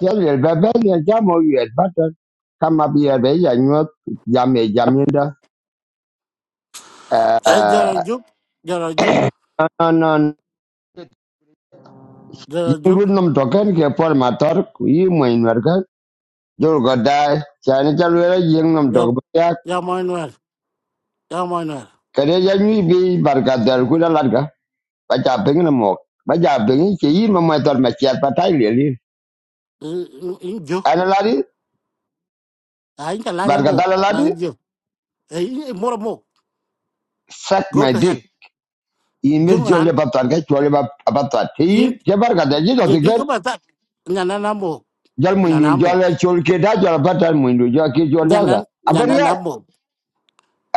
Tell you, baby, you jam or you better come up here, baby, and you know, jam, jam, you know. Eh, Jara Uh, Juk, Jara Juk, no, no, no. Jara You Juk, would not talk and for my talk, you mean, worker. You're gonna die. Janitor, you know, ya, talk ya Manuel, ya Manuel. Kareja ni bi barka dar kula larga ba ja bengi na mo ba ja bengi ke yi ma mai tor ma chiar patai le li In Juk, ana lari ah, in Kalanya barka Mok, dala lari Man Juk, eh, in Mora Mok, suck go my to dick hell. imir Jung jole Ran, ba tar jole ba ba in, je barka da ji jadi do kau baca, nyana namo, jal nyana muindu mo, jal chol ke da jal pata muindu jal ke jol daga nyana, nyana aberia namo,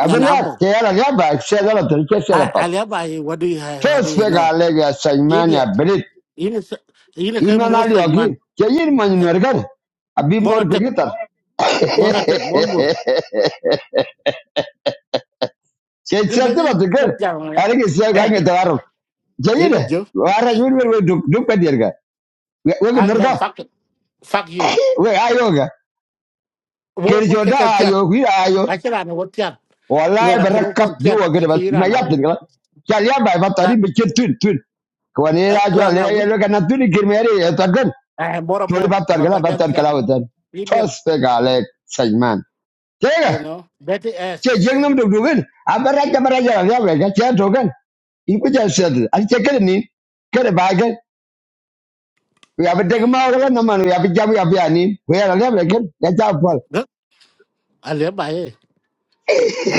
nyana mo. ke ala gaba se da la ter ke se da Ah, pat alia bayi, what do you have, to what do you se ga know? le ga saimani Idiot, abrit ini, se- ini kan imana Moses ogi man, ke yin muindu Eh, ergar abi mor Mora tep, begitar Mora tep, Mora Mor. ke Dia chatte bat lagi ger jangan ya. ala ke se ga ke Eh, tarar ke ini Juk, wara yun wer duk duk ka dirga we ah, no nerga fuck. fuck you we ayoga ke wo go jol che ka tiat ayo wi ayo a che ran wo tiat no Wallah, era kro kon berrakat tiat youa, ka kira bas, chi ma ran a yapden un kira, kya yapai la bateri bikin tuh tuh. Kawan, ni raja, ran ni a un raja, laga ntuh ni kirimari, terangkan, eh mora mo juli bateri va ko kira, ben bateri tiat kala wudan, ideal tuas pegalik, seniman. you Jaga, know that is cie, jeng nomdu dudin, aberrakat aberrakat, laga yapai kira, kya terangkan, ini punya sendiri, asikkan ni, kira bagel, we abitegma laga naman, we abitegma we abianim, we laga yapai kira, kya jawabal, no ale ba e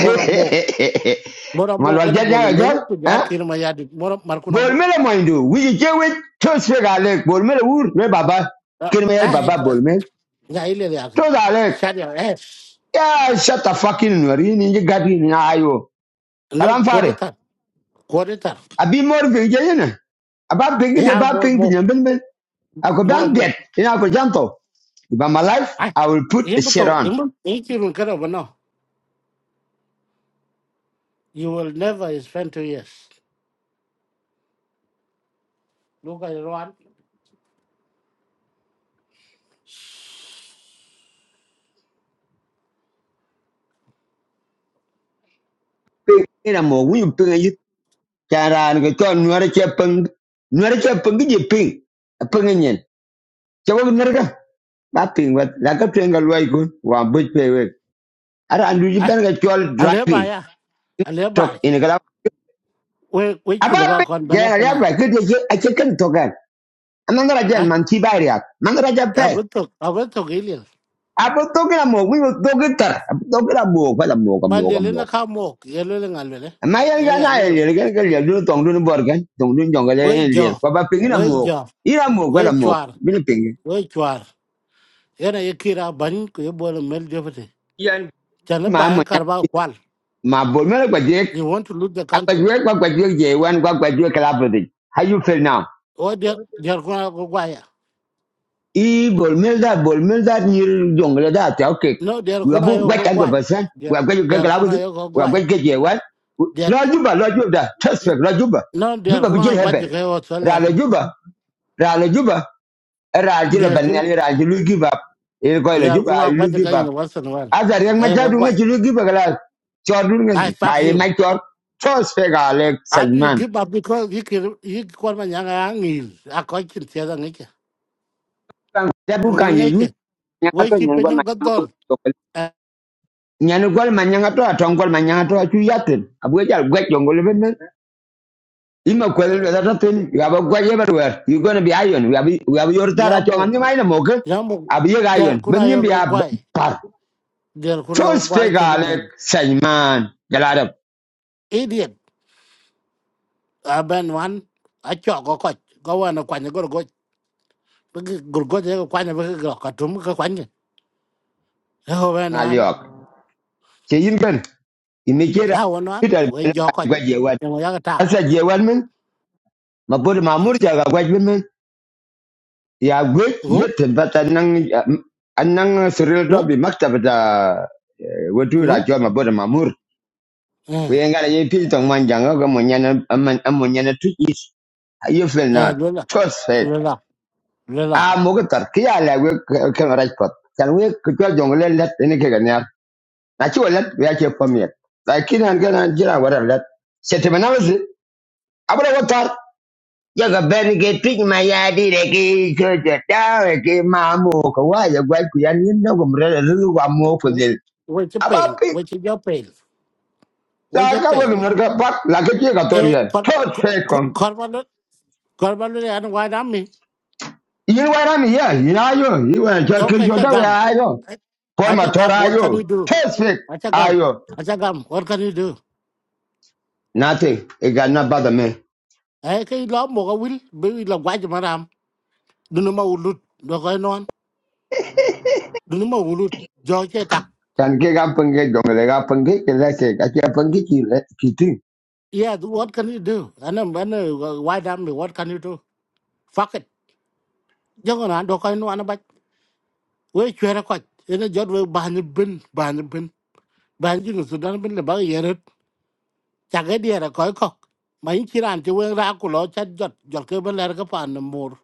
mora mo mora mo go na maluajer ni bol agak mel jauh, ku ja ah. kir ma ya dit mora mar ku na mo bolmela moindu wiji jewit to sega lek bolmela wur me baba kirme yar ah e baba bolmel ya ile ya ke to da lek sharia es ya shut the fucking nori ni ji gadi ni ayo no kalam fare kodita kodita abi mor bi je yene aba big ya de ba mora ping mo ping ben ben ako mora dan mo biet ina ko janto ba my life ai i will put a imbuto shirt on imbuto ikirun kana You will never spend two years. Look at Iran. ping a mo wi ping yi kara ni ko nori che ping nori che ping ji ping ping nyen che wo nori ka ba ping wat la ka ping ga loy ko wa bu ara andu ji Ah, ben ga chol driving Aleba, yeah. tok Aleba. in ga We, we aba chill pe about con ya ga ya banapana. ba kit ye a che kan tok an man ga jan Ah, man ti ba ya man ga ja I pe went to, I went to Gilil. abo to ga mo wi to ga tar abo to ga mo pa la mo ga But mo ga Lilina mo come walk, yelling and Lily. ma ya Eh, ga Yeah, I na don't ye know. ga ga ya du tong du bor gan tong du jong ga We le le jaw, pa ba pe ni we mo jaw, ira mo ga la we mo chuar, bi ni pe we chuar. Yana Yakira Banin, you born a male deputy. Yan ma Chanabaya ma Carval Qual. ma bo me ga je You want to loot the a ga je country. ga ga je je wan ga ga je ka la bo how you feel now Oh, dear, dear Kuna Gogwaya. i bol mil dat bol mil dat nyir jongle dat ya okek No, dear we Kuna abu gwet and Yogogwai. percent we Dear are gwet gagla Kuna with it we are Yogogwai. gwet get ye what lo juba lo juba trust me lo juba No, they are juba bi going jil to watch the heaven guy was ra lo Latin. juba ra lo juba ra jil They are ban going nyali ra jil lu give up e ko lo to juba I watch the guy give in up once in a while. azar yang ma I go, jadu ngi why? jil give up la chor du I ngi fuck bai you. chor trust me ga le And you sajman give up because you can, you call my young angel. I can't see the nature. kan jabu kan ye Nature. Why she pay them good door? nyani gwal ma to atong gwal to achu yatin abu jal gwet yongo leben ima kwel le data tin you have a gwet everywhere you going to be iron We have we have your tara chong an Yamu, nyai moke Yamu, abu ye they are iron going ben nyim to bi go, ab why? par They are going to first take watch the ale man. sayman galada Idiot. I ban one. I chalk or coach. Go on a quanya go go. Gurgoja kwanya baka ga katum ka kwanya. ngaliok che yin ben imi kira ra wan wan peter we jo ko gwet ye wat ne mo yaga ta asa je wat men ma bod ma mur ja ga gwet men ya gwet ngu yetin bata nang anang suril ngu do bi maktabata wetu ngu ra choma bod ma mur. eh Kuyengala ye pil tong man janga ko monyana amonyana tu is you feel eh na lo la trust faith lo la lo la a mogatar kiya like we Can raj pat kan we ko jongle let ni ke ganya na chi let we ake pamiet lakin han gana jira wara let setemanawas abura watar yaga ben ke pig ma ya di de ki chocho ta ke ma mo ko wa ya gwa ku yan yin no gumre de lu wa mo ko del we che aba pel pi we che jo pel we ta che ka wa pel gumre ka pak la ke ti ka e torian par tot se korban korban le an wa dam mi You were on here. You are you. You were yo just ka cha Kishota. Where gam are you? a Paul cha gam Matora. Are what can you? we do Tesfik. a cha gam Are you? a cha gam what can we do Nothing. It got not bother me. ai cái lo mo ga will be là quái cho mà làm đừng mà ulut do cái non đừng mà ulut do che Can get up and get going. They got and get. Let's say, I can't and get you. Let's get you. Yeah, what can you do? And then when uh, why damn me, what can you do? Fuck it. Jangan kan ando kan no anabat. We chere ko. Ina jot we bahani bin, bahani bin. Bahani no sudan bin le bag yeret. Chage diere ko ko. Ma in kiran ti we ra ku lo chat jot. Jot ke ben ler ka pan mur.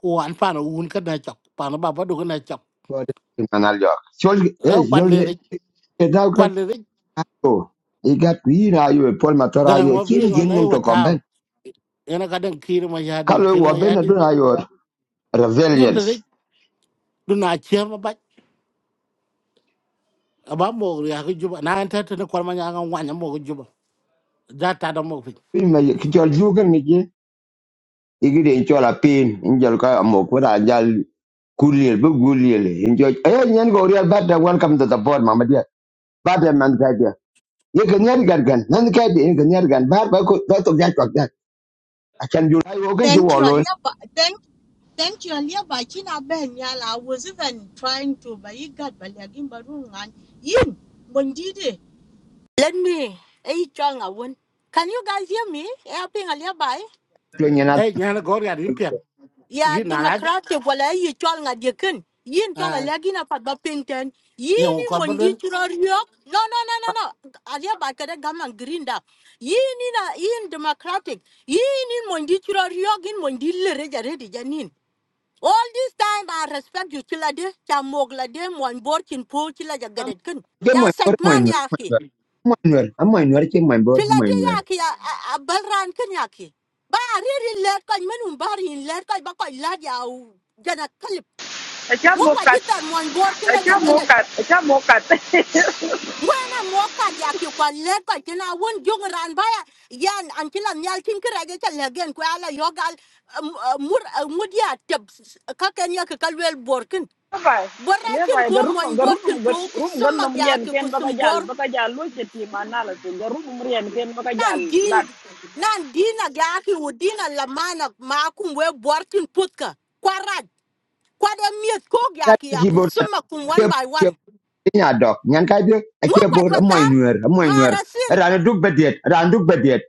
Ku an pan un ka na chok. Pan ba ba du ka na chok. God, man, I'll talk. So, E hey, kwan you're le get out. Get kwan le go. You got me. Are you? Paul Matora. Are garang you? ma not bi no get na num yo to come taw. back. Ina ka den kir ma yadi, Kalau kir ma wabe na đấy, dun ayo Jur le resilience. du mà chem ba mo ya ko juba na ante te ne korma nya ngan wanya mo ko juba da ta da mo fi Ini mah kita jual kan ni je. Igi dia jual apin, jual kau amok. pada jual Guliel, bu guliel. Enjoy. Ayo nyan go real bad da welcome to the board mama dear. Bad da man ka dia. Ye kan yar gar gan. Nan ka dia ye kan yar gan. Bar ba ko to to ja to ja. A chan ju lai o gan ju Thank wo you, lo. Alia. Ba- Thank, thank you, Alia. Bachina Ben Yala. I was even trying to, buy it, God, but you got Balagin Barungan. Yin, Bondidi. Let me, hey, Chong, I won. Can you guys hear me? Helping Alia by? To nyana. e nya na gor ya din pem Yeah, yi na raj democratic. Well, I you Chong at your kin. Yin Chola a Lagina Pagapinton. ye ko Yini korba Mondi don Churoriok. No, no, no, no, no. Alia Bakada Gaman Grinda. Yin in a yin democratic. Yin in Mondi Churoriok in Mondi Reja Redi Janin. All this time I respect you chila de cha mogla de mon borchin po chila ja gadet kun. Ke mo Ya ko mo segman nyu. ya ki. Mo nyu. Am mo nyu ke mo bor Chila mo de ya nyu. ki ya a a balran kun ya ki. Ba a riri let ko menum bari in let ko ba ko la ya u jana kalip. Ngo kwa Ачамокат, jitar mon bor chila ja gadet. ачамокат, ачамокат. Ngwana mo ka ya ki kwa let ko tina won jung ran ba ya yan an chila nyal tin kra ge cha legen ko ala yogal mur mudia tep ka ken ya ka kalwel bor Bay, le borrachin bay po garum mon garum borchin po garum kusum gannom rien magyaki ken baka kusum jal bor baka jal lo ce ti manala ce garum rien ken baka jal nan din lat nan din agyaki udina lamana makum we borchin putka kwarad kwade miet ko Ka gyaki ya ji bor kusum ta makum ke one by one ke nya dok. Nyan ka dia a ngo ke bor mo kwajwatar nyu. Mo nyu. marasin Ra na duk bediet. Ra duk bediet.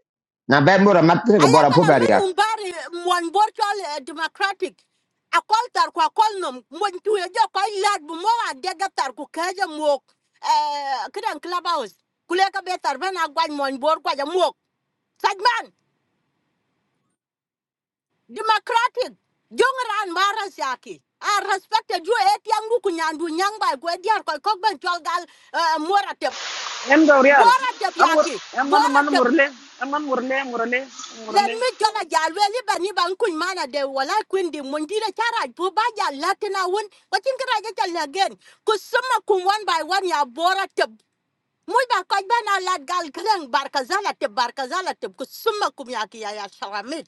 Na ba mo ra mat ke bor a po ayakala ba min ria. umbari mon borchol eh, democratic akol tar kwa kol nom mon tuye jo koy lad bu mo wa dega tar ku kaja mok eh kidan clubhouse kuleka betar bena gwaj mon bor kwaja mok Sagman, democratic. Jongran Marasaki. I respected you eight young Lukunyandu young by Gwediar Kokban Cholgal uh Moratep. en do real Boratep amur Yaki. en man man Boratep. murle en man murle murle Let murle me tell a jalweli bani bankun mana de wala kwindi mundira chara buba ya latina won watin kara ya chal again kusuma kum one by one ya bora tep muy ba kaj bana lad gal kren barkazala tep barkazala tep kusuma kum yaki ya ya sharamit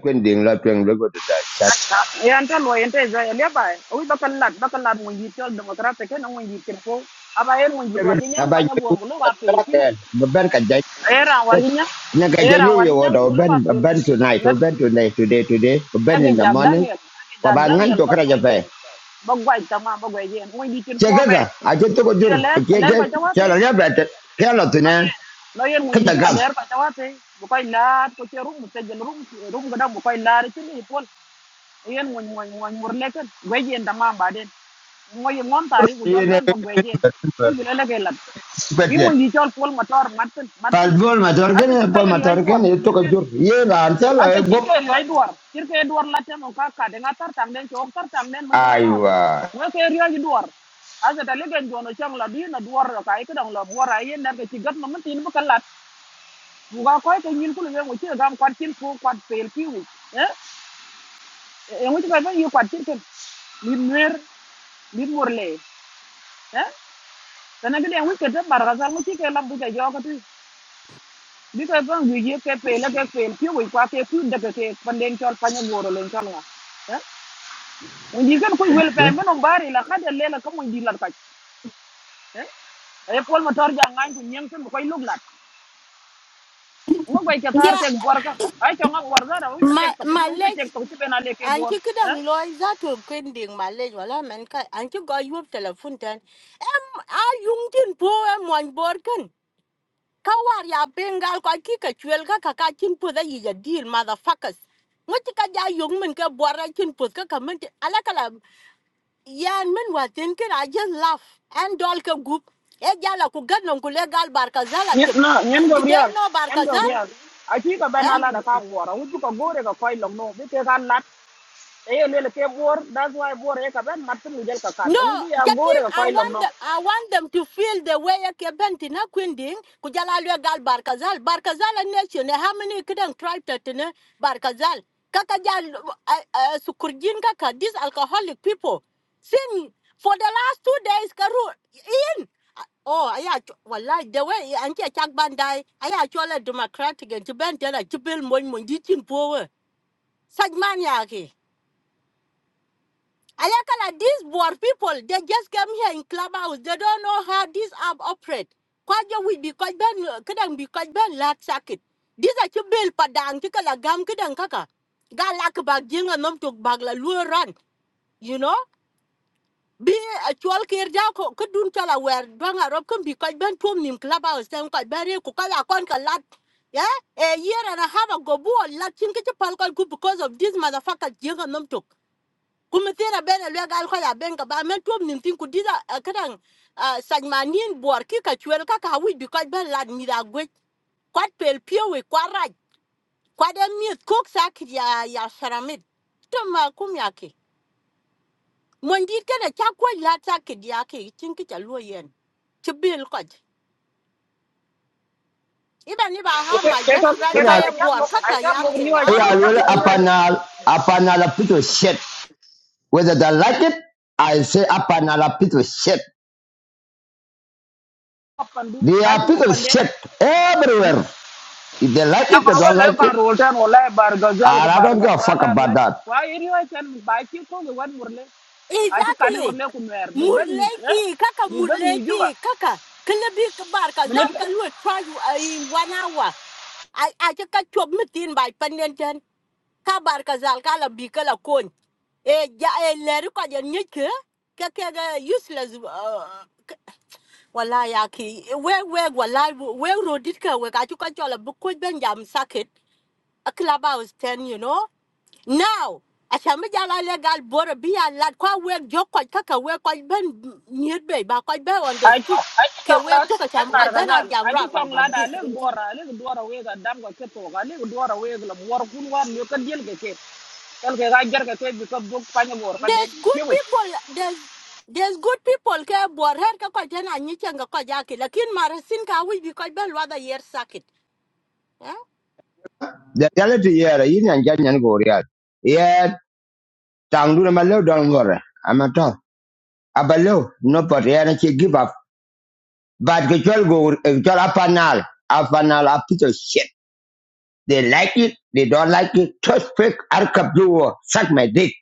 Kwen ding la twen lo go da. yan ta lo yan ta za le bay o baka lat baka lat mo yit tol demokrate ken mo yit ken fo aba en mo yit wa ke nyang Abang kanya bor jago bulo wa pel terakhir. piwi Beban kerja. era warinya Nak kerja era ni yo warinya ada bulo wa beban pel beban tonight, piwi beban tonight, today, today, beban Dabi in the jag morning. Daniel, Kau dabi da bangun Daniel tu ba gwe kerja jen, apa? ba gwa jama ba gwe jen, mwen di kin po Jaga be. ga. Aje tu kau Mwen jur. di ler, ler Jaga. kwa jawa pe, Kalau dia no berat, kalau tu ni yen, no yen di kerja kin a gam. ler kwa jawa pe, bu kwa ilar, kwa che rum, se jen rum, rum gada bu kwa ilar, chen ni pol, yen mwen mwen mwen mwen leken, jen dama ba den. Mwen yen mwen tari ku jol Ini ben ba gwe jen, mwen di lele ke lat. Yi berat. di chol pol matar, maten Pas matin. bol motor Asa kan, chika yer yoy bor, itu kau jur. Ye lancar Asa gop. cirke riwa duar, cirke duar latem o kaka de ngatar tang den chok tar tang den man kala ngau di. Aywa. Wa ke riwa ji Asa ta jono chang la bi na duar ra kai ka ik dang la buar ai yen dar ke cigat no man tin bakalat. Buga koi ke nyin kulu ngu chi gam kwat chin ko kwat pel pi Eh? Ngu chi ba yu kwat cirke. Ni mer, ni morle. Eh? Kana ke den wi ke ta bar ga sar ngu chi ke la bu ke jo ka ti. Bi ke ba ngi ye ke pel ke pel pi wi ke pi de ke ke panden chol pa nyu len chang la. Mundi kan koy wel fay menom bari la khade lela ko mundi la kaj. Eh? Ay pol ma tor ja ngañ ko ñem ko koy lug lat. Ngo koy ka tar yeah, tek bor ka. Ay ko ngam bor dara wi my tek tok. Ci my wi leg. tek tok ci bena leke bor. Anki Eh? kidang loy za to kwending malej wala men ka anki go yub telephone ten em a yung tin po em wan bor kan ka war ya bengal ko ki ka chwel ka ka ka tin po da yi ya deal motherfuckers ngoti ka ja yung men ka bor ra tin po ka ka men ala kala yan men wa tin ken i just laugh and dol ka gup e jala ku gadnon ku legal barkazala Ñet tip na ñen did they Gabriel. know Ñen barkazal Gabriel. Ay ci ka eh bena la da ka bor. Wi ko gore ka koy long no bi te kan lat. Ay lele ke bor that's why bor e ka ben mat mu jel ka No, kat. Wi ya Katin, gore ka I koy long want no. them, I want them to feel the way a kebenti na kwinding kujalalwe gal barkazal barkazal a nation eh, how many couldn't try to barkazal Kakajal. uh, uh, sukurjin kaka these alcoholic people sin for the last two days karu in oh aya ch- wallahi the way anti chak bandai aya actually democratic and jibentela jibil moy moy jitin power sajman yake Alekala, these board people, they just came here in clubhouse. They don't know how this app operate. Kwaja will be kwaj ben kadang be kwaj ben lat sakit. These are you bill padang tika la gam kadang kaka. Ga lak bag jinga nom tok bag la lu You know? Be a chwal kir ja ko kudun chala where dwang arop kan be kwaj ben tuom nim clubhouse. Tem kwaj ben re kukala kon ka lat. Yeah? A year and a half ago, boy, lat chinkicha palkal ku because of this motherfucker jinga nom tok kumitera bena lwe kwa ya benga ba men tuom nim tin kudira kadang sajmanin bor ki ka chwer ka ka ben lad mi da gwe kwat pel pio we kwaraj kwat em miet kok sak ya ya sharamit tuma ma kum ya ke kana cha la sak yake tinki ta ke ya ke tin ki cha lo yen ti bil ko even if i have Ke my ke ka best ke friend Ini ke ka ka mo bor ka ay ka ka ya mo ke riwa na ka ayah mo riwa. apa aru nal apa nal itu shit. Whether they like it, I say up and I'll shit. Pandu They ka ci are lu people panden. shit everywhere. If they like na it, they ko don't le like it. faru tan wallahi bar gazal ko And I bar don't give a gazal fuck ar yo about that. wa ir yo tan ba ki ko le wan murle a ki kan Exactly. murle ku mer bi ban ni eh Murleti, kaka bi ban ni juba murleti, kaka. Kila bi kabar ka minet zam ka lu try you uh, in one hour. I I just ka chob mitin by panen ten. Kabar zal kala bi kala kon. E ja e leru ka ja nyeke. Ka ga useless. Uh, wala ya ki we we wala we it ka we ka chu ka chola bu ko ben jam sakit. A club house ten you know now as achame jala legal border be a lad kwa wek jo kwa kaka wek kwa ben nyet be ba kwa be on a the ki street a ki ke tong la wek to en cham bar kwa ben a gazal a jam ki ra ra tong la like da this le duora le duora we ga dam ko ke to ga le duora we ga war kun war le ka diel ke ke kal ke ga jar ke ke bi ko duk pa ni bor pa there's den good ki wi people there's there's good people ke bor her ka kwa tena nyi chenga kwa jaki lakin mara sin ka wi bi kwa ben wa da yer sakit eh The reality here, you and Jan Yan go real. Yeah, Tanguna Malo don't go. I'm at all. Abalo, nobody, and she give up. But the girl go, you girl up and all, up and all, up to shit. They like it, they don't like it. Trust fake, I'll cup you, suck my dick,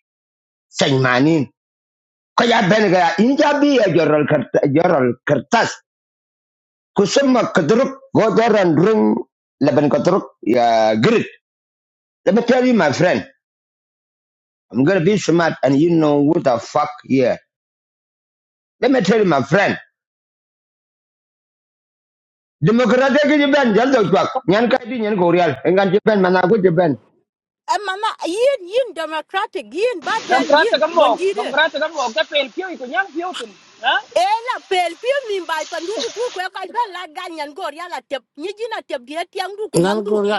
suck my name. Kaya benega, inja be a joral kert- joral kertas. Kusuma Kataruk, go there and bring Laban Kataruk, yeah, grit. Let me tell you, my friend, I'm gonna be smart and you know what the fuck here. Let me tell you, my friend, Democratic Japan Jaldo Jack, Nyan Kadi, Nyan Gorial, Engan Japan, Manago Japan, And mama yin yin democratic yin dam baten krat yin ga mo dam bonjide krat ga mo ka pel ki ko nyang ki tin ha? Ela pel pi min bai tu ko ka la ganyan gor ya la tep ni jina tep dia tiang du ku na mandu gor ya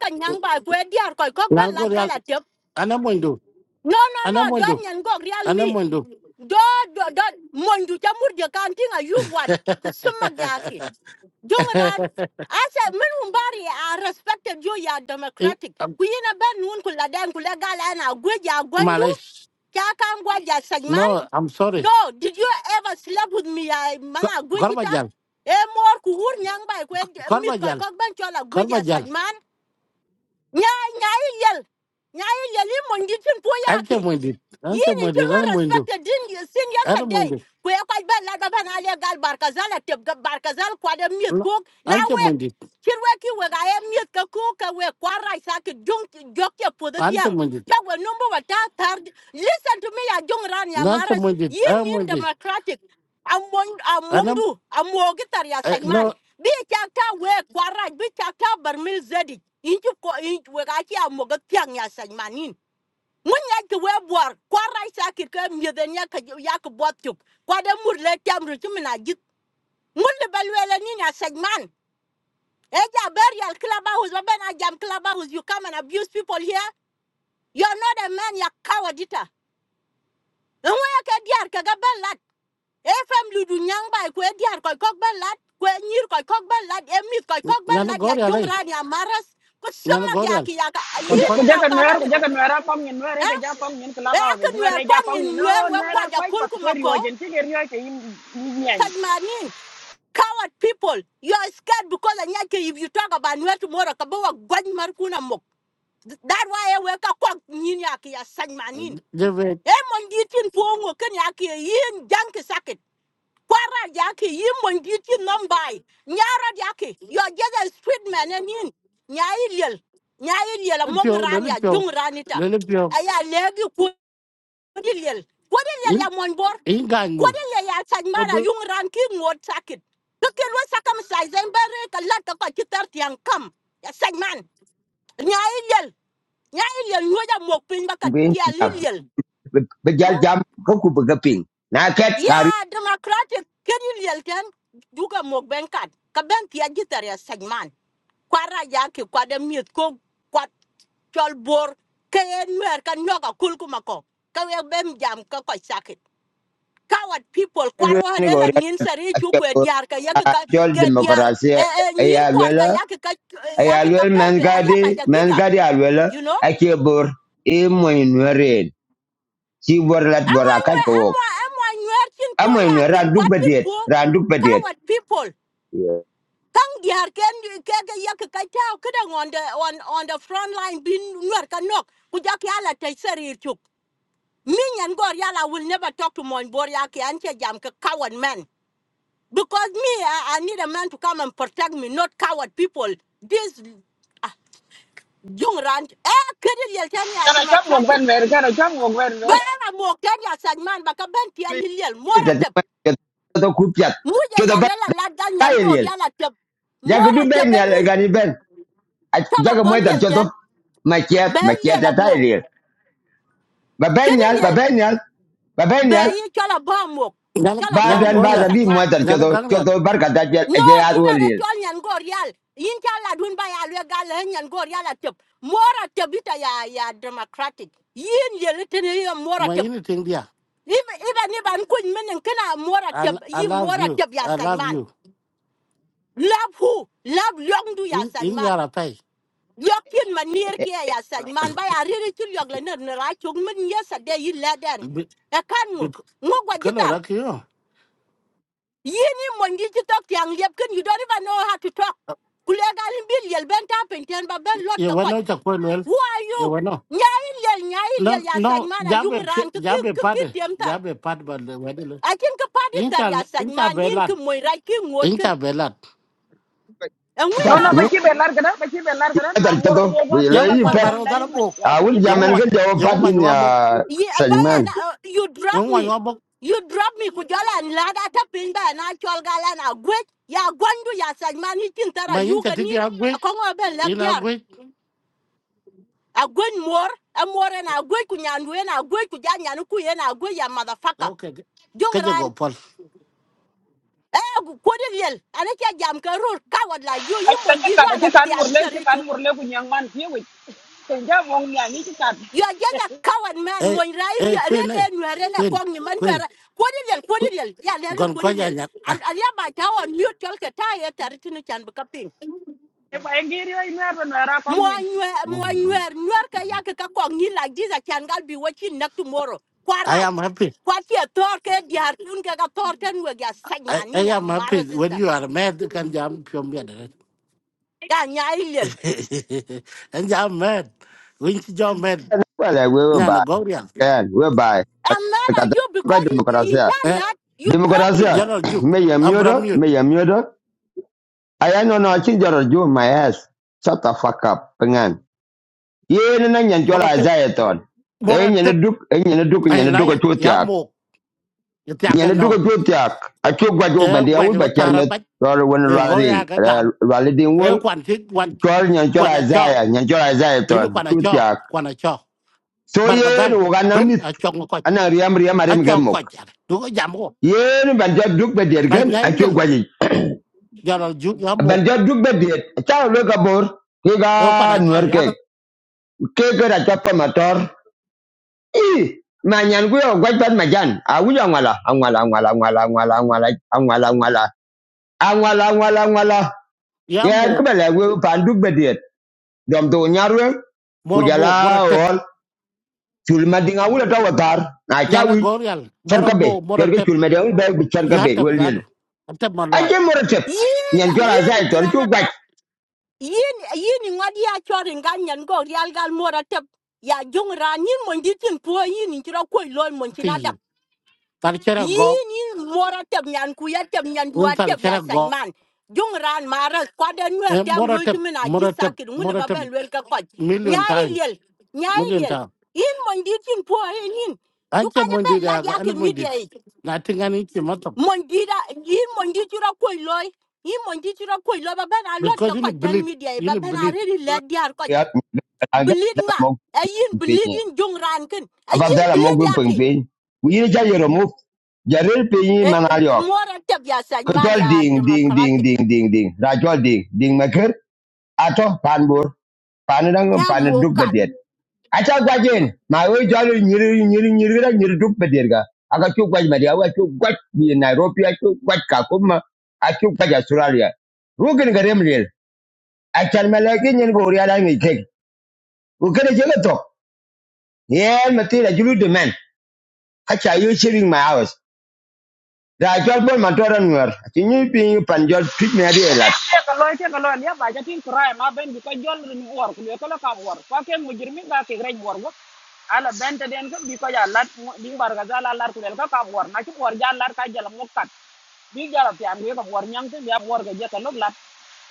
ka nyang ba ko diar ko ko ba na la gor ya gala tep ana mo ndo no no ana no mo don ndo nyan gor real ana mo mi ndo do do do mon du ta mur de kan tinga you what ku summa ga asa min un i respected you ya Eh, democratic um, ku yina ben nun ku dan ku gala na gweja ya gwandu Malaysia, ka kan gwa ja no i'm sorry no, did you ever sleep with me? I Ko- mana korba gwejita. jal E mor kuhur nyang bai kwe eh, korba mit koi jal kok ban chola korba gweja jal sajman. Nya nya yel. Nya yel yel i poyaki ante mo ndi ante yin in mo ndi kilo ana mo ndo respected din you seen ana mo yesterday ndo Kwe ya ba la ba na le gal barkazal atep ga barkazal kwa de miet kok na ante mo wek ndi kir wek ki wek aye miet ka kok ka wek kwa rai sa ki jong jok ya po de ante tiang mo ndi ka number wa ta tar listen to me ya jong ran ya ante maras mo ndi yin ana mo yin ndi democratic among amondu amogitar ya Eh, sagman no bi ka we kwa rai bi ka ka barmil zedi inju ko inju we ka ki amogat tiang ya sagman mun ya ki we bor kwa ra shakir ka mi den ya ka ya ka bot kwa de mur le tam git mun le bal wele ni na segman e ja ber ya ba ben a jam klaba you come and abuse people here you are not a man ya coward ita en we ya ka diar ka ga ben lat e fam lu du nyang bai ko diar ko kok ben lat ko nyir ko kok ben lat e mit ko kok nhà ben nó lat ya goria jong lei ran ya ko còn sama có, ya ki ya ka con Kuja con yini kuja na kan ka nuera hole kuja kan nuera pam nyen nuera eh ke ja pam nyen kula They pa I ke can wear nuera ja come pam nyen in wear no we nuera gwaja kwai pat ko kulkumako. rio jen ti ke rio ke im nyen Such manin coward people. You are scared because anyake if you talk about nuer tomorrow kabawa gwaj markuna mok. That why I wake up kwak ninyaki ya such manin. deve E monditin pongo ken yaki yin janki sakit. Kwara yaki yin monditin numbai. Nyara yaki. You are just a street man and yin. Nyai lil. among pio le le rania pio dung ranita. le le pio Aya legi kwadi lil. in in gang mur Kwaɗe le ya saj bodu yung ran ki ngot sakit. Tukelwa sakam saj zen bere ka lat ka kitar tiang kam. Ya saj man. Nya ilel. Nya ilel nyoja mok baka tia ilel. Bajal Hmm? Jam, Koku Bagaping, Nakat, Kari, Ya democratic ken ilel ken. Duka mok ben kat. tia gitar ya saj Kwa Kwara ya ki kwa miet ko kwat chol bor. Kayen mer ka nyoka kulku Kawe bem jam ka kwa sakit. coward people kwarwa de la Gorial, nin sari chu kwe diar ka yak ka Jol ke diar Democracy, e e nyir kwar ka Ayalwella, yak ka yak ka Ayalwell, bebe alia ba mangadi ja giga mangadi Alwella, you know Akibur, Imoinwere. ci bor lat bor amwa akaj nywe ko wok amwa amwa nywe chin po amo ni ya ke ran duk kwat chin bediet po ran duk bediet coward people kang diar ken ke ke yak ka on the on on the front line bin nwer ka nok ku jak ya la te sari chu minyan will never talk to mon bor yak an che jam ka coward man Because me, I, I need a man to come and protect me, not coward people. This uh, young rant, eh, kiri yel tani ya kana chap mo democratic. ben ver kana chap mo ben ver Bara mo kenya sagman baka ben tia liliel ta mora te tep. ma to ku piat Muja ke da ba yanela lada nyango yel yana tep. ja ko Mora du ben yal tebenin ga ni ben ja chala ko bol moy tar yel choto ten. ma kiat Be ma kiat yel a ta mo. yel ba ben Kiri ba yel ben ba ben be yal ye chala ba mo. nana Chala ba ba nana mo ya goria bi moy sagman. tar nana choto gangria bar ka ta je No, je duga da chol nyan go real. Yin cha dun ba ya lwe gal he nyan go real atep. Mora tebita ya ya democratic. Yin ye liten ye mora ma tep. in thing dia Even even if I'm kun men kana mora I, tep, l- I yi love mora you tep ya i love sagman. you Love who? Love long do ya in in nhà sagman. là tay, Yokin manir kia ya sagman ba ya riri chul yog ner ne ra chung men yesa de yi laden. Bị, E bị, mu. cái là yara tai bi bi Ngo kalo jitar. rakio yini mongi ci tok tiang liep ken you don't even know how to talk kule galin bil yel ben ta penten ba ben lot ye ka koj wano chakwe lel who are you ye wano nyai yel nyai no yel ya san no yung jabe fi- ran ki ki jabe ki ki pade tiem tar jabe pad ba le wede le a kin ka padi incha tar ya san incha man yin belat ki moy rai ki ngot incha ken belat and we no na pat no ba mu lad ki be lar kana ba na tar ngor choto mo ba we ti lo Yang la yi wan pet kon barau la din dalam bok. wa a ko wun ni ka Yang jamen lar wan, ge jawo yang pat wan in yang ya bok, ye abaya sajman na uh, you drop yang wan me yang bok. you drop me ku jala an lad ata ba na chol gala na gwet ya gwandu ya san man ni tin tar a Main jadi ganin dia gue, a ben ini lag gue. a gwen mor a mor en a gwen ku nyan a gwen ku ja nyan a gwen ya motherfucker Oke, jong kerja ran gopol. eh gu ko de liel ane jam ka coward like you ka you ka mon ka jir ka ka wala kan mur tian le ser ka kan you mur le ku nyang man ti wi ke ja mo nyan ni ka you are just a coward man Eh, mon rai ri eh, re Queen, eh, ke nwere na Queen, kong ni man Queen. nwere ko de liel ko de queen, liel ya le Gon ko kau de liel jangan. an Ah, an ya ba ta wa mute tol ka ta ye tar tin chan e ba ngi rio nuera nuera pam mo nwer mo mm, mm. nwer nwer ya ka kong like this I can't be watching nak tomorrow I am happy. What you tor ke diar kun ke with your ten we ga sag I, manin I ya am mara happy when sister you are mad. you can jam pion biar dah. ya nya And jam mad. When you jam mad, wala we ba nyana gorian. kan we ba i'm mad ka at ta you ba because in demokrasi in chan Eh, you drop me Democracia, jangan juk. may a murder, Ambramir. may a murder. I am not a ginger you, my ass. Shut the fuck up, pengan. Yen and yan jola Moratep, zayaton. En yan a moratep. duke, en yan a duke, en Eh, yan a duke a layak. Ya chutiak. mok. Itu Yan akan a no. duke a chutiak. A e gwaje ta tara charmet. bach Rally when de go rallying, ya ka gam rallying e wall. kwan ti kwan Troll yan kwan jola a cho zaya, yan jola ina zayaton, kwan a cho chutiak. kwan a cho So bar ka yen, dal uganamit. ben myth, a cho ko and I am riam riam a arem cho ko gemok. ja du ko jam ko Yen, but just duke by dear a gun, ngai lil ya la ju ya mo ben jo duk be diet cha lo ka bor ki e kwan a ga cho nuer ya ke ka ke ke ra cha pa motor i ma nyan ku yo gwa tan ma jan a wu ya ngala a ngala a ngala a ngala a ngala ngala ngala ngala ngala ngala ngala ya ya ku mo be le wu pan duk be diet dom to nyarwe ku moro mo moro jala tep ol chul ma dinga wu ta wa tar na cha nyana wi go yal char moro ka be mo moro yer ke tep chul ma de wu be bi char ka ya be tep wel da yen du tep ma a lo je mor yin nyan jo ra yin sai tor chu drama gwa ka yin yin ngadi ya chorin ganyan go real gal mora tep ya jung ran yin mon ditin po yin in chiro ko loy mon ti tar chera go yin yin wora tep nyan ku ya tep nyan un duwa tar tep ya chera go sany man jong ran mara kwada e nwer tem moro rul tep tu mina ji moro tep sakir ngule moro ba tep ben ka kwaj million nyai time liel nyai million liel time yin mon di tin po hen yin du ka Acha ja mundi ben lad daga, ya ana ke mundi. media yi Nothing ani ke matok. mon di da yin mon di tura koy loy yin mon di tura koy loy ba ben a lot Because ka ini kwaj ten belit, media yi ba ini ben a belit. really lad diar kwaj ya ga bleed da nga mo a yin bleed yin jong ran kin a yin abadala bleed mogu ya peng ke peng wi ja yero mu jaril peng man ayok mora tep ya sany ko man tol ya ding ding ding democratic ding ding ding ra tol ding ding maker ato panbur panadang cha pan duk mokat acha gwajen ma wi jol nyiri nyiri nyiri ra nyiri duk bedet ga aga chu gwaj ma dia wa chu gwaj bi nairobi a chu gwaj ka kuma a chu gwaj australia rugin ga remrel acha malaki nyen go ri ala ngi tek ko kene jelo to yen matira julu de men acha you sharing my house da jot bon man toran wer ti ni pi pan jot twit me ri elat ya kalau itu kalau dia baca tin crime ma ben ko jon rin war ko ko la kam war ko ke mujrimi ka ke rej war go ala ben te den ko bi ko ya lat di war ga za la lar ko del ka kam war na ci war ja lar ka jala mo kat bi jala ti am ko war nyang te ya war ga je ka lok lat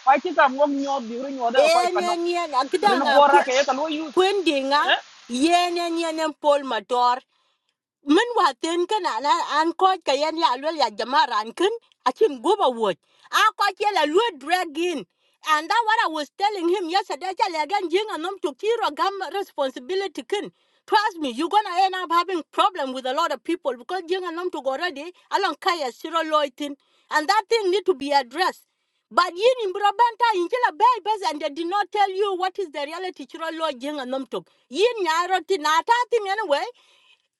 ko ci kam ngom nyob bi ru nyoda ko en pa no en en akida rin nga gora ke ka lo yu kwendinga eh yen en en en pol mator min wa ten ken an an ko ka yen ya lol ya jamara an ken a chin go ba wo a and that what i was telling him yesterday tell again jing anom to kiro gam responsibility ken trust me you're gonna end up having problem with a lot of people because jing anom to go already along kaya siro loitin and that thing need to be addressed but yin in Brabanta in Kila Babies and they did not tell you what is the reality chiro lo jing anom to yin nyaroti na ta thing anyway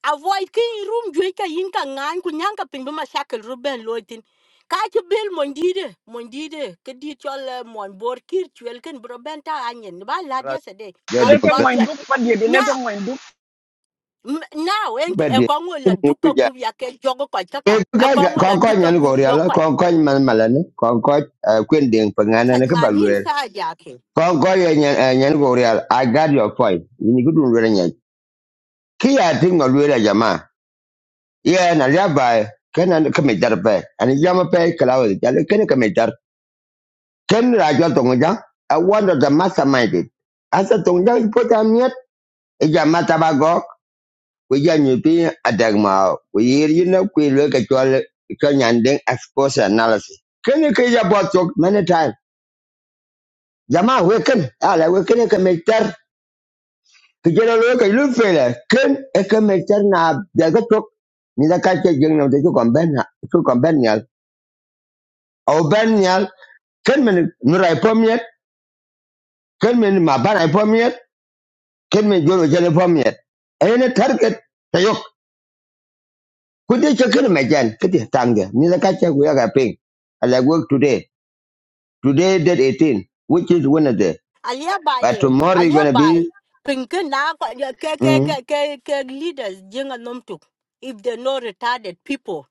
avoid ki room jwe ka yin ka ngan ku nyang ka pin ma shakel ru ben loitin ka ci mondide mondide ke di eh, mon bor kir chwel ken bro ta anyen ba la dia se de jo ile de ke mo bak induk pa dia de. ile ke now mo induk m- now en ba ki- e de ko ngol la ni ku duka ja gub ya ke jogo ko e taka ku e ga ga- ko la ko duka nyan gub go ri do ala ko ko ko man malan ko ko eh, kwen ding pa ngana ne ka ba wer sa ja ko ko ye nyan eh, nyan go ri ala i got your point ni ku dun wer nyan ki ya ti ngol wer jama ye na ya ba kenan ka me jar pe ani jama pe kala wer ja le ken ka me jar ken ra jot ngo ja i wonder the mastermind it asa tong ja po ta miet e jama ta ku janyu pi adagma ku yir yina ku lo ka chwal ka nyandeng exposure analysis Can you ya bot talk many time jama we ken ala we can, ka mektar ku jelo lo ka lu fele ken e ka mektar na da ka chok ni da ka che jeng na de ko ben na ko kon ben nyal au ben nyal ken men nu rai pomiet ken men ma ba rai Can ken men jolo jele pomiet e target tayok ku de che ken me jan ke de tange ni da ka che ku ya ka ping ala work today Today, date 18, which is Wednesday. Alia But bai, tomorrow is alia going to bai. be. Pinkin na kwa- ya- ke ke Mm, ke ke ke leaders jenga nomtuk. If they no retarded people,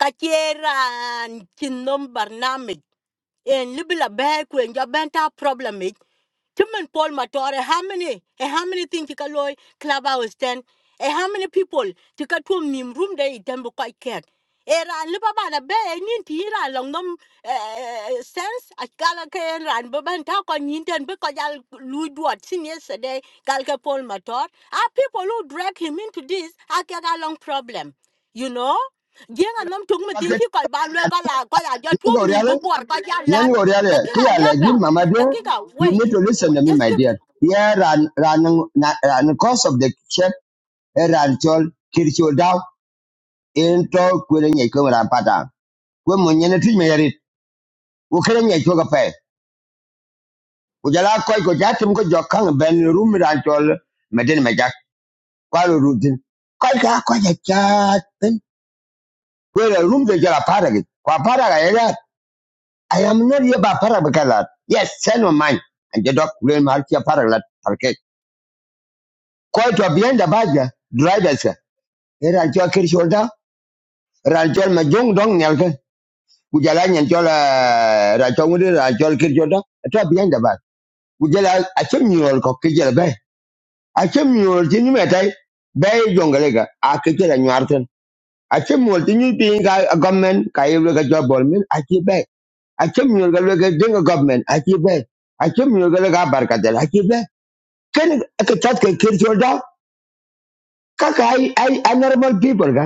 kachiran chinom barnamij. And libila be when en jabenta problem it Timon Paul Matore, how many and how many things you can loy club hours ten? And how many people to cut to him room day them quite cat? Era and Libaba the bear and Yintira along them sense at Galaka and Ran Baban talk on Yinton because I'll lose what seen yesterday, Galka Paul Mator. Are people who drag him into this? I get a long problem, you know? riêng anh nằm chung mình tiếng chỉ coi bàn về coi là coi là do you chúa mình bố bùa coi giá lát đặc kia là liếc like vào đặc kia cả wait need to listen to Wa- me, just my give dear. Yeah, run, run, run, cause of the chef, eh, run, chol, kirchol down, in talk, kwere nye kwa ran pata. Kwe mwenye na tuji meyerit, ukere nye kwa kape. Ujala koi ko jati mko jokang ben room ran chol, medeni majak, kwa lo rutin. Koi ka, koi ja chatin, kwere room de jala para git. Kwa para I am not here by parabakalat. Yes, send on mine. And the dog will mark your paraglat. Okay. Quite to behind the badger, drivers. Here I took your shoulder. Ranchol Majung Dong Nelka. Ujalan and Jola Ratomudi, Ranchol Kirjoda. I took behind the bag. Ujala, I came you all cockijal bay. I came you all Tinimetai. Bay Jongalega. I kitchen and Yarton. I came you all Tinu being a government. Kayaga job ballman. I keep bay. I came you all Galega Dinga government. I keep bay. I came you all Galega Barkadel. I keep ken ka tat ka kir chol da kaka ai ai a normal people ka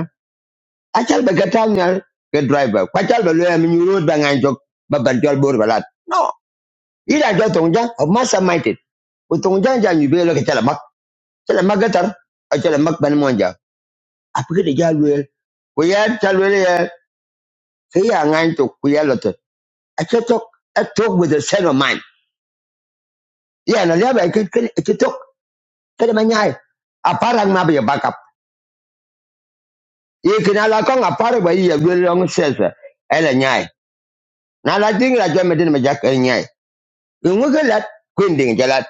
achal ba gatal nyal ke driver kwa chal ba loya mi road ba ngan jok ba ban chol bor balat no ida jo tong jang of massa minded o tong jang jang yu belo ke chala mak chala mak gatar a chala mak ban monja apike de ja luel ko ya chal luel ya ke ya ngan to ku ya lot a chetok a talk with a set of mind ya na leba ke ke chetok ke ma nyai a parang ma be ba ya You can ala kong a part of a year, will long says, uh, Ella Nyai. Now I think that you're making a jack and Nyai. You look at that, Quinding Jalat,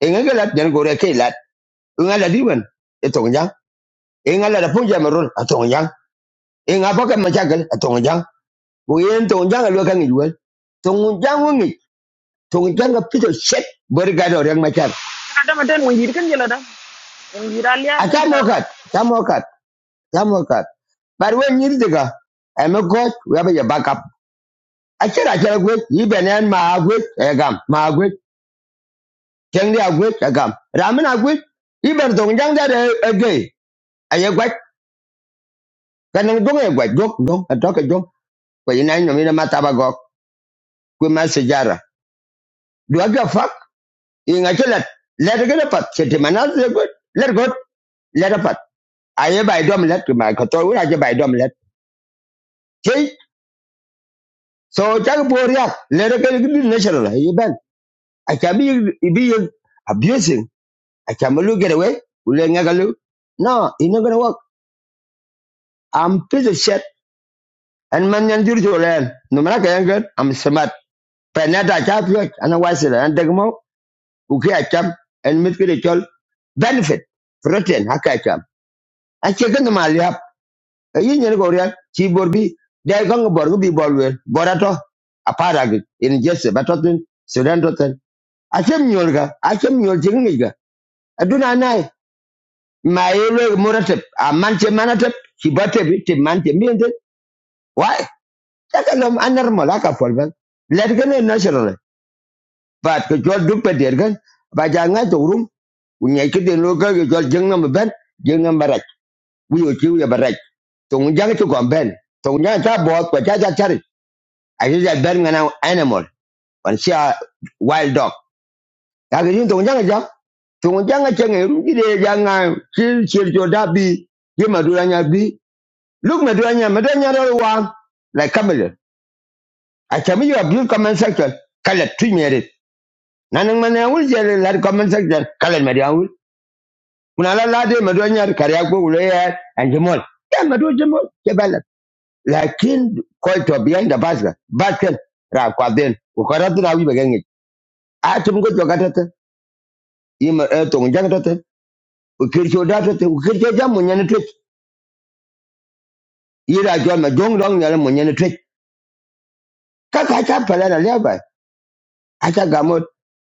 and you let them go to Kilat, you let even a tongue young, and I let a punja marun, a tongue young, and I pocket a tongue We ain't tongue looking at well. Tongue young wing, a piece of shit, but young my child. ada maten mo yir kan jala da mo yir alia I kan can't jala no But when you dig I'm a god, we have your backup. I said, I can't wait, you been in my good, I jang dia gwet agam ramen agwet iber dong jang dia de ege aye gwet kanang dong ye gwet gok dong atok e dong ko ina nyo mina mata gok ku ma sejara do aga fak inga chelat let get pat chete manaz le gut let gut let pat aye bai dom let ku ma ko to ura je bai dom let chei so chak boria let get good natural aye ben i can be be abusing i can look get away ule ngagalu no ina gonna work i'm pissed and man yan dir jolen no mana ka yangan am smart penata chapyo ana wasila and degmo uki acham and mit kide chol benefit protein haka acham a chicken ma liap yin yan go real chi borbi dai kan borgo bi bolwer borato a parag in jesse batotin sudan doten achem nyolga achem nyol jingiga aduna nai mayele muratep a manche manatep kibatep te manche miende why takalom anar molaka polban let gane natural But ke chol duk pe der gan ba ja nga to rum ku nyai ke den lo ka ke chol jeng nam ben jeng nam barak wi o chiu ya barak to ngun jang to kon ben to ngun jang ta bo ko cha cha chari a ji ja ben ngana animal on sia wild dog ka ke yin to ngun jang ja to ngun jang che ngai rum ji de ja nga chi chi jo bi ye ma du nya bi look ma du nya ma du nya ro wa like camel a chami yo abuse comment section kala tu nyere nanan mana wul jere lar comment section kala ma kuna la la de mado nyar karya ko ulo ya madu ya mado jemol ke bala lakin ko to biyan da basga batel ra kwa den ko karatu na wi bagenge a tum go to katata ima e to ngi katata o kircho data te o nyane tre ira jo ma jong dong nyale mo nyane tre ka ka pala na leba acha gamot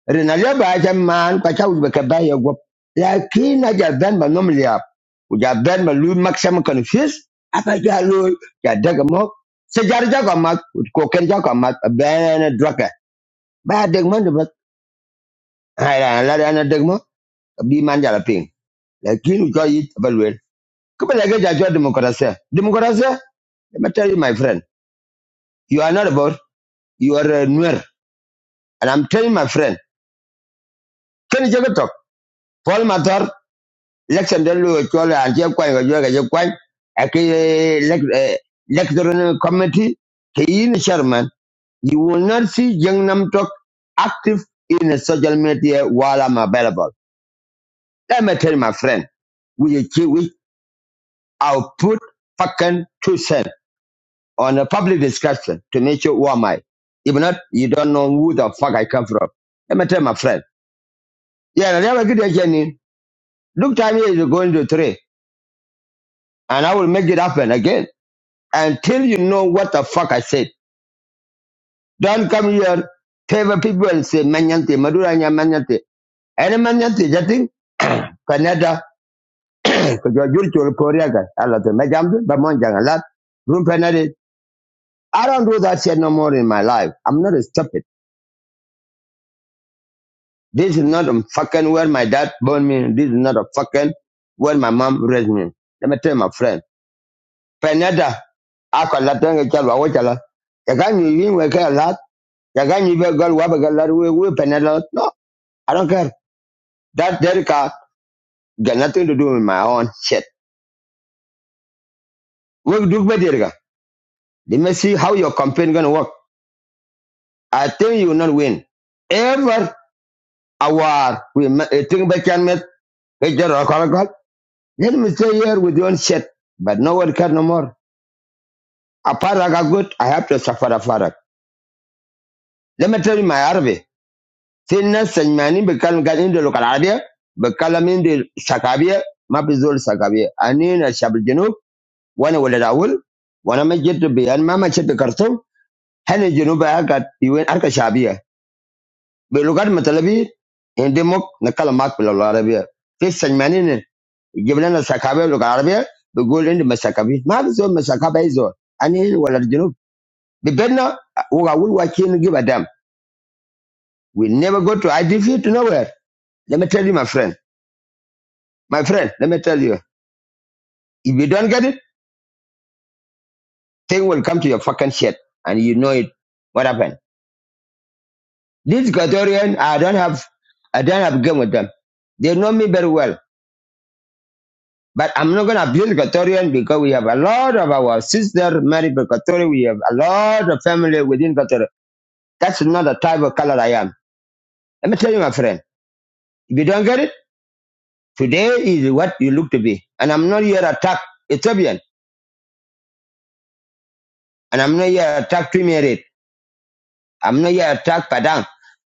rina leba ja man kwa cha ujbe ka ba ya gop lakin na ja ben ba nom liap u ja ben ba lu maximum confuse apa ja lu ja daga mo se jar ja ko mat ko ken ja ko mat ben draka ba deg man ba ha la la na deg mo bi man ja la ping lakin u ja yit ba lu ko ba ga ja jo demokrasia demokrasia let me tell you my friend you are not about you are a nuer and i'm telling my friend can you get talk paul matar election de lu ko la an je kwai ga jo ga je kwai a ke electoral committee ke yin chairman you will not see Gangnam Talk active in social media while I'm available. Let me tell you, my friend, we we I'll put fucking two cents on a public discussion to make sure who am I. If not, you don't know who the fuck I come from. Let me tell you, my friend. Yeah, I never get a journey. Look time is going to three, and I will make it happen again. until you know what the fuck I said. Don't come here, favor people and say manyante, madura nya manyante. Any manyante, jating, Canada, kujua chul Korea guy. Allah te majamdu, bamonjang alat, room penade. I don't do that shit no more in my life. I'm not a stupid. This is not a fucking where my dad born me. This is not a fucking where my mom raised me. Let me tell you, my friend. Penada, akalatenga chalwa wachala. Yaganyi yinwe ke alat, yaganyi be gal wabagalad we care a lot. Yagan, you girl, Wabagal, we penada. No, I don't care. That derika got nothing to do with my own shit. We do with derika? Let me see how your campaign gonna work. I think you will not win. Ever award we ma- eh, think back can met eh, Let me stay here with your own shit. But no one can no more. Apart I got good, I have to suffer a farak. Let me tell you my Arabic. Thinness and mani bekal gan in the local Arabia, bekalam in the Shakabia, mapizol Sakabia. I Anin a Shabil Junub, one will at Awul, one I'm a jet to be and mama shit the Khartoum. hene junuba ya gat iwen arka shabia be lugar matalabi inde mok nakala mak pila lo arabia fi sanmani ne gibla na sakabe lugar arabia be gol inde masakabi ma bi zo masakabe izo ani wala junub be benna uga wul wakin give a damn we never go to idf to nowhere let me tell you my friend my friend let me tell you if you don't get it thing will come to your fucking shit and you know it what happened these Equatorian, I don't have I don't have game with them they know me very well But I'm not going to abuse Equatorian because we have a lot of our sister married to Equatorian. We have a lot of family within Equatorial. That's not the type of color I am. Let me tell you, my friend, if you don't get it, today is what you look to be. And I'm not here to attack Ethiopian. And I'm not here to attack Twimerid. I'm not here to attack Padang.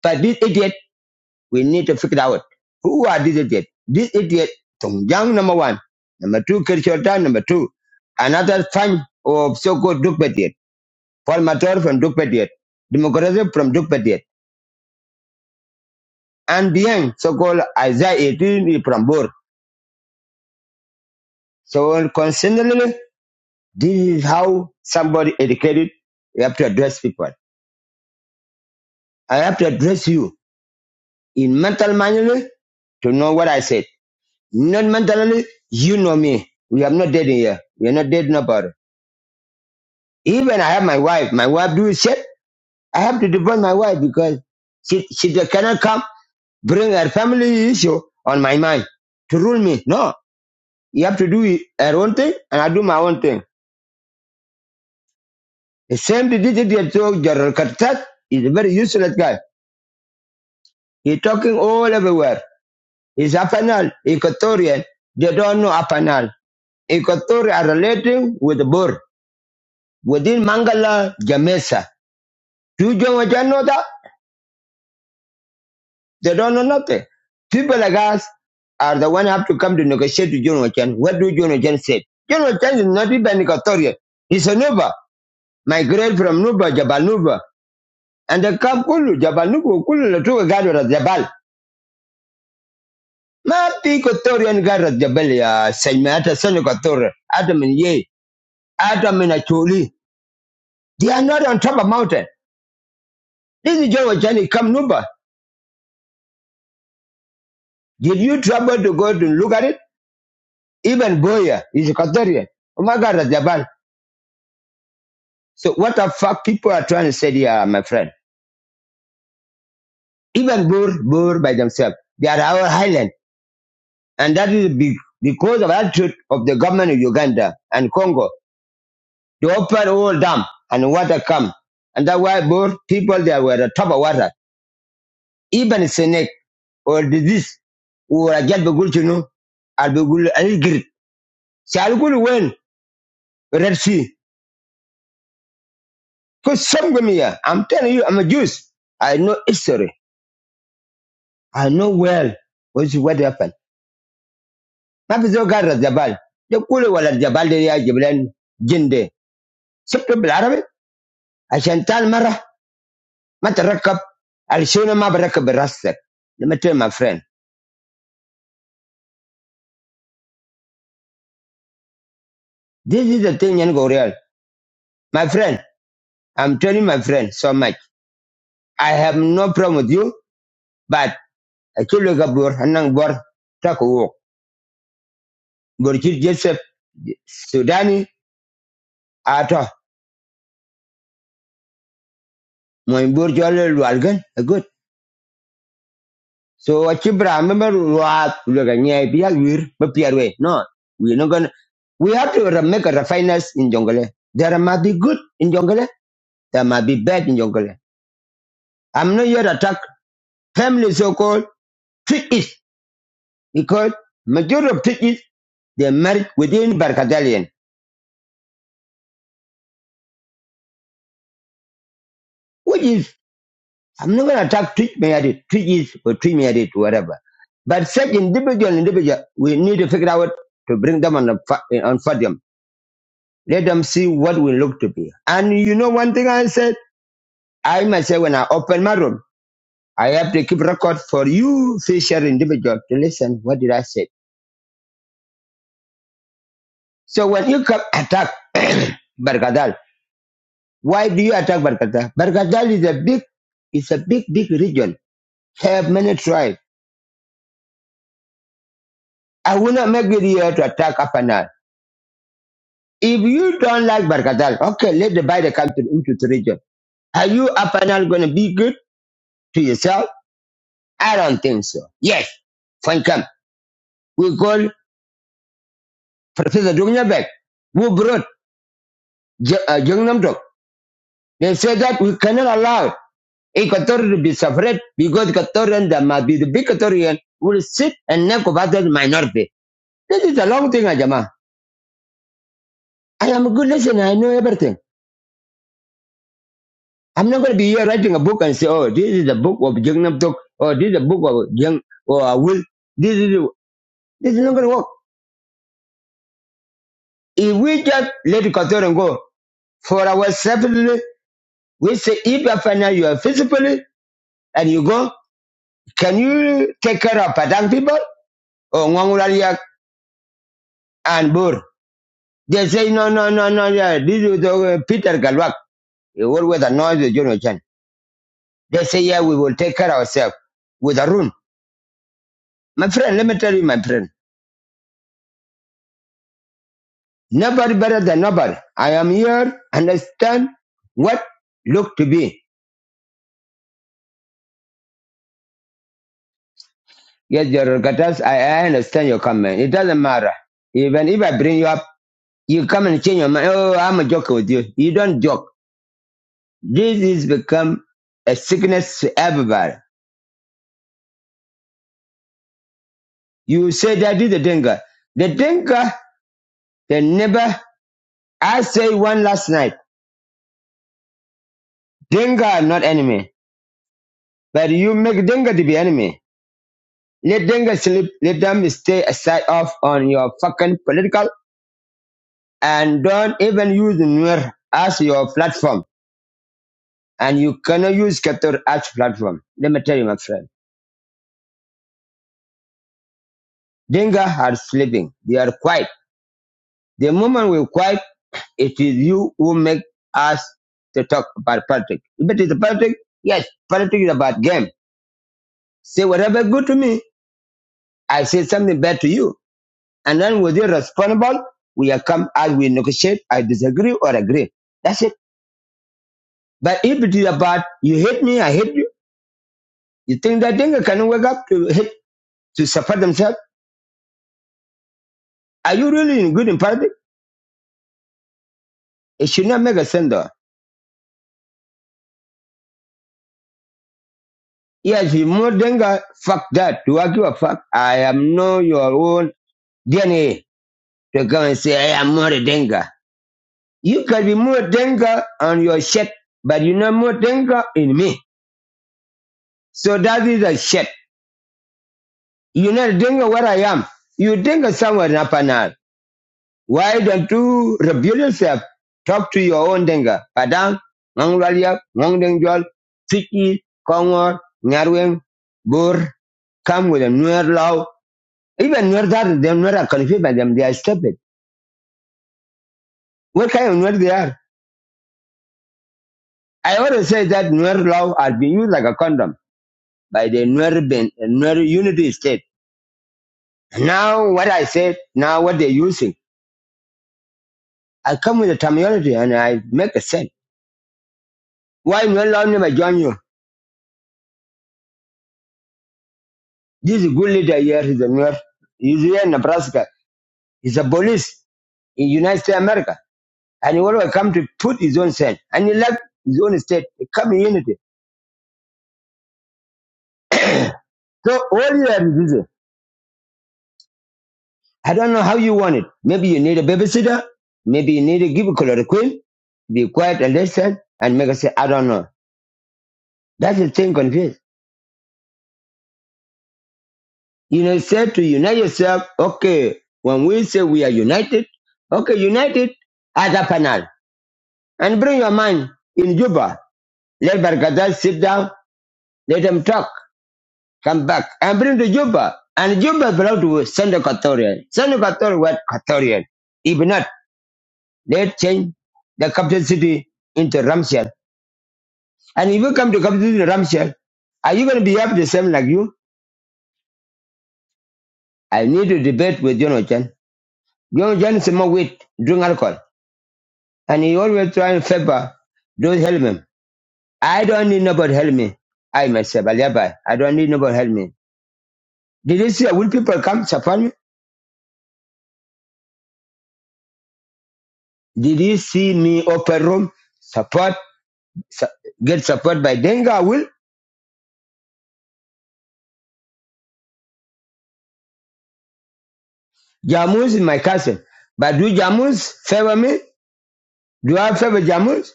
But this idiot, we need to figure it out. Who are these idiots? This idiot, Tongjang number one. Number two, Kirchhoff number two. Another time of so-called Duke idiot. Paul Matar from Duke Pediat, Democracy from Duke Pediat, and behind so-called Isaiah 18 from Bor. So constantly, this is how somebody educated, you have to address people. I have to address you in mental manually to know what I said. Not mentally, you know me. We are not dating here. We are not dating about it. Even I have my wife. My wife do shit. I have to divorce my wife because she, she cannot come bring her family issue on my mind to rule me. No, You have to do her own thing, and I do my own thing. The same did it to this idiot, so General Kartat He's a very useless guy. He's talking all everywhere. He's Apanal, Equatorian. They don't know Apanal. Equatorial are relating with the Bur. Within Mangala, Jamesa. Do you know that? They don't know nothing. People like us are the one have to come to negotiate with John Wachen. What do John Wachen say? John Wachen is not even Equatorian. He's a Nuba, migrated from Nuba, Jabal Nuba. And the camp kulu, Jabal Nuku, kulu la tuwe gado la Jabal. Ma piko tori yani gado la Jabal ya Saime, hata sani kwa tori, hata min ye, hata min achuli. They are not on top of mountain. This is John Wachani, come Nuba. Did you trouble to go to look at it? Even Boya is a Katorian. Oh my God, that's Jabal. So what the fuck people are trying to say here, my friend? Even Bur, Bur by themselves, they are our highland, And that is be- because of attitude of the government of Uganda and Congo. They open all dam and water come. And that's why both people there were the top of water. Even snake or disease or a jet begul chino or begul algir. So I'll go when Red Sea. Because some come here. I'm telling you, I'm a Jews. I know history. I know well what what happened. Mafizo gara jabal. The kule wala jabal de ya jiblan jinde. Sibto bil Arabi. عشان تعال مرة ما تركب على شنو ما بركب راسك لما تقول my friend. This is the thing in Korea. My friend, I'm telling my friend so much. I have no problem with you, but I kill you gabur, anang bor, taku wok. Gorchit Joseph, Sudani, ato, moy bor jole lualgan, good. So what you bra, remember luat, luga nyai biya wir, but be way. No, we're not gonna, we have to re- make a refiners in Jongole. There might be good in Jongole, there might be bad in Jongole. I'm not here to attack family so-called treat it. because majority of Twitches they're married within Barkatalian, which is I'm not gonna attack Twitch married, Twitch is or Twitch married, whatever. But such individual individual, we need to figure out to bring them on the fa- on podium. Let them see what we look to be. And you know one thing I said, I myself when I open my room, I have to keep record for you fisher individual to listen. What did I say? So when you come attack Barkadal Why do you attack Barkata? Barkata is a big, it's a big, big region. Have many tribes. I will not make it here to attack Apanal. If you don't like Barkatal, okay, let the buy the country into the region. Are you Apanal going to be good to yourself? I don't think so. Yes, fine, come. We call Professor Dungyabek, who brought J- uh, Jungnam Dok. They said that we cannot allow Equatorial to be separate because Equatorian, there must be the big Equatorian, will sit and neck of other minority. This is a long thing, Ajama. I am a good listener. I know everything. I'm not going to be here writing a book and say, oh, this is a book of Jung Nam Tok, or this is a book of Jung, or I will. This is, this is not going to work. If we just let the Katoran go for our separately, we say, if you find out you are physically and you go, can you take care of Padang people or Ngwangurariak and Bur? They say, no, no, no, no, yeah, this is uh, Peter Galwak. He always annoys the Jono Chan. They say, yeah, we will take care of ourselves with Arun. My friend, let me tell you, my friend, nobody better than nobody. I am here, understand what look to be. Yes, your Gatas, I, I understand your comment. It doesn't matter. Even if I bring you up, you come and change your mind. Oh, I'm a joker with you. You don't joke. This is become a sickness to everybody. You say that is the Denga. The Denga, they never, I say one last night, Denga are not enemy. But you make Denga to be enemy. Let them get sleep. Let them stay aside off on your fucking political and don't even use Nuer as your platform. And you cannot use Capital as platform. Let me tell you, my friend. Denga are sleeping. They are quiet. The moment we're quiet, it is you who make us to talk about politics. If it is politics, yes, politics is about game. Say whatever good to me, I say something bad to you. And then with you responsible, we are come as we negotiate, I disagree or agree. That's it. But if it is about you hate me, I hate you, you think that Dinka can wake up to hate to support themselves? Are you really in good in party? It should not make a sense though. Yes, if more Dinka, fuck that. Do I give a fuck? I am no your own DNA to come and say I am more Dinka. You can be more Dinka on your shit, but you're not more Dinka in me. So that is a shit. You're not Dinka where I am. You Dinka somewhere in Upper Nile. Why don't you reveal yourself? Talk to your own denga. Padang, Nganglalia, Ngongdengjol, Tiki, Kongor, Nyarweng, Bur, come with a newer law. Even newer that, they're not confused by them. They are stupid. What kind of newer they are? I always say that newer law has been used like a condom by the newer, ben, newer unity state. Now what I said, now what they're using. I come with a terminology and I make a sense. Why newer law never join you? This good leader here is a mayor. He's here in Nebraska. He's a police in United States of America. And he always come to put his own sense. And he left his own state, a community. So all you have is this. I don't know how you want it. Maybe you need a babysitter. Maybe you need to give a chloroquine. Be quiet and listen and make us say, I don't know. That's the thing confused. You know, say to unite yourself. Okay. When we say we are united, okay, united as a panel and bring your mind in Juba Let Bargadal sit down. Let them talk. Come back and bring to Juba. And Juba belong to Sunday Catholic. Sunday Catholic were Catholic. If not, they change the capital city into Ramshell. And if you come to capital city Ramshell, are you going to behave the same like you? I need to debate with Jonathan. Jonathan is more weed, drink alcohol. And he always try and favor those help him. I don't need nobody help me. I myself, I live by. I don't need nobody help me. Did you see a wood people come, support me? Did you see me open room? Support, su- get support by Denga will. Jamus is my cousin. But do Jamus favor me? Do I favor Jamus?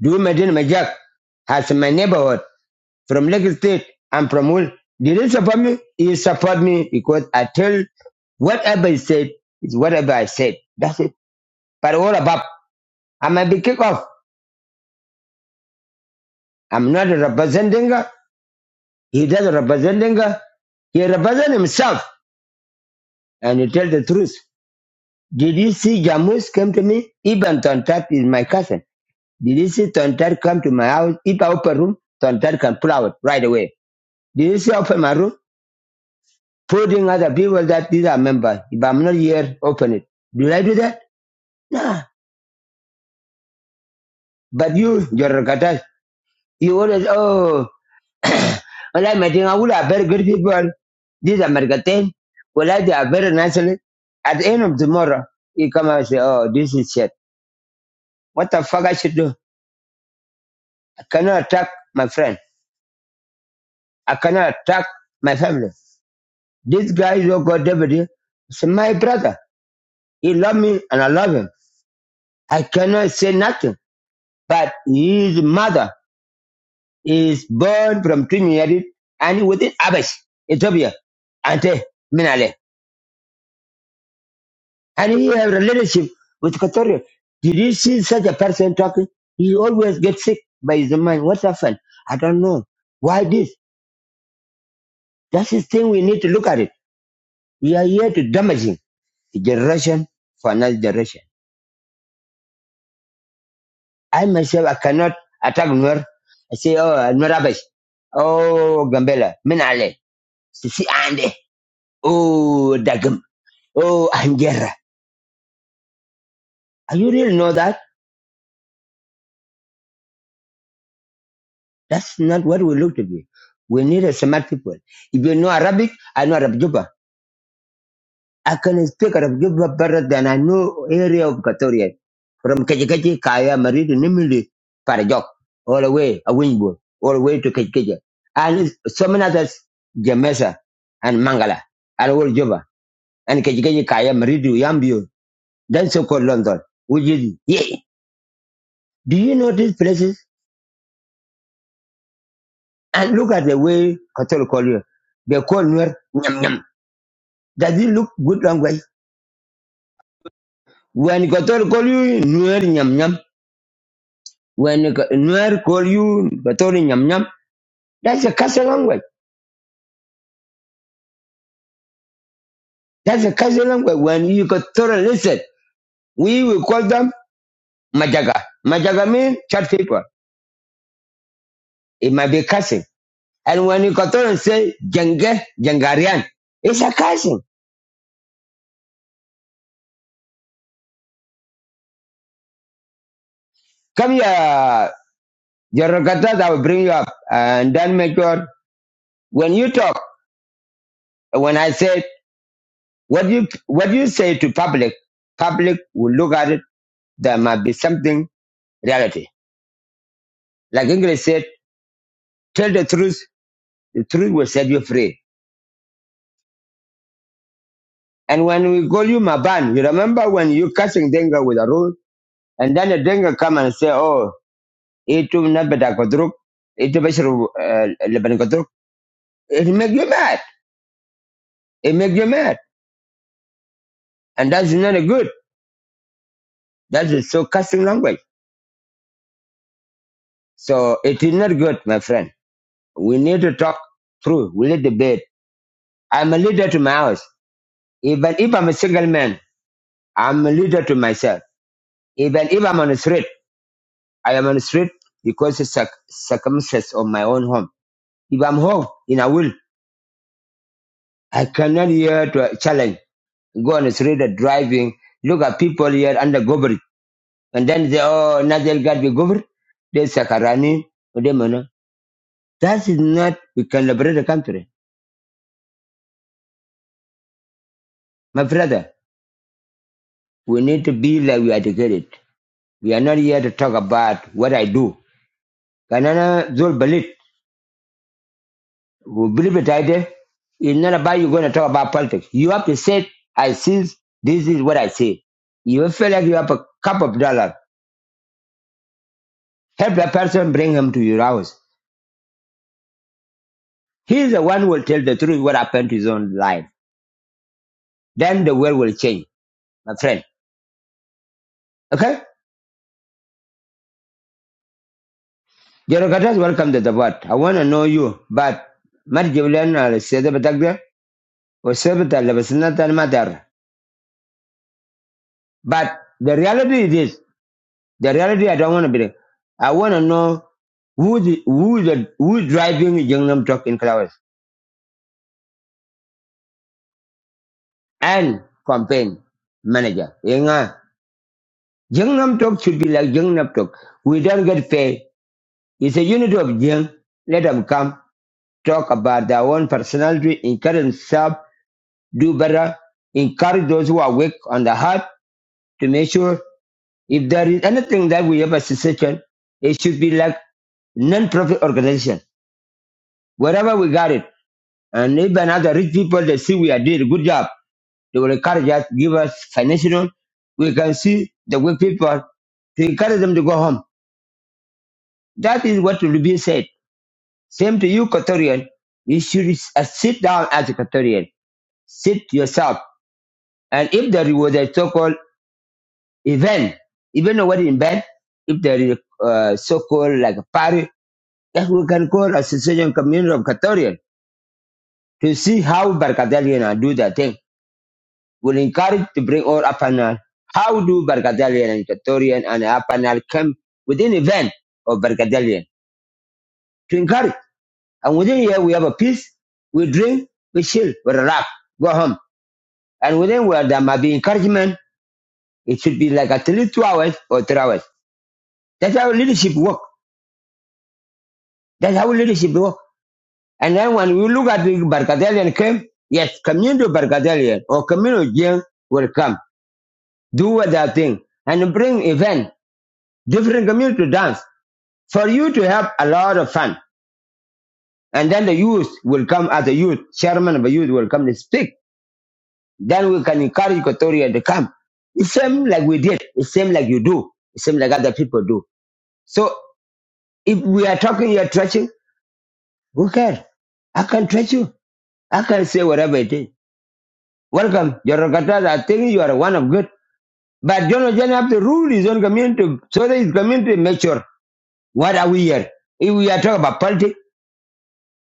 Do Medina Majak as my neighborhood from Lake State and from Wool. Did he support me? He support me because I tell whatever he said is whatever I said. That's it. But all about, I might be kicked off. I'm not representing her. He doesn't represent her. He represents himself and he tells the truth. Did you see Jamus came to me? Even Tontat is my cousin. Did you see Tontat come to my house? If I open room, Tontat can pull out right away. Did you see I open my room? Putting other people that these are members. If I'm not here, open it. Did I do that? Nah. But you, your Rakatas, you always, oh, well, I'm meeting Awula, very good people. These are Mercatin. Well, I- they are very nice. At the end of tomorrow, you come and say, oh, this is shit. What the fuck I should do? I cannot attack my friend. I cannot attack my family. This guy is your God deputy. It's my brother. He love me and I love him. I cannot say nothing. But his mother is born from Trinidad and within Abyss, Ethiopia, Ante Minale. And he have relationship with Equatorial. Did you see such a person talking? He always gets sick by his mind. What happened? I don't know. Why this? That's the thing we need to look at it. We are here to damage him. Generation for another generation. I myself, I cannot attack Nuer. I say, oh, Nuer Abbas. Oh, Gambela. Minale. Sisi Ande. Oh, Dagum. Oh, Angera. Are you really know that? That's not what we look to be. We need a smart people. If you know Arabic, I know Arabic. I can speak Arabic better than I know area of Equatoria. From Kajikaji, Kaya, Maridu, Nimili, Parajok, all the way, a Wingbo all the way to Kajikaji. And so many others, Jamesa and Mangala, and all Juba, and Kajikaji, Kaya, Maridu, Yambio, then so-called London, which is, yeah. Do you know these places? And look at the way Kathol call you. They call Nuer, Nyam Nyam. Does it look good language? When Kathol call you, Nuer, Nyam Nyam, When Nuer call you Gatori Nyam Nyam, that's a Kasa language. That's a Kasa language. When you Gatori listen, we will call them Majaga. Majaga means church people. It might be cursing. And when you Gatori say Jenge, Jengarian, it's a cursing. Come here, Jorokata, I will bring you up and then make sure when you talk, when I said what you what you say to public, public will look at it. There might be something reality. Like English said, tell the truth The truth will set you free. And when we call you Maban, you remember when you catching Denga with a rule, and then the Denga come and say, oh, it will not be that Kodruk, it will be Shru- uh, It make you mad. It make you mad. And that's not good. That is so cussing language. So it is not good, my friend. We need to talk through. We need debate. I'm a leader to my house. Even if I'm a single man, I'm a leader to myself. Even if I'm on the street. I am on the street because it's circ- circumstance of my own home. If I'm home in a will, I cannot hear to a challenge. Go on the street and driving. Look at people here under government. And then they, oh, now they'll get the government. They Sakarani. or they Mono. That is not, we can liberate the country. My brother, we need to be like we educated. We are not here to talk about what I do. Kanana Zul Balit. Well, believe it, I It's not about you going to talk about politics. You have to say, I see, this is what I see. You feel like you have a cup of dollar. Help the person bring him to your house. He's the one who will tell the truth what happened to his own life. Then the world will change, my friend. Okay? Jerokatas, welcome to the board. I want to know you, but Mari Jiblan al Seda Batagda, or Sebata Lebasinatan Matar. But the reality is this. The reality I don't want to be there. I want to know who the, who the, who is driving the Gangnam Talk in Flowers and campaign manager. Yenga. Gangnam Talk should be like Gangnam Talk. We don't get paid. It's a unit of Jing. Let them come talk about their own personality, encourage themselves, do better, encourage those who are weak on the heart to make sure if there is anything that we have a suggestion, it should be like non-profit organization. Wherever we got it, And even other rich people, they see we are doing a good job. They will encourage us, give us financial. We can see the way people to encourage them to go home. That is what will be said. Same to you, Katorian. You should uh, sit down as a Katorian. Sit yourself. And if there was a so-called event, even though what in bed, if there is a uh, so-called like a party, that we can call Association Community of Katorian to see how Barkatalian are do that thing will encourage to bring all Apanal. How do Bargadalian and Equatorian and Apanal come within a van of Bargadalian to encourage? And within here we have a peace, we drink, we chill, we relax, go home. And within where there might be encouragement, it should be like at least two hours or three hours. That's how leadership work. That's how leadership work. And then when we look at the Bargadalian came, yes, community of Bargadalian or community Jain will come, do what they think, and bring event, different community to dance. for you to have a lot of fun. And then the youth will come as a youth, chairman of the youth will come to speak. Then we can encourage Equatoria to come. It's same like we did. It's same like you do. It's same like other people do. So if we are talking, you're trashing, who cares? I can trash you. I can say whatever it is. Welcome, Jorokata. I think you are one of good. But John Ojan have to rule his own community so that his community make sure what are we here. If we are talking about politics,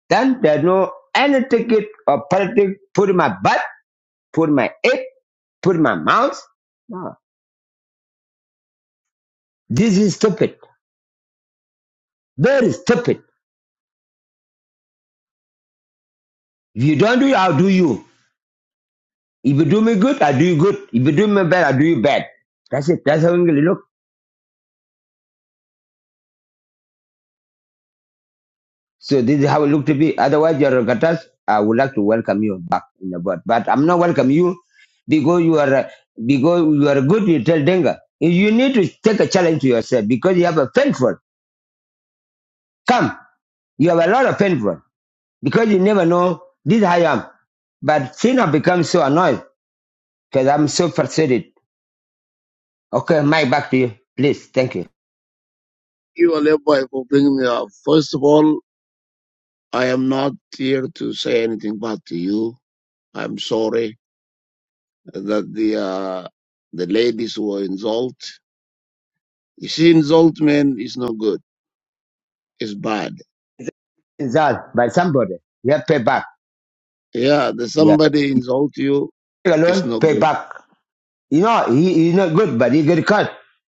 Then there is no any ticket or politics put in my butt, put in my head, put in my mouth. No. This is stupid. Very stupid. If you don't do it, I'll do you. If you do me good, I do you good. If you do me bad, I do you bad. That's it. That's how English look. So this is how it look to be. Otherwise, your Rogatas, I would like to welcome you back in the board. But I'm not welcome you because you are uh, because you are good. You tell Denga. You need to take a challenge to yourself because you have a painful. Come, you have a lot of painful. because you never know this I am. But since I become so annoyed because I'm so frustrated. Okay, Mike, back to you, please. Thank you. you, Aleppo, for bringing me up. First of all, I am not here to say anything bad to you. I'm sorry that the uh, the ladies were insulted. You see, insult men is not good. It's bad. It's that by somebody. Yeah, pay back. Yeah, the Yeah, somebody insult you Leave it's alone, not pay good. back. You know, he, he's not good, but he get caught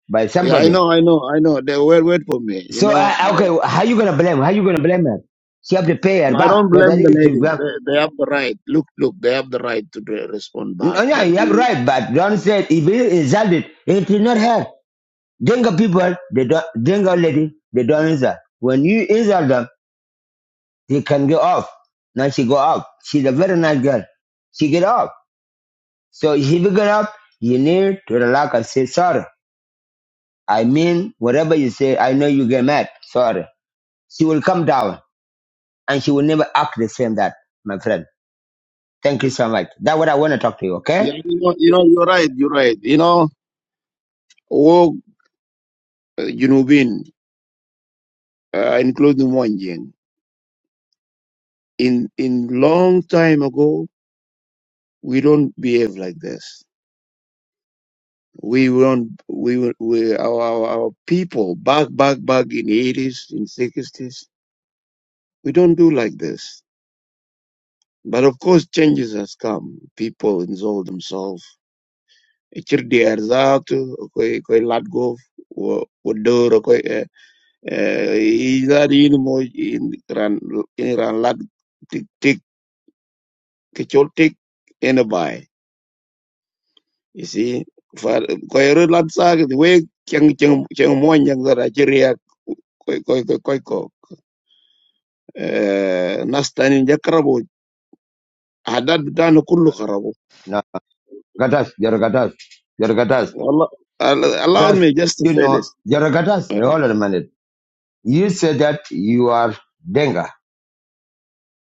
by Yeah, I somebody. know, I know, I know. They wait, wait for me. You So know, uh, like okay, how you gonna blame? How you gonna blame her? She have to pay no, her I back. don't So that blame the is you ladies. back. They, they have the right. Look, look, they have the right to re- respond No, back. yeah, But you have we, right, but don't say if you insulted, it is not her. Denga people, they don't. Denga lady, they don't insult. When you insult them He can go off. Now she go off. She's a very nice girl. She get off. So if you get off, you need to relax and say sorry. I mean, whatever you say, I know you get mad. Sorry. She will come down and she will never act the same that, my friend. Thank you so much. That's what I want to talk to you, okay? yeah, you know, you know, you're right. You're right. You know, walk uh, Junubin. uh, including Wanjing. In in long time ago, we don't behave like this. We don't. We were- we our our, our people back back back in eighties in sixties. We don't do like this. But of course, changes has come. People involve themselves. Ichir di erzato, koi koi latgov, wo wo doro koi eh eh izadi in mo in ran in ran lat tik tik kechol tik in a You see, for koyro lat sag the way cheng cheng cheng mo nyang zara chiria koy koy koy koy ko. Eh, Nas tani jakrabo. Hadad bitano kullu kharabo. No. Gatas, Yorogatas, Yorogatas. Allah, allow That's, me just to you say know, this. Yorogatas, Um, hold on a minute. You said that you are Denga.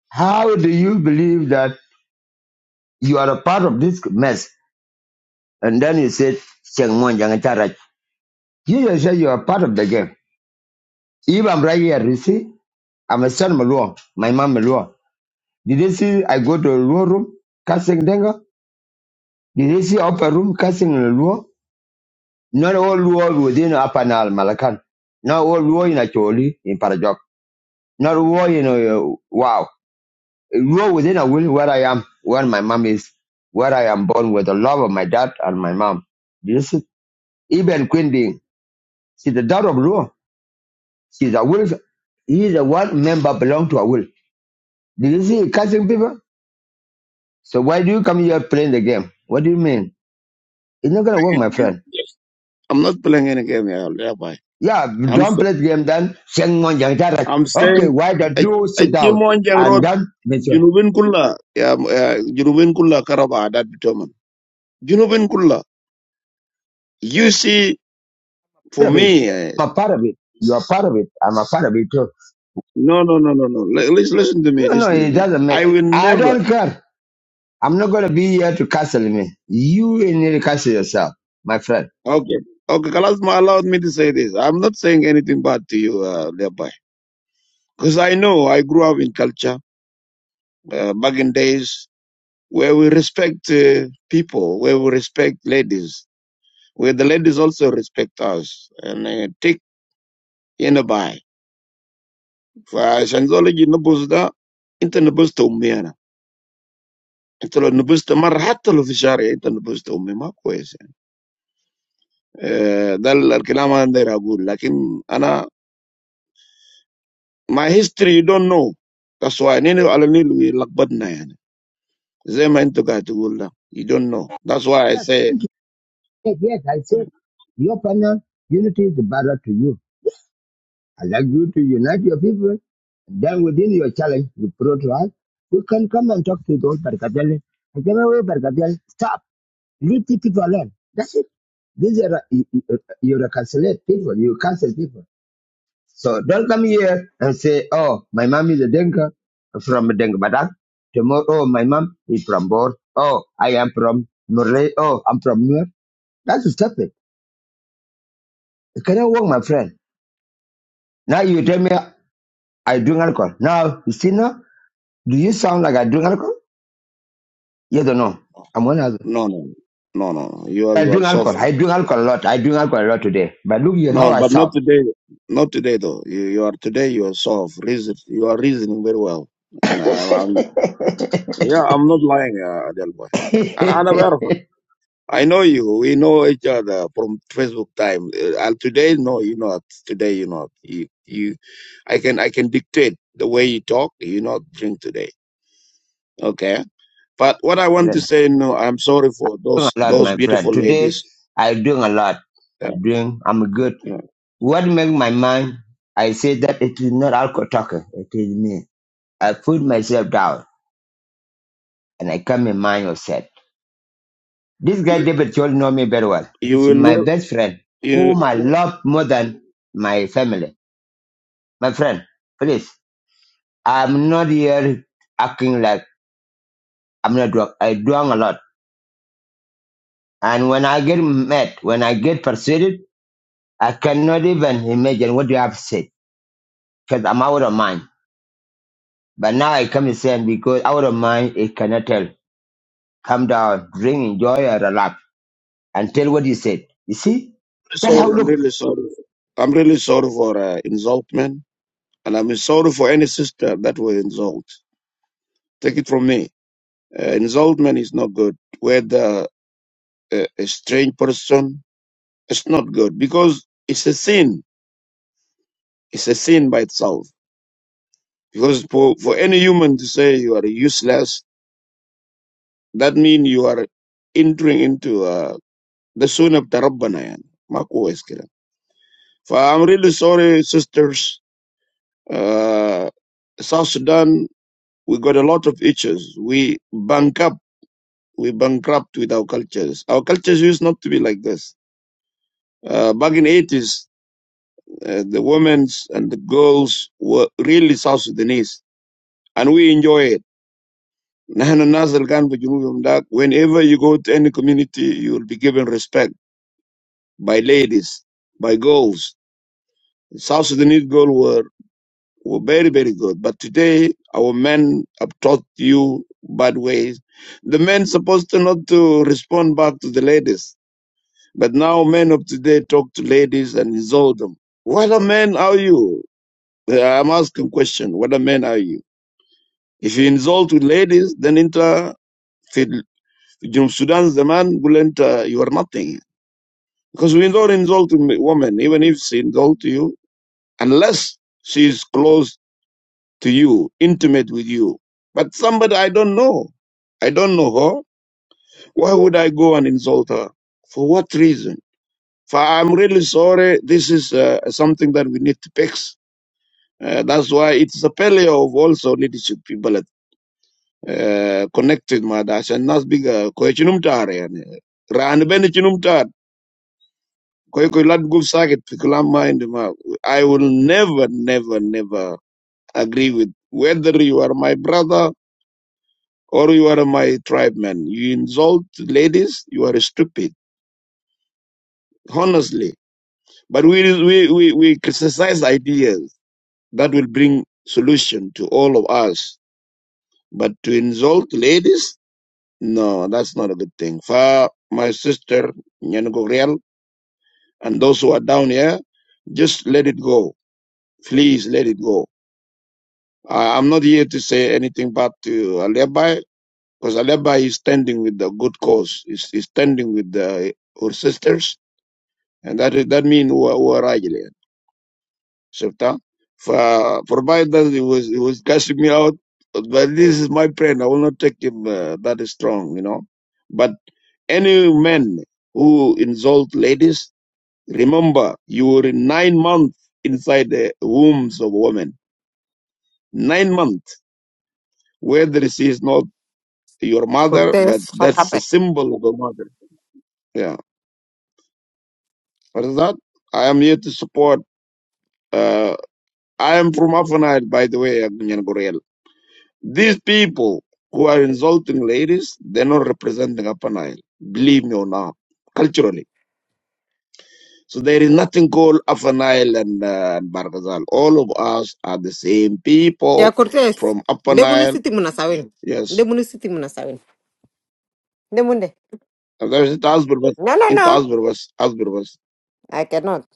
How do you believe that you are a part of this mess? And then he said, Cheng Mon Yang Charach. You yourself, you are part of the game. If I'm right here, you see, I'm a son of Malua, my mom Malua. Did they see I go to a Luo room, casting Denga? Did they see upper room, casting in Luo? Not all Luo within Upper Nile, Malakan. Not all Luo in Acholi, in Parajok. Not Luo in, uh, wow. Luo within a will where I am, where my mom is, where I am born with the love of my dad and my mom. Did you see? Even Queen Ding, see the dad of Luo. She's a will. He is a what member belong to a will. Did you see catching people? So why do you come here playing the game? What do you mean? It's not gonna work, my playing a game. friend. I'm not playing any game at all. Yeah, bye. Yeah, I'm don't s- play the game then. Sing one young direct. I'm Okay, saying why don't a you a sit down Chimon Jang and Road, then make sure Junubin Kulla, yeah, m- uh, Junubin Kulla Karaba, that determined. Junubin Kulla. You see, for part of it. me, eh, I'm a part of it. You are part of it. I'm a part of it too. No, no, no, no, no. Li- Listen, listen to me. No, no, Listen to it me. doesn't make. I will I never. don't care. I'm not gonna be here to castle me. You need to castle yourself, my friend. Okay. Okay. Kalasma allowed me to say this. I'm not saying anything bad to you, uh, Because I know I grew up in culture uh, back in days where we respect uh, people, where we respect ladies, where the ladies also respect us. And uh, take in a by. For Shanzology Nubusda, Inter Nubusta Umiana. Inter Nubusta Marhatalo Fishari, Inter Nubusta Umima آه، ده الكلام انا داير اقول لكن انا my history you don't know that's why نين على النيل لخبطنا يعني زي ما انتوا قاعد تقول ده you don't know that's why I Yes, say yes, I said your panel unity is the battle to you. I'd like you to unite your people. Then within your challenge, you brought to us, we can come and talk to those Barkadel. And give away Barkadel, stop, leave the people alone. That's it. These are, uh, you, you uh, you reconciliate people, you cancel people. So don't come here and say, oh, my mom is a Denka from Denka Badak. Tomorrow, oh, my mom is from Bor. Oh, I am from Murray. Oh, I'm from Muir. That's stupid. It cannot work, my friend. Now you tell me I drink alcohol. Now, you see now, do you sound like I drink alcohol? Yes or no? I'm one of them. no no no no no. you are I you are drink soft alcohol. I drink alcohol a lot. I drink alcohol a lot today. But look here how no I but not sound. today not today though you, you are today you are soft reason you are reasoning very well and I'm, I'm yeah I'm not lying uh, Adel boy friend. and انا بعرفك I know you we know each other from Facebook time uh, and today no you not today you not you you I can I can dictate the way you talk. You not drink today, okay? But what I I want to drink say, no, I'm sorry for a those lot, those my friend. beautiful Today ladies. I drink a lot. Yeah, I drink. I'm good. yeah. What make my mind? I say that it is not alcohol talking. It is me. I put myself down and I come in mind upset. This guy David Chol know me very well. You He's will my never. best friend, You whom I love more than my family. My friend, please. I'm not here acting like I'm not drunk. I drunk a lot. And when I get mad, when I get persuaded, I cannot even imagine what you have said because I'm out of mind. But now I come to saying because out of mind, it cannot tell. Come down, drink, enjoy, and relax, and tell what you said. You see? really That's sorry. how I'm look. really sorry. I'm really sorry for uh, insultment, and I'm sorry for any sister that will insult. Take it from me. Uh, insultment is not good. Whether uh, a strange person, it's not good because it's a sin. It's a sin by itself. Because for, for any human to say you are useless That means you are entering into uh, the son of Rabbana. Yani. Ma kowa iskira. For I'm really sorry, sisters. Uh, South Sudan, we got a lot of issues. We bankrupt. We bankrupt with our cultures. Our cultures used not to be like this. Uh, back in 80s, uh, the women's and the girls were really South Sudanese, and we enjoy it. نحن الناس اللي كانوا في جنوب Whenever you go to any community, you will be given respect. by ladies, by girls. South Sudanese girls were, were very, very good. But today, our men have taught you bad ways. The men supposed to not to respond back to the ladies. But now men of today talk to ladies and insult them. What a man are you? Uh, I'm asking a question. What a man are you? If you insult with ladies, then enter Junub Sudan the man will enter you are nothing. Because we don't insult women, even if she insult you, unless she's close to you, intimate with you. But somebody I don't know, I don't know her. Why would I go and insult her? For what reason? For I'm really sorry. This is uh, something that we need to fix. Uh, that's why it's a failure of also leadership people uh, connected madasha nas biga ko chinum tar yani ran ben chinum tar ko ko lad guf sakit fi kalam ma indi ma. I will never never never agree with. Whether you are my brother or you are my tribeman, you insult ladies, you are stupid, honestly. But we, we, we, we criticize ideas that will bring solution to all of us. But to insult ladies, no, that's not a good thing. For my sister, Nyan Gogriel, and those who are down here, just let it go. Please let it go. I, I'm not here to say anything bad to Alebai Because Aleba is standing with the good cause, is is standing with the, our sisters, and that is- that means who are, who are Rajali. Shifta. For, for provide that he was, he was cashing me out, but this is my friend. I will not take him uh, that is strong, you know. But any man who insult ladies, remember you were in nine months inside the wombs of a woman. Nine months, whether she is not your mother, but Cortés. Fat- that's a symbol of a mother. Yeah. What is that? I am here to support. Uh, I am from Afanite, by the way, Nyan Guriel. These people who are insulting ladies, they're not representing Afanile. Believe me or not, culturally. So there is nothing called Afanile and, uh, and Bargazal. All of us are the same Yeah, people Cortés. from Upper De Nile. municity munasawin. De Yes. municity munasawin. De munde. And There's it Asberbas, No, no, into no. Asberbas, Asberbas, I cannot.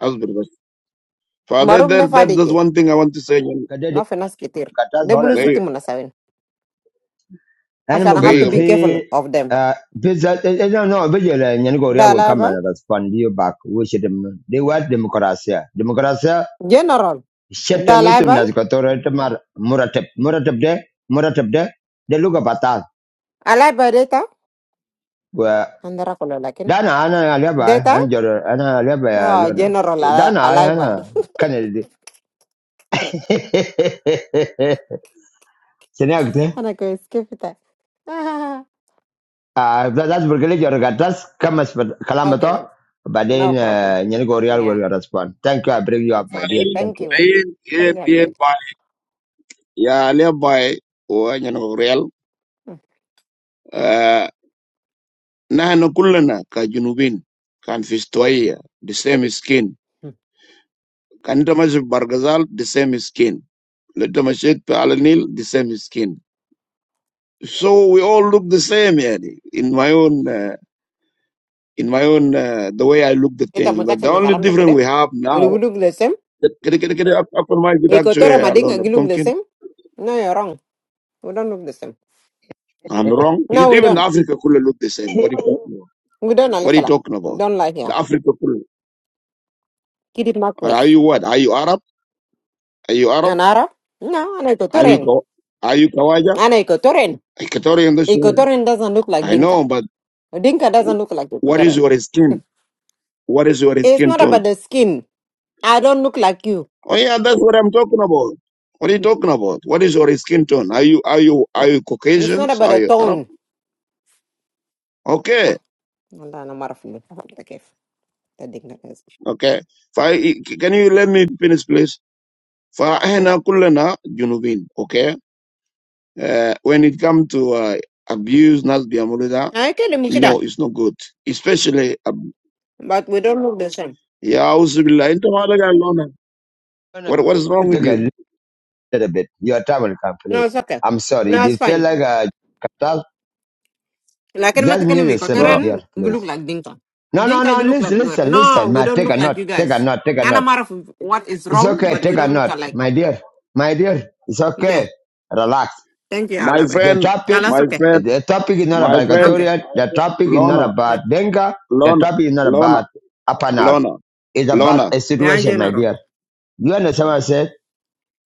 Asberbas. Father, Marum ne that, that, that's fadike. one thing I want to say. Kadada- Na fenas kitir. katas De wala na municity They, maneno. munasawin. Yaani Ashan I have to magulu, be careful fi- of them. ah, pesa- eh, eh, no, no, vijela, nyaniko ria Da will come alaibai. and respond to you back. We should, dem- they want democracy. Democracy General. Shete Da mtu alaibai. nazikotoro temar muratep muratep de muratep de de luga batal. Alaibai data. Wa Andara kolo lakin. dana ana aleba Data. ana jor ana aleba ya Oh, lona. general ala- Dana eh, alaibai. ana kanel. Sini agte. And I go skip it. Ah, Ah that's berkali jor gatas kamas kalam okay. beto. Badain No problem. nyani gorial Yeah. will respond. Thank you. I bring you up, It's my okay. dear. Thank Thank you. you. Thank you, they, everybody. ya le bay o nyen ko real uh, nahnu kullana ka junubin kan fi istuwaiya the same skin Mm. kan ita mashi bargazal the same skin lita mashi ala nil the same skin so we all look the same yani in my own uh, in my own uh, the way i look the انت thing but متاكد the من only كلام ده difference كده we have اللي now بيقولوا the same Kede kede kede upper my with actually ايكوتورا ما دينك alone a قالوا the pumpkin. same no you're wrong we don't look the same I'm wrong. no E- we Even don't Africa could look the same. What are you talking about? we don't على What are you كلا talking about? don't lie here The Africa could. keep it my Are place you what? Are you Arab? Are you Arab? انا عرب no انا Are you ايكوتورين Ka- are you Kawaja? انا ايكوتورين Equatorian this one. ايكوتورين doesn't look like I dinka know, but dinka doesn't look like what is ايكوتورين your skin? What is your it's skin not about tone? the skin I don't look like you Oh yeah, that's what I'm talking about. What are you talking about? What is your skin tone? Are you are you are Huh. you it's not Caucasians? about Are the you Arab? tone Okay, لا والله انا ما اعرف اللي فهمت كيف تديك نفس okay. Fa- can you let me finish, please? فاحنا كلنا جنوبين okay uh, when it comes to uh, abuse ناس بيعملوا ده اي كلمه كده no it's not good especially uh, but we don't look the same يا أعوذ بالله أنت مالك Lorna, What what is wrong you with Take a you? little bit. Your time will come, no it's please. okay I'm sorry. no If it's you fine feel like a gatal, Lakin ma just tekeni mute mi yourself, my Uh, dear, kotoran we please. look like Dinka. No, no, Dinka no. we look like Listen, Nuer. listen, No, listen. we Ma, don't take look a like note. you Take a guys. note. Take a None of note. matter of what is It's wrong, okay. but we Take a don't look note, alike. my dear. My dear, it's Yeah. okay. Relax. Thank you, my Alabe. The friend, topic, That's my okay. friend, the topic is not my about friend, Okay. Equatorial. The topic is not Lona, Yeah, about Benga. The Lona, topic is not Lona, about Apanal. Lona, It's about Lona, a yeah, situation, my general. dear. You understand what I said?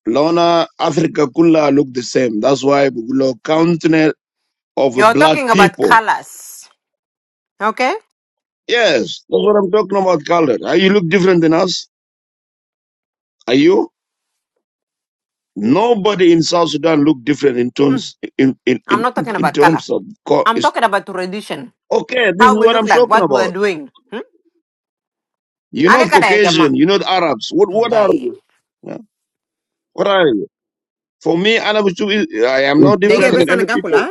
Lona, Africa Kula look the same. That's why we look continent of You're black talking about people. colors. Okay? Yes, that's what I'm talking about, color. Are you look different than us? Are you? Nobody in South Sudan look different in Hmm. terms in in I'm in, not talking in about color. terms of co- I'm is talking about tradition. okay. This How is we what look I'm like, talking what we're about. doing. Hmm? You're not Alekada ya jama. Caucasian. You're not Arabs. What what are Wallahi. you? Yeah? What are you? For me, Anna Bushuk I am no It's Dege different okay. with besa any na people. gakula.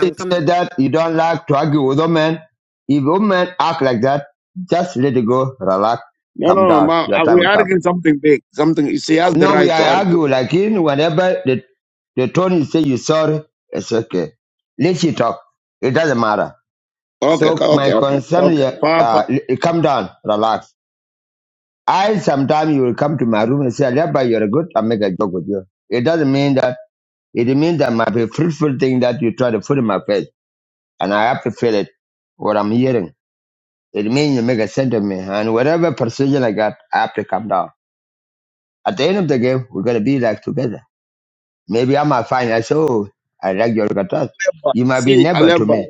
You said that you don't like to argue with women. If women act like that, just let it go. Relax. No, Calm no, no. down. Ma, Your uh, time we will come. arguing something big. Something. She has the No, we right to are argue. argue like in whenever the the Tony say you sorry, it's okay. Let she talk. It doesn't matter. Okay, So ka- okay, my okay, concern, okay. uh, Papa, uh, come down, relax. I sometimes you will come to my room and say, Aleba, you're good. I make a joke with you. It doesn't mean that. It means that might be fruitful thing that you try to put in my face, and I have to feel it. What I'm hearing, it means you make a sense of me, and whatever persuasion I got, I have to come down. At the end of the game, we're gonna be like together. Maybe I might find I say, oh, I like your Katas. Papa. You might be see, neighbor to Aleba, me.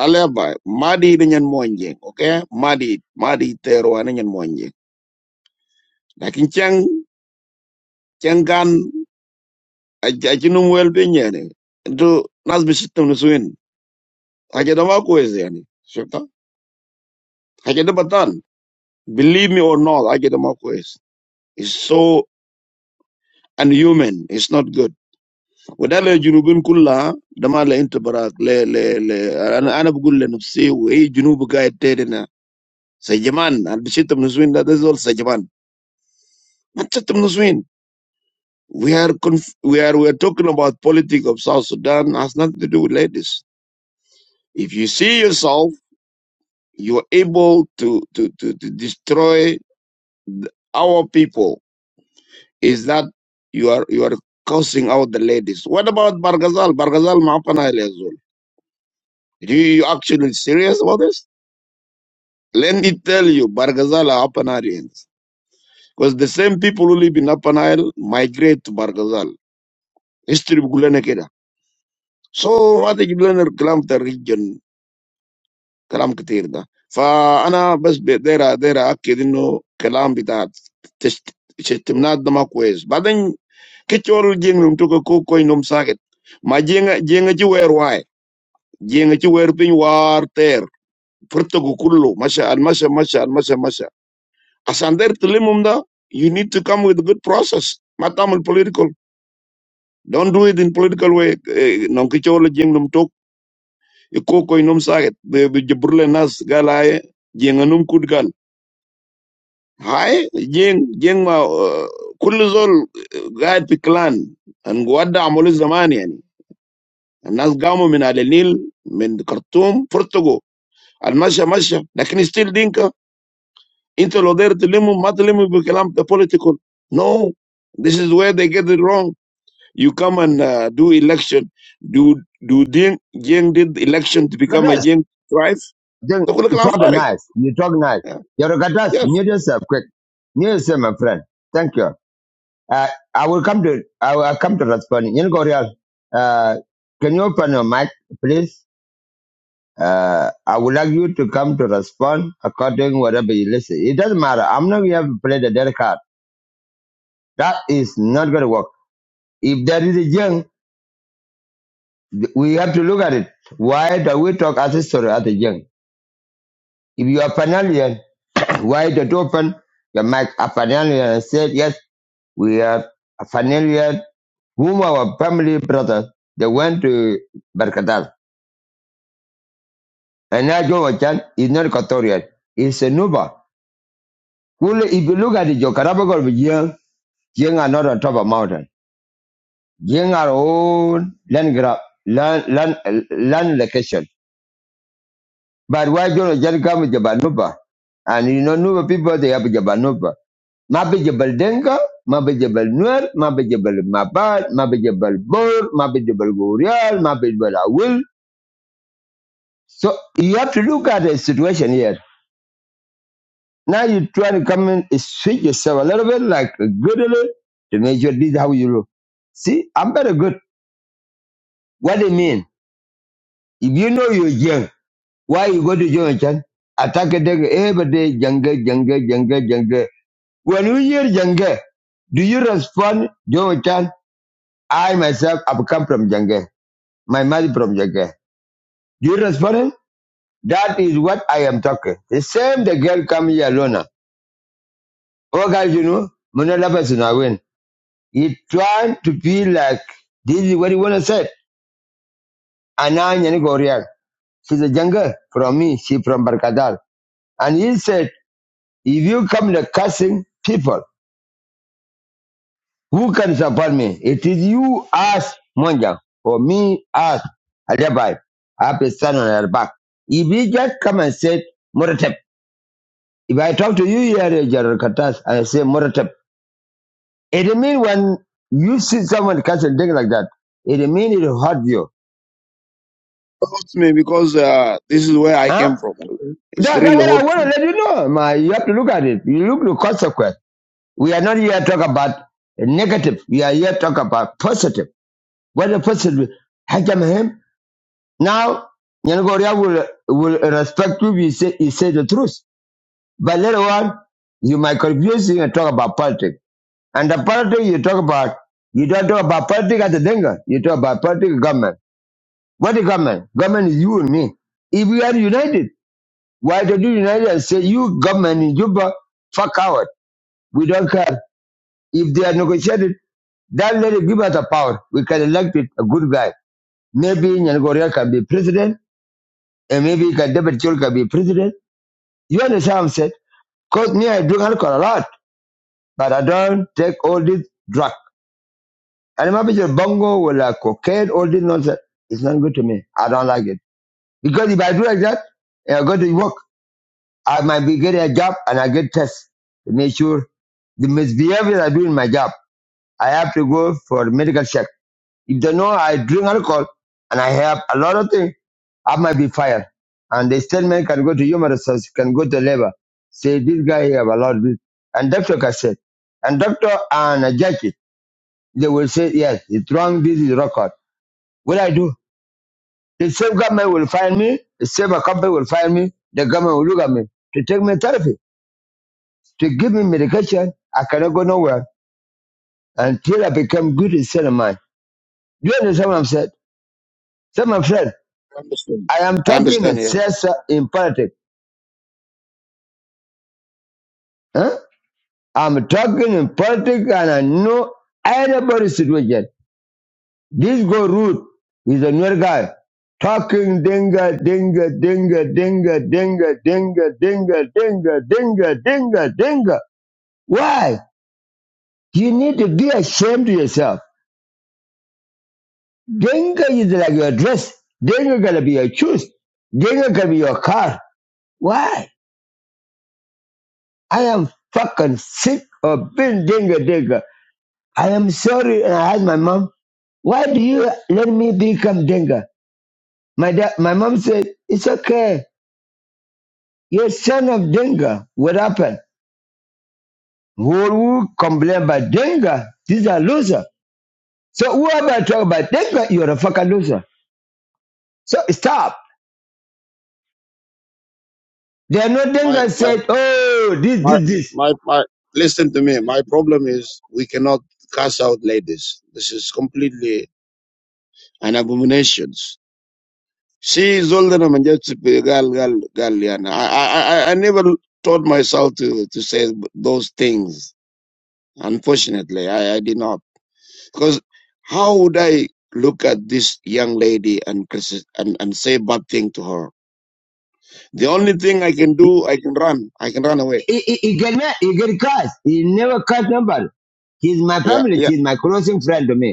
Aleba, Madi dengan monjeng, okay? Madi, Madi teruan dengan monjeng. Lakin ceng, cengkan, ajinum well pinya ni. Itu nas bisitum nusuin. Aja dama kuis yani. Syukta. Aja batan. Believe me or not, aja dama kuis. It's so unhuman. It's not good. وده جنوبين كلها ده ما له انت براك لا لا لا انا انا بقول لنفسي واي جنوب قاعد تيرنا سجمان انا بشتم نسوين ده ده زول سجمان ما تشتم نسوين we are conf- we are we are talking about politics of South Sudan has nothing to do with ladies if you see yourself you are able to to to, to destroy th- our people is that you are you are cursing out the ladies what about Bargazal Bargazal ما أبنى إلى زول you you actually serious about this Let me tell you, Bargazal or Upper Nile ends. Because the same people who live in Upper Nile migrate to Bargazal. History book will not care. So what they will learn the language of the region, the language they heard. So I am just there, there. I am not going to learn that language. But then, which other region do you want to go? Which region? Why? Which region? Why? Water. First, go to Kulu. Massa, Massa, Massa, Massa, Massa. Asander Tulimumda, you need to come with a good process. Matamul political. Don't do it in political way. Non kichola jing num tok, ikoko inum saget, be be jabrule nas galaye, jing anum kudgal. Hai, jing, jing ma, uh, kullu zol gayet fi clan, and guadda amuli zamani yani. الناس قاموا من على النيل من خرطوم فرتقوا المشى مشى لكن ستيل دينكا انت لو داير تلمهم ما تلمهم بكلام political no this is where they get it wrong You come and uh, do election. Do do Jing, Jing did election to become a Katas, Jing tribe? then Look, look you how talk far it- nice. You talk nice. yeah. Your Katas, Yes, mute yourself quick. Mute yourself, my friend. Thank you. Uh, I will come to, I will come to respond. You know, Goriel, uh, can you open your mic, please? Uh, I would like you to come to respond according to whatever you listen. It doesn't matter. I'm not going to play the dead card. That is not going to work. If there is a young We have to look at it. Why do we talk as history as a young? If you are Fanalian, why did you open your mic a Fanalian and said, yes, we are a Fanalian, whom our family brother, they went to Berkatal. And now Joe Wachan is not Equatorial, he's a Nuba. Well, if you look at it, your the geographical young, young are not on top of mountain. Young are own land grab, land, land, land location. But why don't just come with Jabanuba? And you know, Nuba people, they have Jabanuba. Mabe Jabal Denga, Mabe Jabal Nuer, Mabe Jabal Mabad, Mabe Jabal Bor, Mabe Jabal Gorial, Mabe Jabal Awil. So you have to look at the situation here. Now you try to come in and switch yourself a little bit, like a good a little, to make sure this is how you look. See, I'm better good. What do you mean? If you know you're young, why you go to Jonathan? Attack a day every day, jungle, jungle, jungle, jungle. When you hear Jange, do you respond, Joe Chan, I myself have come from Jange, my mother from Jange. Do you respond? That is what I am talking. The same the girl come here alone. Oh guys, you know, Manala Basuna win. He trying to feel like this is what he wanna say. Ananya Goriak. She's a Jange from me, she from Barkadal. And he said, if you come to cursing people, Who can support me? It is you as Monjang or me as Alibi. I have a son on her back. If he just come and say Moratep, if I talk to you here, General Katas, and I say Moratep, it mean when you see someone casting things like that, it mean it will hurt you. hurts me because uh, this is where I came Huh? from. okay? It's That, that's really what I hurtful. want to let you know. My, you have to look at it. You look the consequence. We are not here to talk about negative. We are here to talk about positive. What is positive? Hajam him. Now, Nyangoria will, will respect you if you say, you say the truth. But later on, you might confuse you and talk about politics. And the politics you talk about, you don't talk about politics as a dinga. You talk about politics government. What is government? Government is you and me. If we are united, why don't you unite and say, you government in Juba, fuck out. We don't care. If they are negotiated, then let it give us the power. We can elect it, a good guy. Maybe Nyangoria can be president, and maybe Kadebet Chol can be president You understand what I'm saying? Because me, I drink alcohol a lot, but I don't take all this drug. And my bitch, bongo, with like cocaine, all this nonsense, it's not good to me. I don't like it. Because if I do like that, and I go to work, I might be getting a job and I get tests to make sure the misbehavior I do in my job, I have to go for medical check. If they know I drink alcohol and I have a lot of things, I might be fired. And the statement can go to human resources, can go to labor. Say this guy have a lot of this. And doctor can say, and doctor and a judge, they will say, yes, it's wrong, this is record. What I do? The same government will fire me, the same company will fire me, the government will look at me to take me therapy, to give me medication. I cannot go nowhere until I become good in state of mind. Do you understand what I'm saying? I understand. I am I talking in understand here. siyasa in politics. Huh? I'm talking in politics and I know everybody's situation. This go root is a new guy. Talking dinga dinga dinga dinga dinga dinga dinga dinga dinga dinga dinga. Why? You need to be ashamed of yourself. Dinga is like your dress. Dinga gonna be your shoes. Dinga gonna be your car. Why? I am fucking sick of being dinga dinga. I am sorry. And I asked my mom, why do you let me become Denga? My dad, my mom said, it's okay. You're son of Denga. What happened? Who who complain about Denga? These are losers. So whoever talk about Denga, you're a fucking loser. So stop. They are not My Denga my said, oh, this, my this, this. my my. Listen to me. My problem is we cannot cast out ladies. This is completely an abomination. See, Zolder Manjatsupi, Gal, Gal, Galiana. I, I, I I never taught myself to, to say those things. Unfortunately, I, I did not. Because how would I look at this young lady and, crisis- and, and say bad thing to her? The only thing I can He, do, I can run. I can run away. he, he he get mad. He get cursed. He never cursed nobody. He's my Yeah, family. yeah. She's my closest friend to me.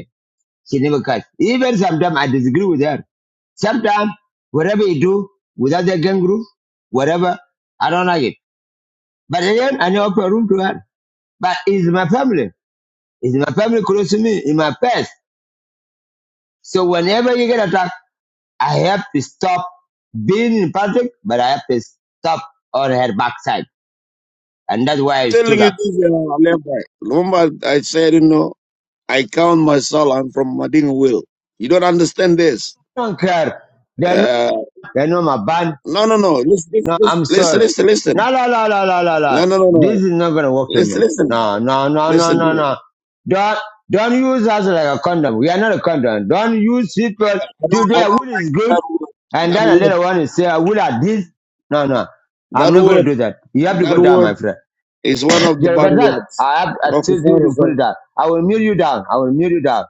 She never catch. Even sometimes I disagree with her. Sometimes whatever you do without the gang group, whatever, I don't like it. But again, I never open room to her. But it's my family. It's my family close to me, in my past. So whenever you get attacked, I have to stop being in public, but I have to stop on her backside. And that's why I Telling stood you up. this, uh, Alemba. Remember, I said, you know, I count myself, I'm from Madinga Will. You don't understand this. I don't care. They know, Uh, they know my band. no, no, no. No, listen, I'm listen, sorry. listen. listen. No, no, no, no, no, no, No, no. no, no, This no. is not gonna work to Listen, me. listen, No, no, no, no, listen. to no, it. no. Don't don't use us like a condom. We are not a condom. Don't use people I don't, I today. Wood don't like is good, and that then a word. later on you say wood are this. No, no, I'm That word, that not gonna word, do that. You have to that go down, my word friend. is one of the You're bad gonna that. words. I have to Oh, for assist you sorry, to put it sorry. down. I will mute you down. I will mute you down.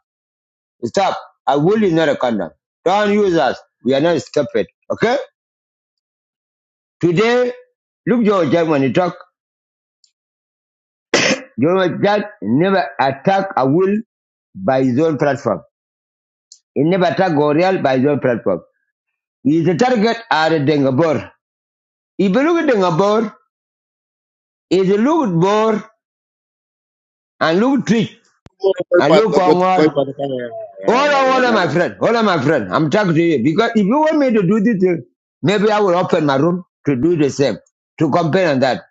Stop. I wood is not a condom. Don't use us. We are not stupid. Okay? Today, look your German. You talk. General Jack never attacked a will by his own platform. He never attacked Gorial by his own platform. His target are the Dengabor. If you look at Dengabor, if you look at Bor and look at Twitch and look I at Ongor, hold on, hold on, my friend, hold on, my friend. I'm talking to you because if you want me to do this maybe I will open my room to do the same, to complain on that.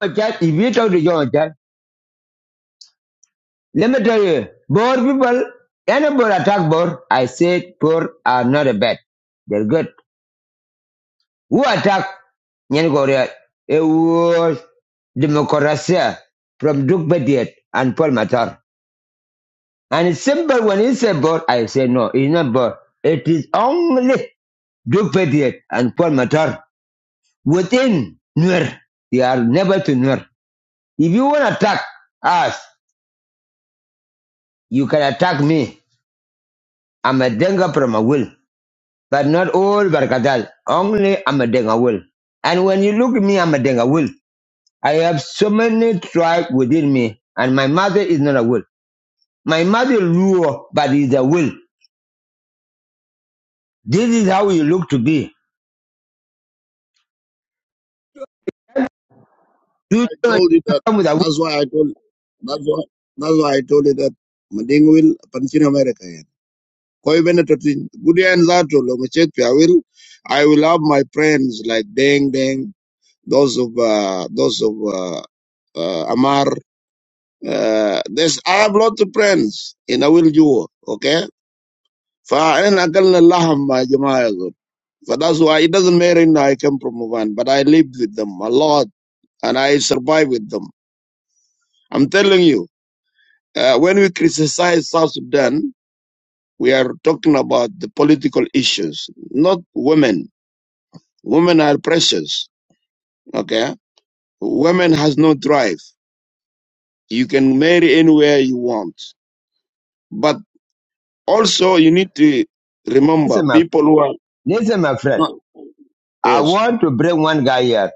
But Jack, if you talk to John Jack, let me tell you, Bor people, any Bor attack Bor, I say Bor are not a bad. They're good. Who attacked Nyangoria? It was democracy from Duke Bediet and Paul Matar. And it's simple when he said board, I say no, it's not board. It is only Duke Bediet and Paul Matar within Nuer. They are never to Nuer. If you want to attack us, you can attack me. I'm a denga from a will, but not all Barkatal. Only I'm a denga will. And when you look at me, I'm a denga will. I have so many tribe within me, and my mother is not a will. My mother lure, but is a will. This is how you look to be. You don't told you that. come with a will. That's why I told. That's why. That's why I told you that. Mading will continue America. yeah. Koi bene totin. Good and that lo machet I will. I will have my friends like Deng Deng. Those of uh, those of uh, uh, Amar. Uh, there's I have lot of friends in Awil Juo, okay? فأنا أكلنا اللحم يا جماعة يقول. For that's why it doesn't matter if I come from Oman, but I lived with them a lot and I survived with them. I'm telling you, uh, when we criticize South Sudan, we are talking about the political issues, not women. Women are precious, okay? Women has no drive. You can marry anywhere you want. But also you need to remember Listen, my, people who are listen, my friend. I Yes. want to bring one guy here.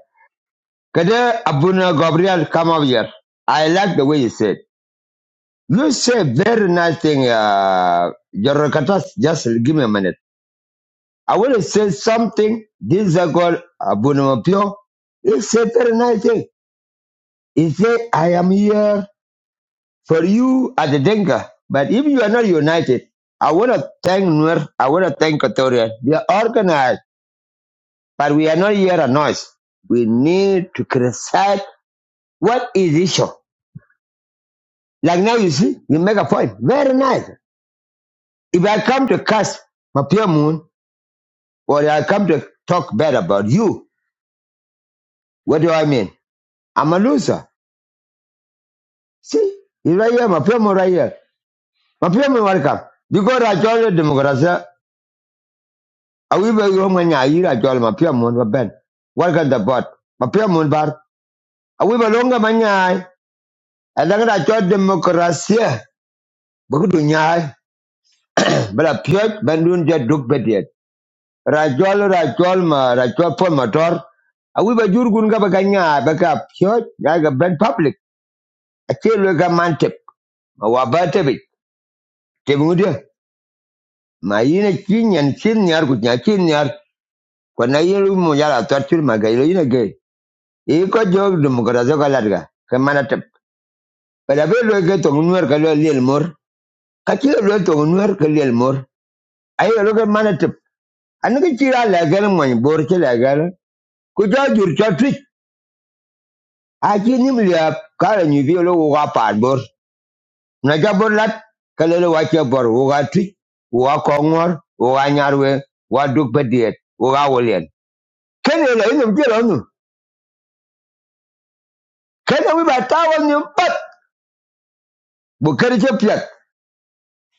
Kade Abuna Gabriel, come over here. I like the way you said. You say very nice thing, uh, Jorokatas. Just give me a minute. I want to say something. This is called Abuna Pio. He said very nice thing. He said, I am here for you as a Denka. But if you are not united, I want to thank Nuer, I want to thank Equatorial. We are organized, but we are not here a noise. We need to criticize what is issue. Like now you see, you make a point. Very nice. If I come to curse my moon, or I come to talk bad about you, what do I mean? I'm a loser. See, he's right here, my moon right here. My pure moon welcome. Because I joined the democracy awi ba yo ma nya jol ma pia mon ba ben Warga ga da bot ma pia mon bar awi ba longa ma nya a da ga cho demokrasia ba ku nya pia ben dun duk bediet ra jol ra jol ma ra jol pon motor awi ba jur gun ga ba ga ba ka pia ga ga ben public a ce lo ga man tep ma wa ba te bi te mu de ma yina kin yan kin yar ku nya kin yar ko na yiru mu yara tar ma ga yelo yina ge e ko jog demokrasia ga ladga ka But abe lo ke tong nuer ka lo liel mor. Ka chi lo tong nuer ka liel mor. Ai lo ke mana tip. Anu ke chi ra la gal mo ni bor che la gal. Ku ja jur cha twit. A chi nim lia ka la ni bi lo wo ga pa bor. Na ja bor lat ka le lo wa che bor wo ga twit. Wo ga ko we, wa duk pe diet, wo ga wo lien. Ken le lo ni je lo nu.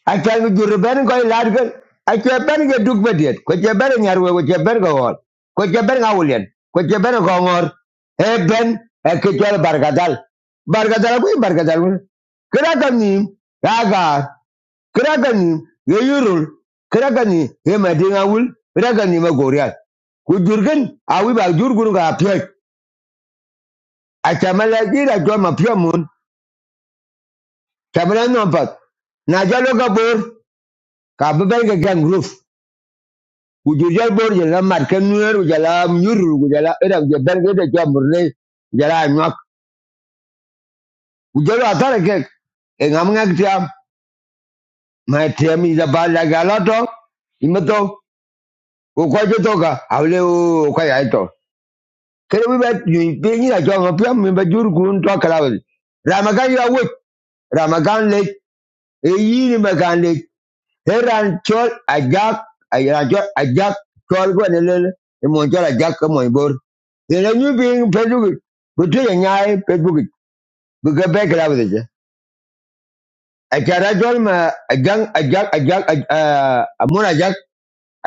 acal ku jur ben ko lad ken ace ben ke duk bediet ko ce ben nyarwe ko ce ben ko wol ko ce ben awulien ko ce ben ko ngor e ben e ke jol bargadal bargadal ku bargadal ku kira kan ni raga kira kan ni ye yurul kira kan ni ye madinga wul kira kan ni ma gorial ku jurgen awi ba jurgun ga pye acamala jira jol ma pye mun camala nompat na jalo gabor ka beben ke gang roof kujurjal bor jala marken nuer jala nyuru jala era je berge de jamurne jala nyak kujalo atare ke ngam ngak ma tiam ida bala gala imato ko ko je to ka awle o ko ya to kere bi bet ni de ni la jo ngap mi ba jur gun to kala ramagan ya wo ramagan le e yini magan le Heran chol ajak ajak ajak chol ko ne le e mon chol ajak ko mon bor. Ina nyu bin Facebook bu tu ya nyai Facebook bu ga be gra bu de. Ajara chol ma ajang ajak ajak a mon ajak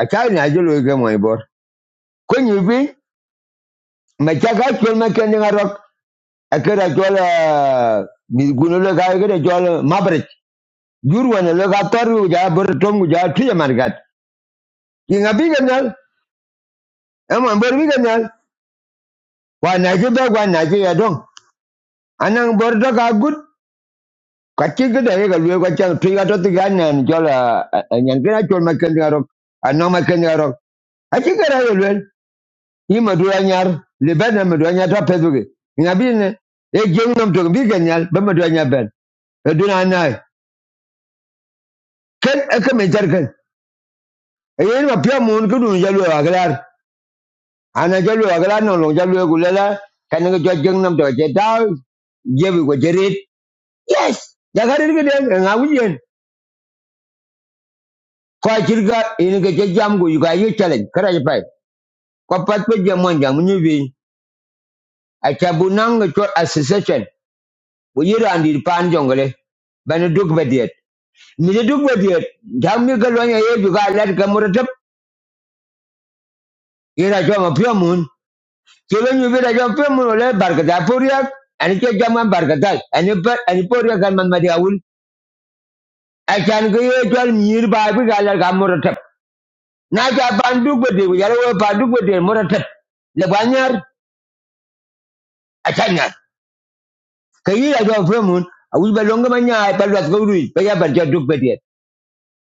ajak ni ajul ko mon bor. Ko nyu bin ma chaka chol ma ken nga rok akara chol mi guno le ga ga chol mabrech. Jur wana le ga tor ja bor tom ja tu ya margat. Ki ngabi ga nyal e bor bi ga wa na ji be wa na ji ya dong anang bor ka gut Kacil ke dari ka chi ge de ga ka chang tri to ti nan jo la nyan chol ma ken ga ro ano ma ken ra ye lue i ma le ba na ma du ta pe du ne e ge ngom to bi ga nyal ba ma du ben e du na ken e ke me jar ken e ye ma pya mun ku du ja lue ana ja lue no lo ja lue gu le la ka to je da je bi go yes ja ga ri ge ko jirga ini ga jajjam go yuga yi challenge kara yi pai ko pat pe jam mon jam ni bi a chabu association wo yira andi pan jongale duk badiet mi duk badiet jam mi ga lonya ye yuga lat ga muratab yira cho ma pyo mun ke da jam pyo mun le barka da poriya ani ke jam man barka da ani par ani poriya gan man awul a chan ga ye jol mi ba bi ga lat na ja ban duk badiet yara wo ban duk badiet muratab le banyar a kayi aja jwa femun a manya ba longa ma nyaa duk bediet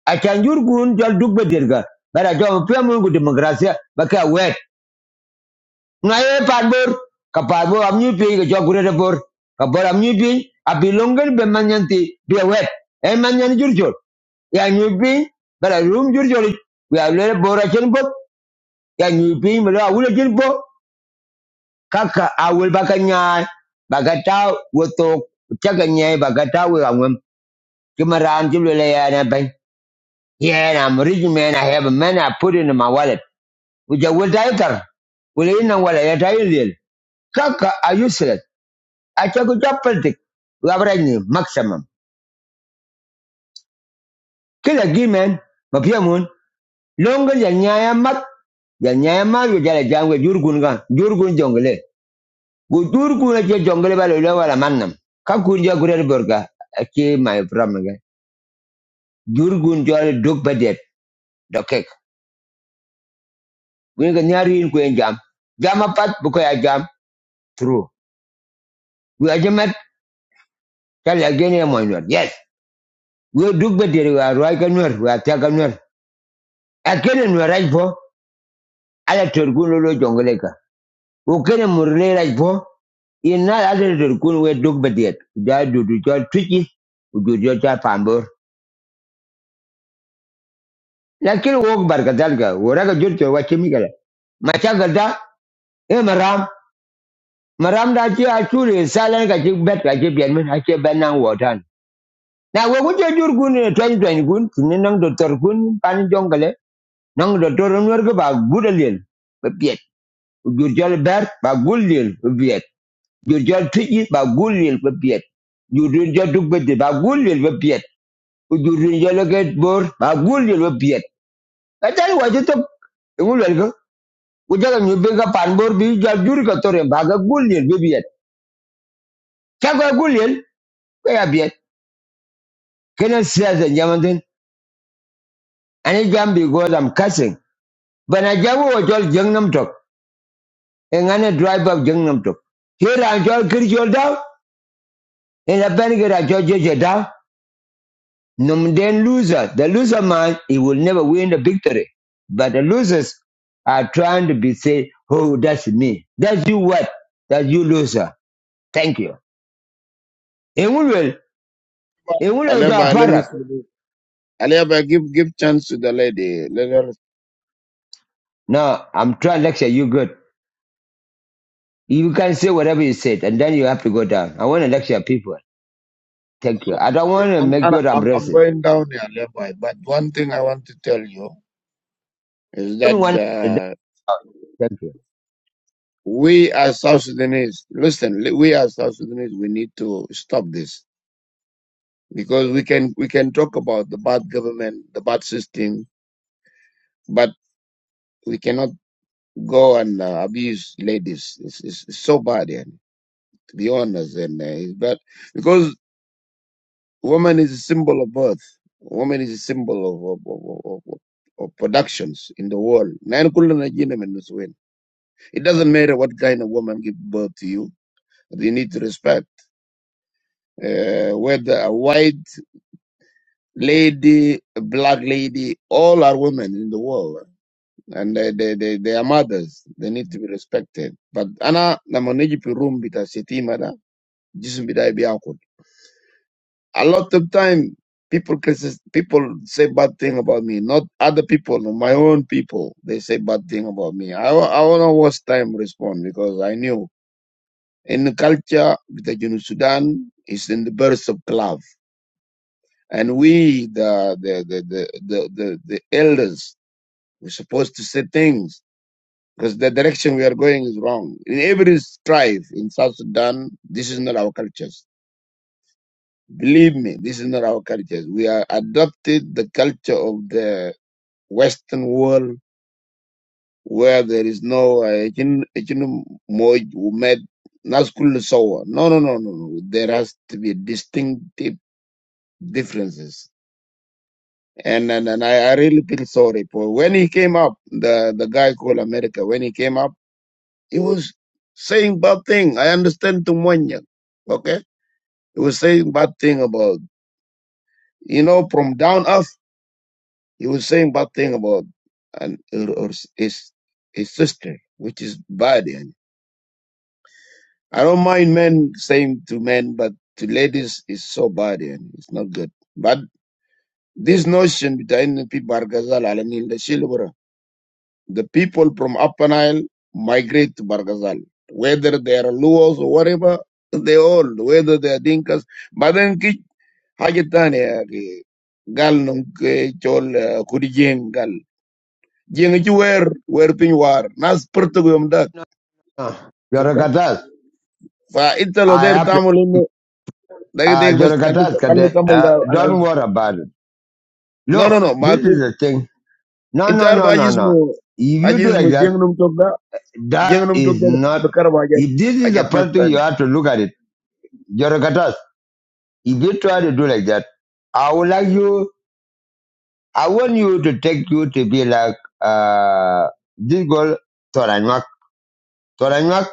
achanjur chan jur kun jwa duk bediet ga ba da jwa femun demokrasia ba wet nga parbor pat bor ka pat bor am nyu pi ga jwa gure bor ka bor pi a be man be wet e man nyan ya nyu pi ba da rum jur jor we a le bor a ya nyu pi me la wule jin bo kaka a wul ba ka nyaa ba ka Give my round, give me lay and I Yeah, and I'm a rich man. I have a man. I put in my wallet. Which I will die there. Will in and wallet. I die in Kaka, I useless. I check with your politic. We have right maximum. Kill a gay man. My peer moon. Longer than Yaya Mat. Yan you get a jam with Jurgunga. Jurgun jungle. Go Jurgun at jungle by the level Manam. Kakun Jaguar Burger. I came my problem Jurgun Jolly Dog Badet. The cake. We can hear you in Queen Jam. Jam Bukoya Jam. through. We are Jamat, tell again, i Yes, we do better. We are right we are taken where. Again, and we are right for other Jongaleka. Who can Murle right for? In not other Turgun, we do better. That do to your tricky, we do your chap amber. Lakin walk Barkatalga, wherever you to watch him. Machagada, eh, Maram. Maram da ce a ture salan ka ki bet ka ki biyan min ake ban nan wotan. Na we kuje jur gun ne twan twan gun tinin nan doktor gun pan Jongle. Nang do toron wer ko ba gudal yen ber ba gul yen ba piet jur jol tiji ba gul yen ba duk bete ba gul yen ba ke bor ba gul yen ba piet ka tan wa je tok ngul wer ko ku jaga nyu bi jol jur ka tore ba ga gul yen ba piet ka ga gul yen kena siasa jamanten ani jam because i'm cussing bana jawo wajal jengnam tok engane drive up jengnam tok here i'm jol kir jol daw In the benefit of George Jeda, num then loser. The loser man, he will never win the victory. But the losers are trying to be say, oh, that's me. That's you what? That's you loser. Thank you. In one will, in one will do a Aleba, let me product. say this. Aleba, give give chance to the lady. Let her. No, I'm trying to lecture you good. You can say whatever you said and then you have to go down. I want to lecture people. Thank you. I don't want to I'm make I'm you I'm I'm I'm racist. going down here, Aleba. But one thing I want to tell you is that Anyone, uh, thank you. we as South Sudanese, listen, li- we as South Sudanese, we need to stop this because we can we can talk about the bad government, the bad system, but we cannot go and uh, abuse ladies. It's, it's, it's so bad, yeah, to be honest, and uh, it's bad because Woman is a symbol of birth. Woman is a symbol of, of, of, of, of productions in the world. Nine kulana jina men nusuwen. It doesn't matter what kind of woman give birth to you. You need to respect. Uh, whether a white lady, a black lady, all are women in the world. And they, they, they, they are mothers. They need to be respected. But ana namoniji pirum bita seti mada jisum bida ibi A lot of time, people crisis, people say bad thing about me. Not other people, no, my own people. They say bad thing about me. I wa- I wanna waste time respond because I knew in the culture with the Junu Sudan is in the birth of love, and we the the the the the, the, the elders we're supposed to say things. Because the direction we are going is wrong. In every strife in South Sudan, this is not our culture Believe me, this is not our culture. We are adopted the culture of the Western world where there is no uh, echin- echin- moj- umed- nas kullu sawa. No, no, no, no, no. There has to be distinctive differences. And and, and I, I really feel sorry for when he came up, the, the guy called America, when he came up, he was saying bad thing. I understand Tumwanya. Okay? He was saying bad thing about you know, from down up. He was saying bad thing about and her, her, his his sister, which is bad. And I don't mind men saying to men, but to ladies is so bad and it's not good. But this notion between the people Bargazal Alanil the Shilbra, the people from Upper Nile migrate to Bargazal. Whether they are Luos or whatever, they all, whether they are Dinkas. But then ki Hajatani Gal Nunk Chol Kurijeng jeng ci wer wer piny war nas përtëg yom dak No, no. You're a Chepta? fa itta lo der gatas. tamul inno dag Uh, deg bes kan Jorokatas, kan Kade, kamal uh, da ana wul. don't worry about it. no no Look, no ma this ki is the thing. No, no, intar no, no, no. bajismo If you do ajismo like that, jeng num tok da that jeng num tok is da not, bekar wajat if this is the ajat nas first thing tan you have to look at it. Jorokatas. if you try to do like that, I would like you, I want you to take you to be like, uh, this girl, Toranyak. Toranyak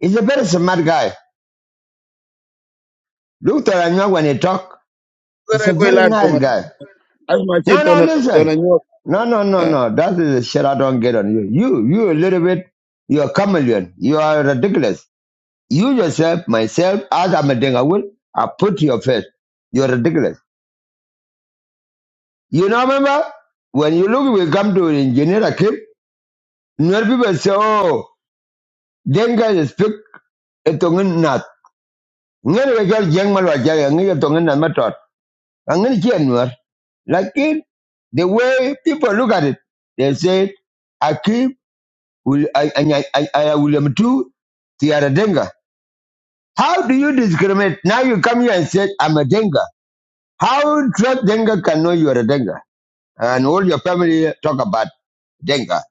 is a very smart guy. Look, Toranyak, when he talk, he's zare a koy very laat ko nice man guy. asma ci No, no, tona listen. tona ñoo No, no, no, eh, no. That is the shit I don't get on you. You, you a little bit, you're a chameleon. You are ridiculous. You yourself, myself, as I'm a thing, I will, I put to your face. You're ridiculous. You know, remember? When you look, we come to engineer a kid, many people say, oh, Denga is speak a tongue nut. Ngani we got young man like Jay, and you tongue nut method. And then Like it, the way people look at it, they say, Akim Will I I I, I William too? They are a denga. How do you discriminate? Now you come here and say I'm a denga. How trust denga can know you are a denga, and all your family talk about denga.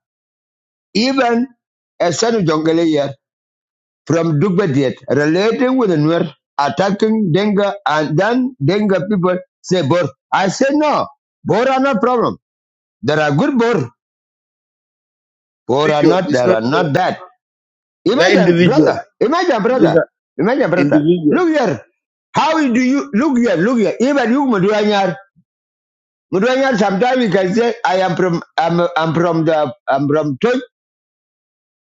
Even a son of Jongale here from Dugbadiet relating with the Nuer attacking denga, and then denga people say Bor. I say no, Bor are not problem. There are good Bor. Bor are individual not. is There not are eh, not bad. the Imagine, individual brother. Imagine, this is brother. Imagine, brother. individual Look here. How do you look here? Look here. Even you, Mudwanyar. Mudwanyar, sometimes you can say, I am from, I'm, I'm from the, I'm from Tuch,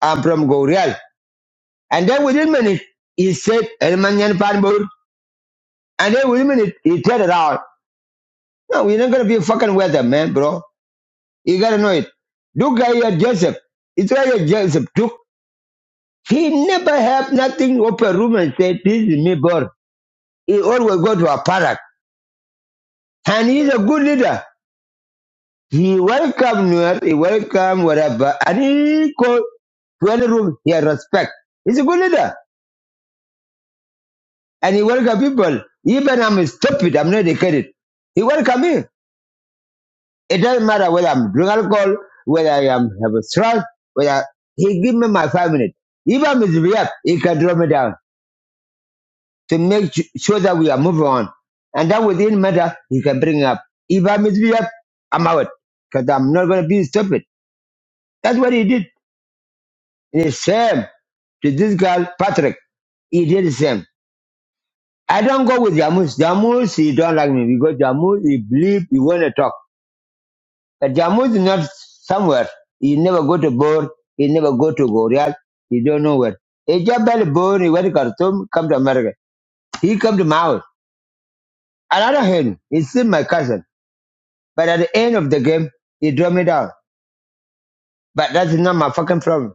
I'm from Gorial. And then within minutes he said, Elmanyan Panbur. And then within minutes he turned around. No, you're not going to be fucking with them, man, bro. You got to know it. Look at your Joseph. It's where your Joseph took. He never had nothing open room and said, this is me, bro. He always go to a park And he's a good leader. He welcomed Nuer, he welcomed whatever, and he called to any room he had respect. He's a good leader, and he welcomed people. Even I'm stupid, I'm not educated. He welcomed me. It doesn't matter whether I'm drink alcohol, whether I am have a stress, whether he give me my five minutes. If I misbehave, he can draw me down to make su- sure that we are moving on. And that within matter, he can bring up. If I misbehave, I'm out because I'm not going to be stupid. That's what he did. It is same to this girl, Patrick. He did the same. I don't go with Jamus. Jamus, he don't like me because Jamus, he bleep, he want to talk. But Jamus is not somewhere. He never go to Bor. He never go to Gorial. He don't know where. He just barely born. He went to Khartoum, come to America. He come to my house. And I don't hate him. He's still my cousin. But at the end of the game, he drove me down. But that's not my fucking problem.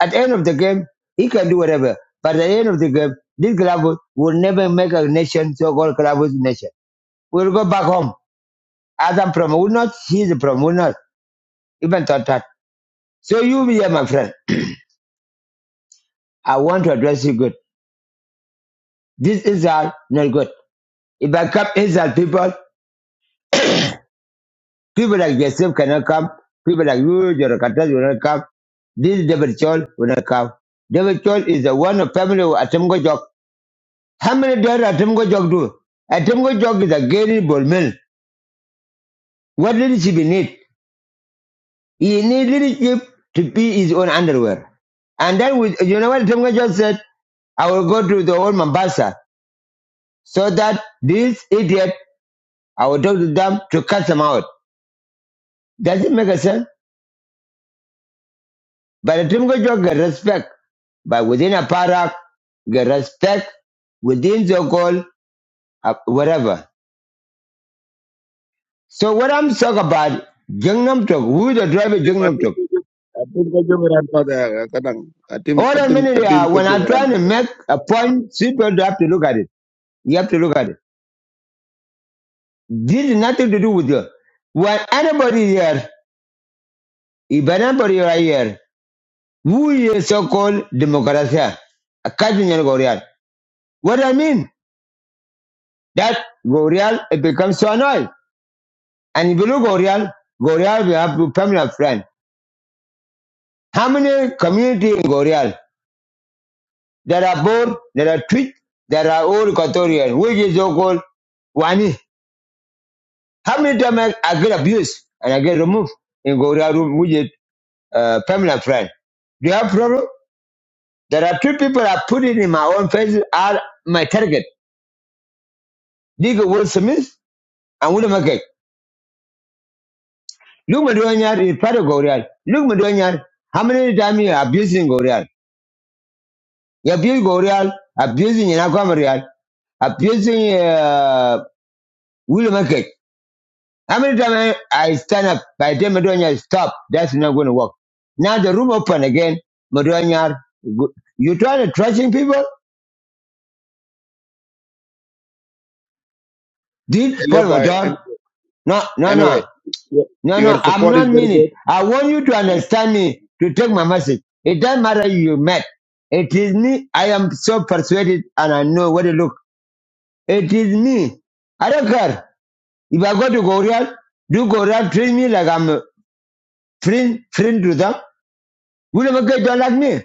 At the end of the game, he can do whatever. But at the end of the game, this club will never make a nation, so-called club nation. We'll go back home. Adam from will not, he's from will not, even thought that. So you here, my friend, I want to address you good. This Israel, not good. If I come Israel people, people like yourself cannot come. People like you, your Katas will not come. This David Chol will not come. David Chol is the one of family of Atem Gojok. How many did Atem Gojok do? Atem Gojok is a Gary Bolmel. What leadership he need? He need leadership to be his own underwear. And then with you know what Tonga just said? I will go to the old Mombasa so that this idiot, I will talk to them to cut them out. Does it make a sense? But the Timgajo get respect. But within a parak, get respect within the goal, uh, whatever. So what I'm talking about, Gangnam Talk, who is the driver Ti ma Gangnam ti Talk? ko jog- atim ko jogoran pada kadang atim All the atim mean is, atim uh, ko when I'm jogoran trying to pada make a point, people have to look at it. You have to look at it. This is nothing to do with you. When anybody here, if anybody are here, who is so-called democracy, a cousin in Gorial. What I mean, that Gorial it becomes so annoying. And if you look Gorial, Gorial we have to family friend. How many community in Gorial? There are Bor, there are Twitch, there are all Equatorian, which is so-called Wani. How many times I, I get abused and I get removed in Gorial room, which is uh, family friend? Do you have problem? There are two people I put it in my own face are my target. Digo Will Smith and William McKay. Look Madonyar is part of Gorial. Look Madonyar, how many times you are abusing Gorial? You abuse Gorial, abusing Yanakwa Marial, abusing uh, William McKay. How many times I I stand up by the time stop? That's not going to work. Now the room open again. Madonyar, you trying to trashing people? Did elia Paul bay Madon? No, no, Anyway, no. your No, no, your I'm support is not very mean good. it. I want you to Yeah. understand me to take my message. It doesn't matter who you met. It is me. I am so persuaded and I know what it look. It is me. I don't care. If I go to Goreal, do Goreal treat me like I'm a friend, friend to them? William McGill don't like me.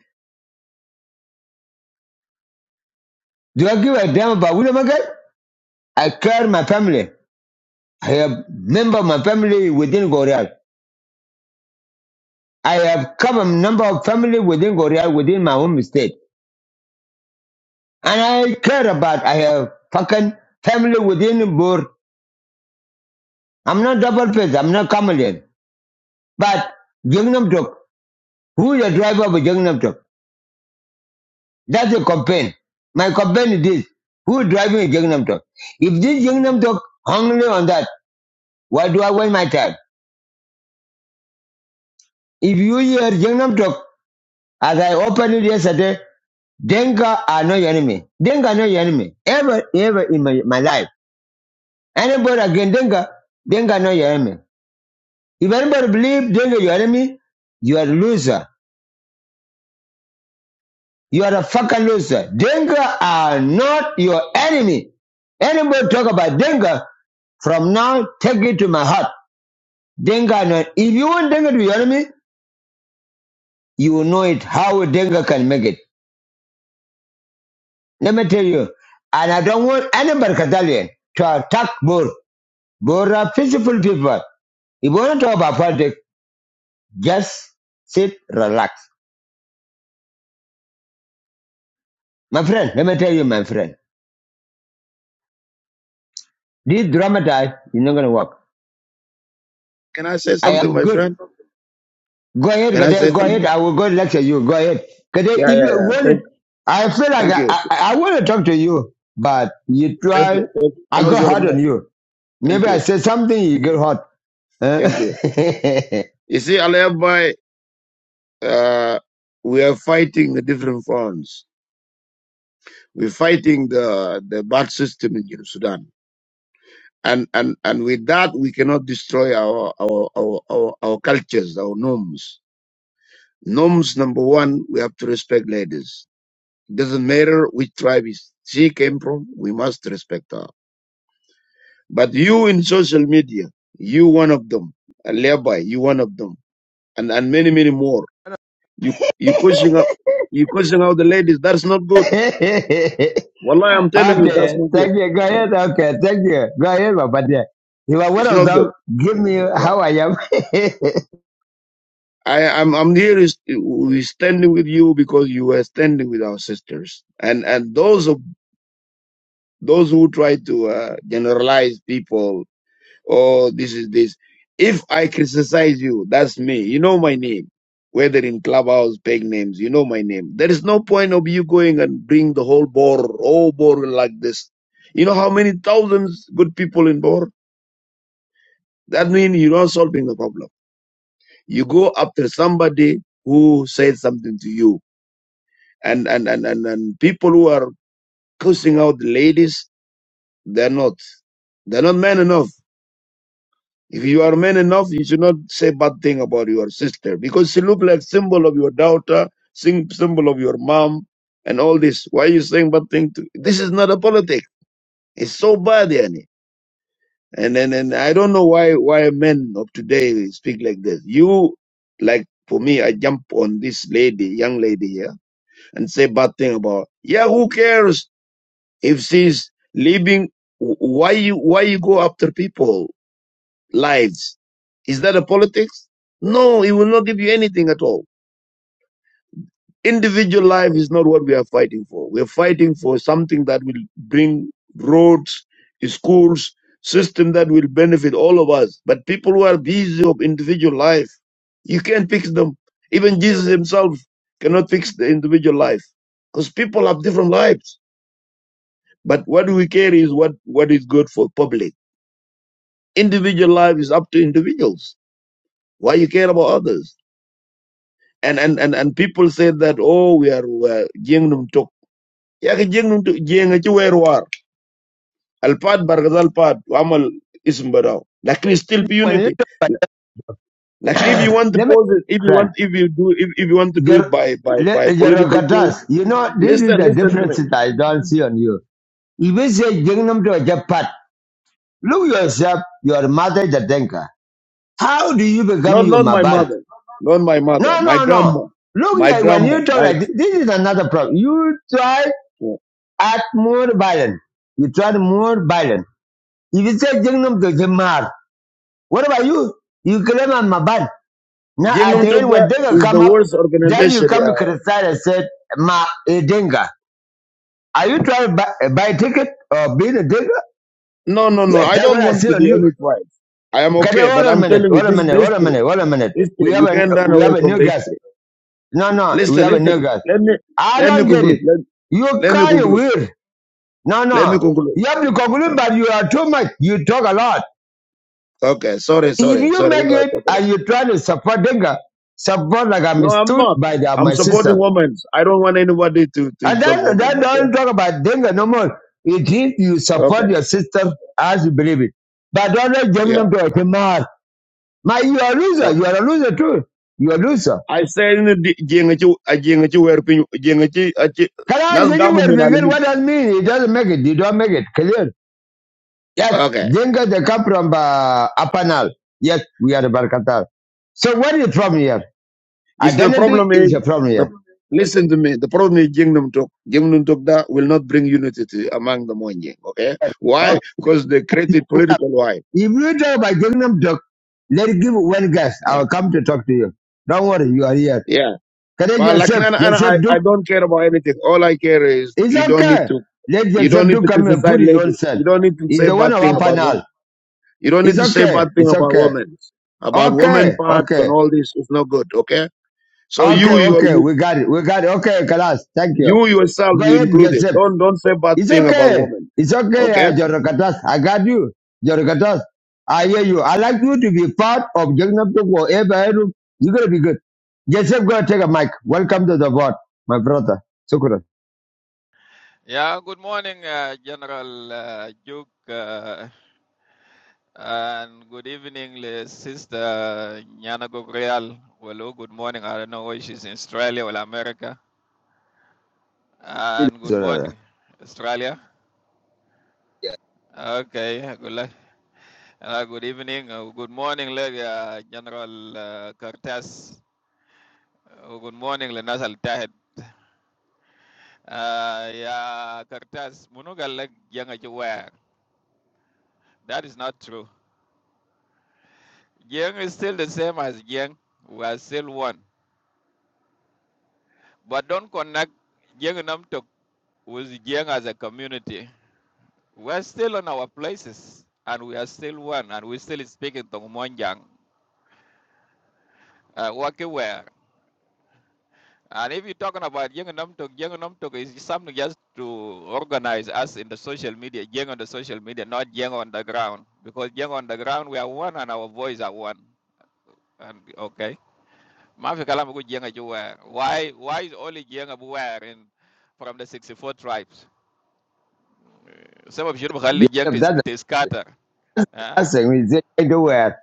Do I give a damn about William McGill? I care my family. I have member of my family within Goreal. I have cover number of family within Goreal within my home state. And I care about I have fucking family within Bur. I'm not double faced, I'm not chameleon. But Jungnam Tok, who is the driver of Jungnam Tok? That's a complaint. My complaint is this. Who is driving Jungnam Tok? If this Jungnam Tok hung only on that, why do I waste my time? If you hear Jungnam Tok, as I opened it yesterday, Denga are not your enemy. Denga are not your enemy. Ever, ever in my, my life. Anybody against Denga, Denga are not your enemy. If anybody believe Denga your enemy, you are a loser. You are a fucking loser. Denga are not your enemy. Anybody talk about Denga, from now, take it to my heart. Denga, are not- if you want Denga to be your enemy, you will know it, how Denga can make it. Let me tell you, and I don't want anybody Catalan to attack Bor. Bor are peaceful people. If you want to talk about politics, just sit, relax. My friend, let me tell you, my friend, this dramatize is not going to work. Can I say I something, am my good. friend? Go ahead, Can I say Gade, go ahead. something? I will go lecture you. Go ahead. Gade, Yeah, if yeah, you yeah. want it, Thank, I feel like thank I, you. I, I want to talk to you, but you Thank try, you. Thank- I go Close your hard on mouth. you. Thank Maybe I you. say something, you get hot. Huh? Thank you. You see, Aliabai, uh, we are fighting the different fronts. We're fighting the the bad system in Jerusalem, Sudan. And, and and with that we cannot destroy our our, our, our our cultures, our norms. Norms number one, we have to respect ladies. It Doesn't matter which tribe is she came from, we must respect her. But you in social media, you one of them. And Levi, you one of them. And and many, many more. You you cursing out you cursing out the ladies, that's not good. okay, Wallahi, I'm telling you, that's not good. thank you. Go Yeah. ahead. Okay, thank you. Go ahead, Papa dear. You are one It's of not good. them. Give me Yeah. how I am. I, I'm I'm here is we standing with you because you were standing with our sisters. And and those of those who try to uh, generalize people Oh, this is this. If I criticize you, that's me. You know my name. Whether in clubhouse, peg names, you know my name. There is no point of you going and bring the whole board, all board like this. You know how many thousands good people in board? That means you're not solving the problem. You go after somebody who said something to you. And and, and, and, and people who are cursing out the ladies, they're not. They're not men enough. If you are man enough, you should not say bad thing about your sister because she look like symbol of your daughter, sym- symbol of your mom, and all this. Why are you saying bad thing? To, this is not a politic. It's so bad, yani. And and, and I don't know why why men of today speak like this. You like for me, I jump on this lady, young lady here, and say bad thing about. Yeah, who cares if she's leaving? Why you why you go after people? lives. Is that a politics? No, it will not give you anything at all. Individual life is not what we are fighting for. We are fighting for something that will bring roads, schools, system that will benefit all of us. But people who are busy of individual life, you can't fix them. Even Jesus himself cannot fix the individual life because people have different lives. But what we care is what, what is good for public. Individual life is up to individuals. Why you care about others? and and and, and people say that oh we are uh, jeng num tok ya ke jeng tok jeng ci wer war al pad bargazal pad amal ism badaw lakin still be when you, unity Like if you want to let me, pose it if you friend, want if you do if, if you want to do it your, by by by your, political thing your you know, this is listen the listen to difference me that I don't see on you If you say Jingnam to a Japat, look yourself, your mother is a Denka. How do you become not your not my Maban? mother not my No, mother my no, no. grandma Look, my you are- when grandma you talk my like this, this is another problem. You try at more violent. You try more violent. If you say Jingnam to Jamar, what about you? You claim I'm Maban. Now jeng at num the end, when Denka is come the up, worst then you organization come to yeah. criticize and say, Ma, a Denka. Are you trying to buy, buy a ticket or being a Denka? no no no Yes, i that's what don't I want see to on be you. any tribe i am Okay, okay wait a but i'm minute, telling you wait a this is minute, the wait a history. minute, wait a minute. History. We have You a can't run we away have a from new the guest. history. No, no, we Listen, have a listen. new guest. Let me I let me don't get conclude. it. Let, You let me kind of conclude. weird. No, Let me no. conclude. You have to conclude, but you are too much. You talk a lot. Okay. Sorry, If sorry, you sorry make if I it talk a lot. and you try to support Denga, support like I'm No, I'm stood not. by the, I'm my supporting sister. women. I don't want anybody to, to And insult then, women. then Okay. don't talk about Denga no more. It is you support Okay. your sister as you believe it. But don't let Yeah. Jeminum to it. My, you are a loser. Uh, You are a loser too. You are a loser. I say in the jengachu a jengachu where pin jengachi a chi Kala nas Jengi gamu were min vegan, alimi. what does it mean? It doesn't make it. You don't make it. Clear. Yes, Okay. Jenga they come from uh, Apanal. Yes, we are Barkatal. So what is the problem here? Is the Identity problem is is a problem the here. listen to me. The problem is Jingdom talk. Jingdom talk that will not bring unity to, among the Monjing. Okay, why? Okay. Because they created political why. If you talk about Gangnam Talk, let it give one guess. I Yeah, will come to talk to you. Don't worry, you are here. yeah. Can I But like Joseph, Nana, Nana, I Joseph I Duke? don't care about anything. All I care is It's you don't need okay. to Let you don't Joseph need Duke to come and criticize put his own ladies. self. You don't need to He's say the one bad of thing about women. Apanal. You don't need It's to say okay. bad thing It's about okay. women. About women Okay. parts Okay. and all this is not good. Okay, so Okay, you you okay, you, we got it, we got it. Okay, Kalas, thank you. you yourself Go you ahead, included. Joseph. Don't don't say bad It's thing about okay, women. it's okay, Okay uh, Jorokatas. I got you, Jorokatas. I hear you. I like you to be part of Jagannath Tugwa. You're gonna be good. Joseph, go take a mic. Welcome to the board, my brother. Shukran. Yeah, good morning, uh, General uh, Duke, uh, and good evening, le- Sister Nyana Gabriel. Hello, good morning. I don't know where she's in Australia or America. It And is, good uh, morning, Australia. Okay, good luck. Uh, good evening, uh, good morning, le- uh, General uh, Cortez. Uh, good morning, le Nasal Tahed. Uh, yeah, Cortez, munugal le yanga That is not true. Jeng is still the same as Jeng. We are still one. But don't connect Jeng Namtok with Jeng as a community. We are still on our places and we are still one and we still speak in Tongmonjang, uh, Wakiwer. And if you're talking about Jeng Namtok, Jeng Namtok is something just to organize us in the social media, Jeng on the social media, not Jeng on the ground. Because Jeng on the ground, we are one and our voice are one. And okay. Mafi kalam go jenga juwer. Why why is only jenga buwer in from the 64 tribes? Some of you khali jeng Joseph, to that's the sc- to scatter. Huh? last thing we say everywhere.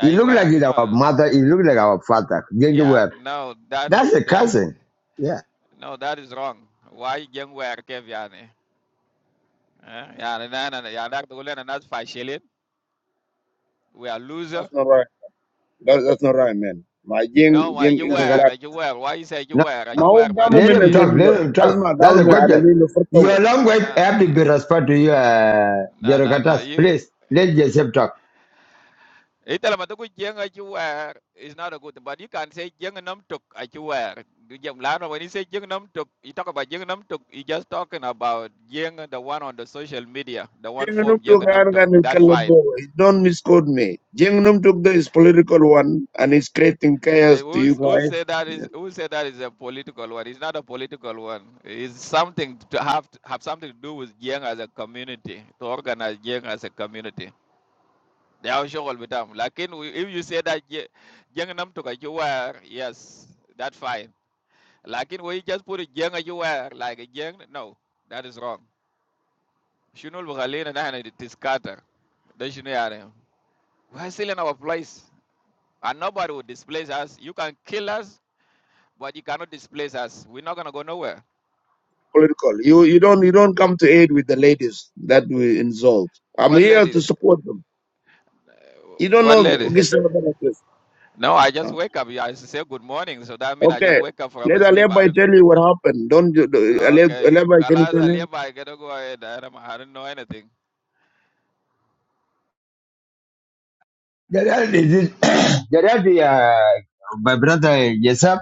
He look like were he's our no. mother. He look like our father. Yeah, Everywhere. no, that is That's the that cousin. Yeah. no, that is wrong. Why jeng wer kev yani? Huh? Yeah, na na ya that's to lena nas fashilin. We are That's loser. not right. That, that's not right, man. My No, gang, why gang you in the Jorokatas. flat. were, you were. Why you say you were? My You were, whole but that Let do government, I him mean? talk. mean, Let him as talk. my That's the government, I mean, the question. first of all, Your language No, have no, to be no. respect to you, uh, No, no, no. Jerokatas. You. Please, let Joseph talk. Itala mataku jeng achuwer is not a good thing, but you can say jeng nam a achuwer. Lana, when you say jeng nam tuk, you talk about jeng nam tuk, you just talking about jeng, the one on the social media, the one Jing Num form jeng Tuk nam Gan tuk. Gan in That's fine. Kalabo. Don't misquote me. Jing Num Tuk there is political one and it's creating Eh, chaos to you Who's, who guys. say that Yeah. is who say that is a political one? It's not a political one. It's something to have to have something to do with jeng as a community, to organize jeng as a community. They are sure all the time. Like in, if you say that jeng nam tuk achuwer, yes, that's fine لكن we just put it jeng everywhere like a young, no that is wrong شنو اللي بخلينا نحن نتسكاتر ده شنو يعني we're still in our place and nobody will displace us you can kill us but you cannot displace us we're not gonna go nowhere Political. You you don't you don't come to aid with the ladies that we insult. I'm what here to ladies support them. You don't what know ladies Gisela no I just wake up Yeah, I say good morning so that means I just Okay. wake up from Let sleep I Aleba don't tell you what happened. Don't you- Aleb- okay Aleba can you Kalas tell him? Aliya I gotta go ahead I don't, I don't know anything Gerald is it, Gerald, uh, my brother Joseph.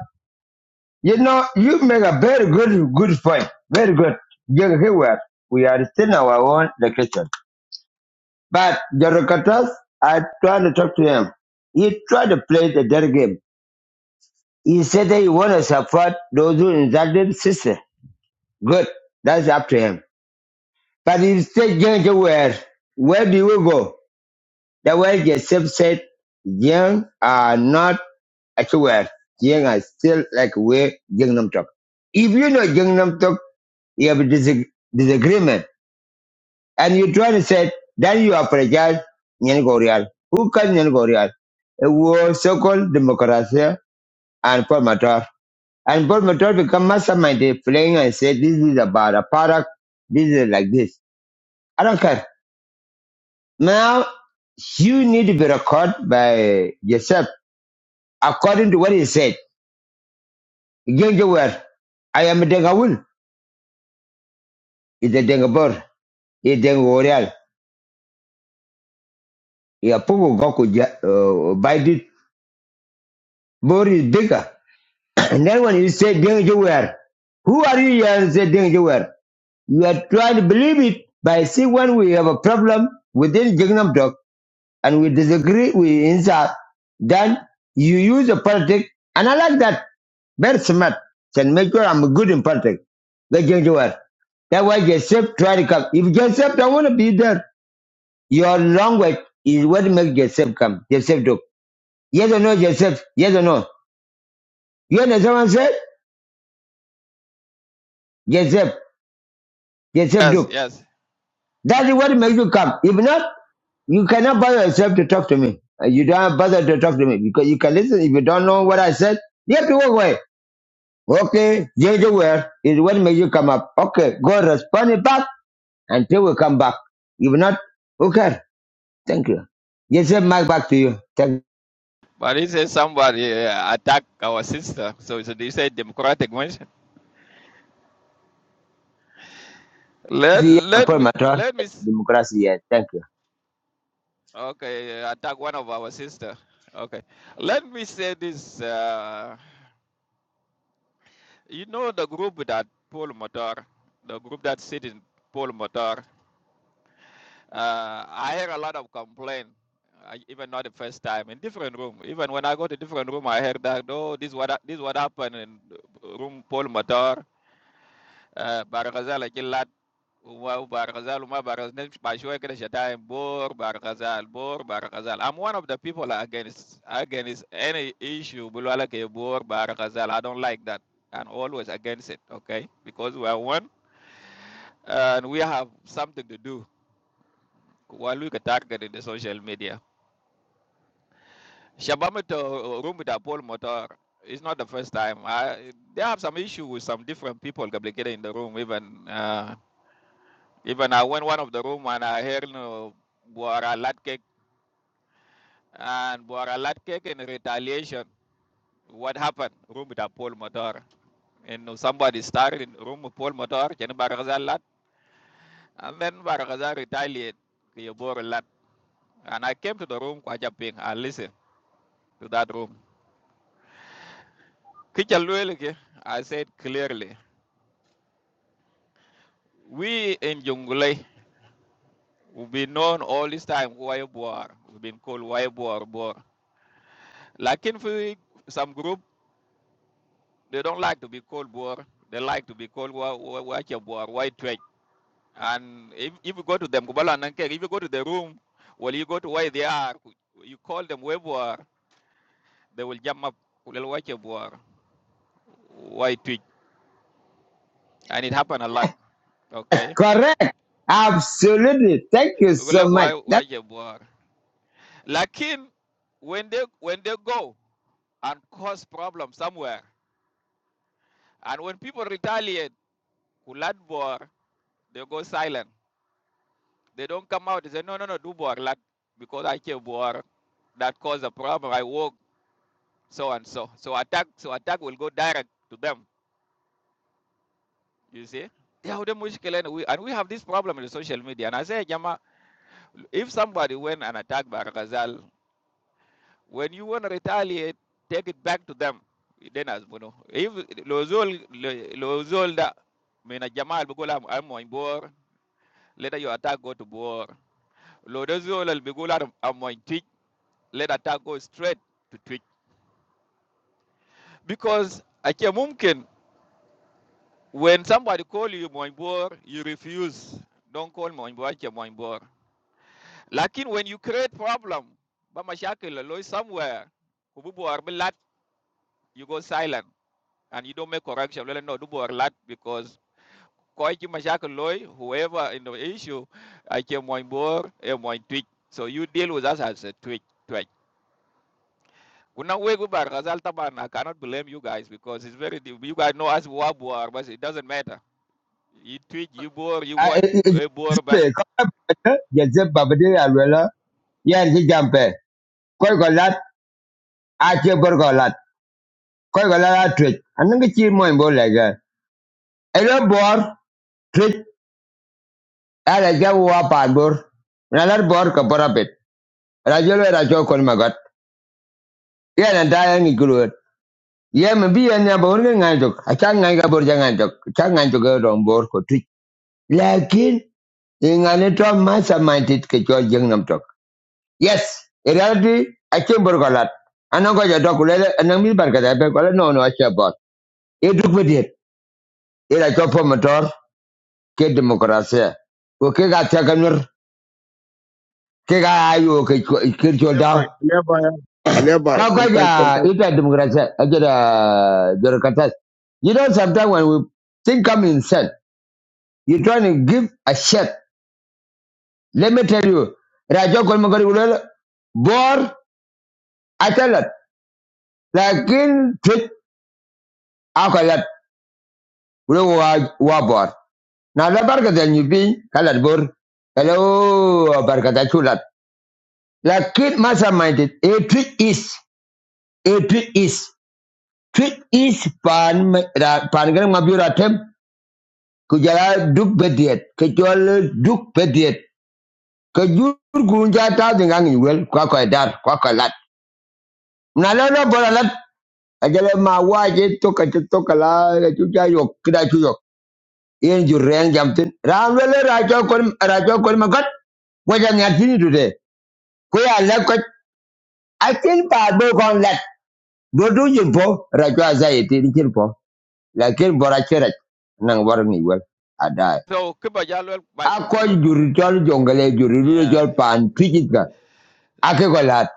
You know, you make a very good, good point. Very good. You're here. We are still in our own location. But Jerokatas, I tried to talk to him. He tried to play the dead game. He said that he want to support those who insulted sister. Good. That's up to him. But if state young to where, where do you go? The way Joseph said, young are not actually Young are still like where young Nam talk. If you know young Nam talk, you have a disag- disagreement. And you try to say, then you apologize, Nyan Gorial. Who can Nyan Gorial? It was so-called democracy and Paul Matar. And Paul Matar become mastermind playing and said, this is about a product. This is like this. I don't care. Now, you need to be recorded by yourself according to what he said. Genje were, I am a Dengawul, is a Dengabor, is Dengorial, is a Pugu Goku ja, uh, bite it. Bor is bigger. And then when you say Genje were, who are you here and say Genje were? You are trying to believe it by see when we have a problem within Jingnam Dog and we disagree with inside, then you use a politic. And I like that Very smart. Can make sure I'm good in politics. Like Joseph. That's why Joseph try to come. If Joseph don't want to be there, your language is what makes Joseph come. Joseph Duke. Yes or no, Joseph? Yes or no? You understand what I'm Joseph. Joseph yes Duke. yes That is what makes you come. If not, you cannot bother yourself to talk to me. Uh, You don't bother to talk to me because you can listen. If you don't know what I said, you have to walk away. Okay, Joseph Ware is what makes you come up. Okay, go respond it back Until we come back. If not, who okay. Thank you. Yes, sir, Mike, back to you. Thank But he said somebody uh, attack our sister. So, so they said democratic measure. Let you. And let me let me s- Democracy, yeah. Thank you. okay attack one of our sister. Okay, let me say this. Uh, you know the group that Paul Motor, the group that sit in Paul Motor. Uh, I hear a lot of complaint. I, even not the first time in different room. Even when I go to different room, I hear that oh this what hap- this what happened in room Paul Motor barkazal a lat wa barkazal ma barkazal ne ba shoy kada shata bor i'm one of the people against against any issue bulwala ke bor barkazal i don't like that and always against it okay because we are one and we have something to do while we get targeted in the social media shabamito rumita paul motor it's not the first time I, they have some issue with some different people complicated in the room even uh, Even I went one of the room and I heard uh, Buara Latkek and Buara Latkek in retaliation. What happened? Room with a Paul Motor. And uh, somebody started in room with Paul Motor, Ken Baragazal Lat, and then Baragazal retaliate to your Bora Lat. And I came to the room, Kwaja Ping, and listened to that room. Kicha I said clearly, we in Jungle, will be known all this time, Wai Buar. We've been called Wai Buar Boar. Like in some group. They don't like to be called Boer. They like to be called Wa- Wa- Wache Boer, White Twitch. And if, if you go to them, Kubala and Nankere, if you go to the room, well, you go to where they are, you call them Wei Boer, they will jump up, Kulel Wache Boer, White Twitch. And it happened a lot, okay? Correct. Absolutely. Thank you so Kulel much. Wa- That, Wache Boer. Lakin, when they, when they go and cause problems somewhere, and when people retaliate, Kulad Boer, they go silent. They don't come out and say, no, no, no, do Boer, lad, because I care Boer. That caused a problem. I woke so and so. So attack, so attack will go direct to them. You see? Yeah, we and we and we have this problem in the social media. And I say, Jama, if somebody went and attacked Barakazal, when you want to retaliate, take it back to them. Then as you if Lozol Lozol da mina Jamal Bugula I'm on board, later your attack go to board. Lodozol Bigula I'm on teach. let attack go straight to Twitch. Because Ache Mumkin, when somebody call you Moinbor, you refuse. Don't call Moinbor Ache Moinbor. Lakin when you create problem, Bamashakil alloy somewhere, kububu or lat, you go silent and you don't make correction. no dubu or lat because koiki mashakil loy, whoever in the issue, Ache Moinbor, a Moin Twitch. So you deal with us as a Twitch. Kuna wegu bar Ghazal Taban. I cannot blame you guys because it's very deep. you guys know as Wabuar, but it doesn't matter. You tweet, you bore, you uh, what it, it, a bore ban. it, it, Joseph Babadi Alwela, yeah, he jump eh. Koi golat, ache bor golat. Koi golat a twitch. Anong chi mo imbo lega. Elo bor, twitch, ala ja uwa pa bor. Nalar bor ka pet. apit. Rajolo rajo kon magot. Yeah, and I ye me bi yan ya bor ga ngai jok a cha ngai ga bor ja ngai jok cha ngai jok ga rom bor ko tu lakin in to ma sa ke cho jeng nam tok yes in reality a chen bor ga lat anan ko ja dok le anan mi bar ga da be ko le no no a cha bor e duk be dit e la cho po motor ke demokrasia ko ke ga cha kanur ke ga ayo ke cho- ke cho عليها da باي عليها باي عليها باي ko ko ja كونتاكت كونتاكت. ita demokrasia a jada jor katas you know sometimes when we think i'm insane You're trying to give a shit. Let me tell you, Raja Kolmakari will bore atalat. Lakin fit akalat. Will wabor. bor. Na la barka da nyubi kalat bor. Hello barka da chulat. Lakin masa minded. A trick is a trick is trick is pan ra- pan garang mabura kujala duk bediet kejol duk bediet kejur gunja ta dengan wel kwa kwa dar na lo lo bora lat ajale ma wa je to ka to ka la ga chu ja yo kra chu yo yen ju reng jam tin ram le le ra jo kon ra jo kon ma gat wa ja nya tin du de ko ya la ko a tin pa do kon lat do du yin po ra jo za ye tin kin po la kin bora chera nang war mi wel a da So Kuba Jalwell by a ko Concul. ju ri jol jongale ju ri ru Yeah. jol pan tijit ga a ke ko lat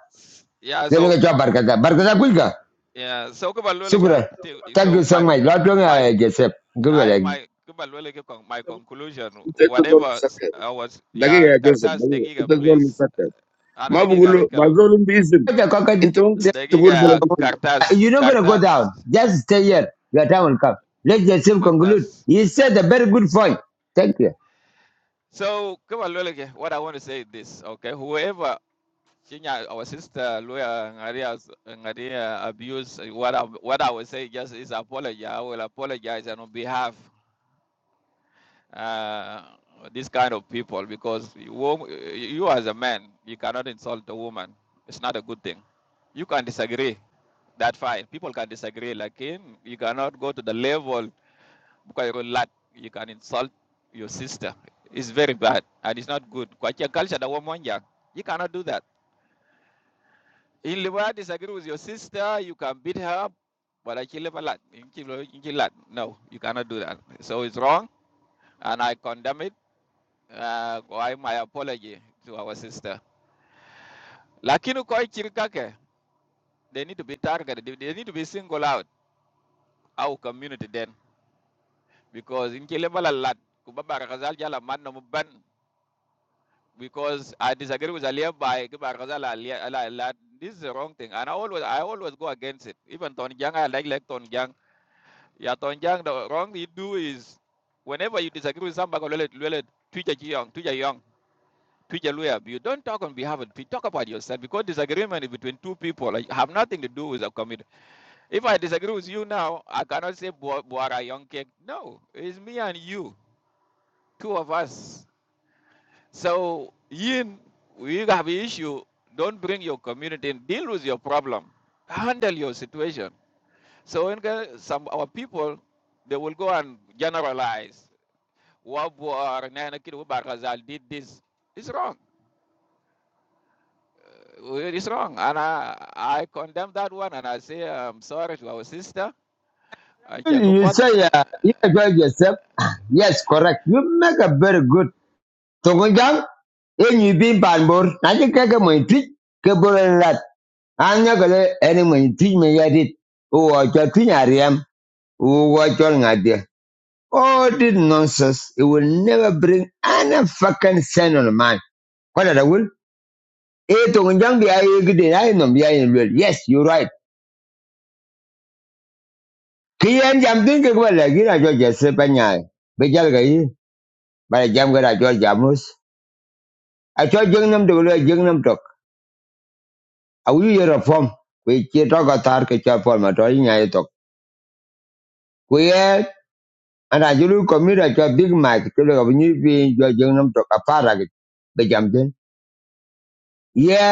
Yeah, le le so jo barka da barka da kul ga yeah, so Kuba sukra Luliga tag so so my mai la to nga my je sep I gwe my Kuba Luliga my conclusion, انت انت زول whatever مسكر I was yeah, دقيقه يا جوزيف Cartas de دقيقه، Giga, انت زول please. مسكر Ana ما de Giga بقول and له it ما kalam. زول باذن. your cockage انت ممكن De تقول Giga بلدي "Uh, كله You're Cartas not going to go Cartas down. Just stay here. Your time will come. Let yourself conclude. Cartas. You said a very good point. Thank you. So, kaba lole ke, what I want to say is this, okay? Whoever Kenya, our sister Luya Ngaria Ngaria abuse, uh, what I, what I would say just is apology. I will apologize and on behalf uh, this kind of people because you, wo- you as a man, you cannot insult a woman. It's not a good thing. You can disagree. That's fine. People can disagree. Like him, you cannot go to the level you can insult your sister. It's very bad and it's not good. Kwacha culture da womonja. You cannot do that. In Liwa disagree with your sister, you can beat her but I kill a lot. Chilo- in Chilad. No, you cannot do that. So it's wrong and I condemn it. Uh, my apology to our sister. Lakini koi chirikake, they need to be targeted. They they need to be singled out. Our community then. Because in Kilebala lad, kubaba rakazal jala man no muban because I disagree with Aliyev by Gibar Ghazal, Ali- this is the wrong thing. And I always I always go against it. Even Tonjang, I like like Tonjang. Yeah, Tonjang, the wrong you do is whenever you disagree with somebody, lele- lele, Twitter Jiang, Twitter Young, Twitter Luyab, you don't talk on behalf of you talk about yourself because disagreement is between two people like, have nothing to do with a committee. If I disagree with you now, I cannot say Buara Young cake. No, it's me and you, two of us. So yin, we have issue. Don't bring your community and deal with your problem. Handle your situation. So when the- some our people, they will go and generalize. Wabwar, Nana Kid Wubar did this. It's wrong. It's wrong. And I, I condemn that one and I say I'm sorry to our sister. And You Chekupot. say, uh, you enjoy yourself. Yes, correct. You make a very good. Tongonjang, and you been panbor. I think I can my tweet. Kebor and rat. I'm not going to any my tweet me at it. Oh, I got to Ariam. Oh, what you're not All this nonsense. It will never bring any fucking sense on the mind. What are the will? eh tongjang dia eh gede na nom dia in real yes you right kian jam tin ke wala gina jo jesse se panya be jal ga jam gara jo jamus a cho jeng nam de lo jeng nam tok a ye reform we che to ga ke cha form to yi nya tok ku ana julu komira jo big mike to lo ni bi jo jeng nam tok a para ge tin ye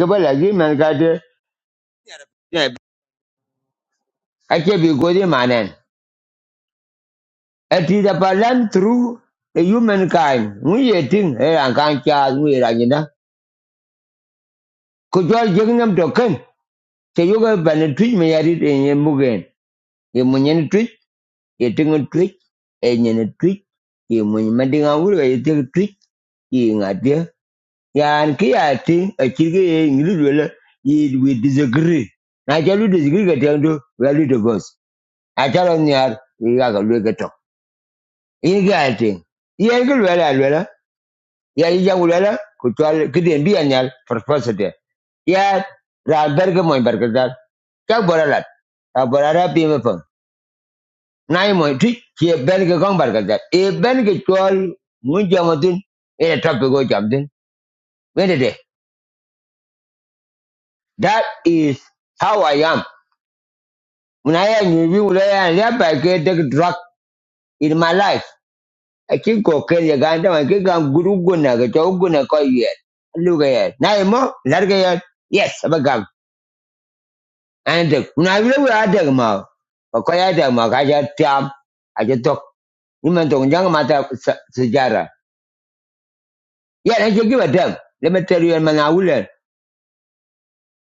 ke wala gi man ga de a bi go manen It is a balance through the humankind. We are thing, eh, and can't charge we rangina. Could you all jing them to ken? So you go ban twitch me at it in your mugen. You munyan twitch, you think a trick. and you trick, you munyamending a wood, you think a trick, you ain't idea. Yeah, and key I think a chiggy in little, it will disagree. I tell you disagree, I tell you, we are little boss. I tell on the yard, we are going to look at talk. You got it. You ain't good, well, ya yi ya wulala ku twal giden bi anyal farfasate ya ra berge moy berge dal ka boralat a borara bi me pam moy ti ki berge kon berge dal e berge twal mun jamadin e tappe jamdin wede that is how i am when i am you will ya ya ba ke the drug in my life i can go ya ga ndam ke ga guru guna ga to guna ko ye luga ye nay mo larga ye yes ba And kuna vile we ada ma, kwa ya ada ma kaja tiam, aja tok. Nima tok jang mata sejarah. Ya, and you give a damn. Let me tell you, man, I will.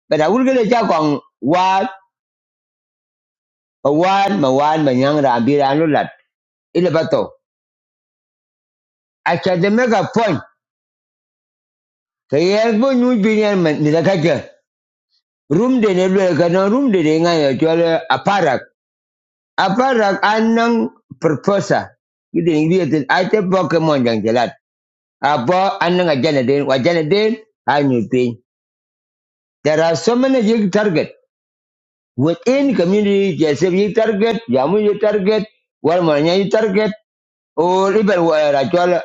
But I will get a on what, a one, ma one, ma yang rambi ranu Ile bato. I can make a point. Kaya bo nyu binyan man, nida kaja. Room de ne lwe kana room de ne ngaya jual aparak. Aparak anang proposal. Kita ingin dia tu, ada Pokemon yang jelas. Abo anang ajanadin, wajanadin, anyupin. There are so many you target. Within community, Jessup you target, Jamu you target, Walmanya you target, or even where Rachel,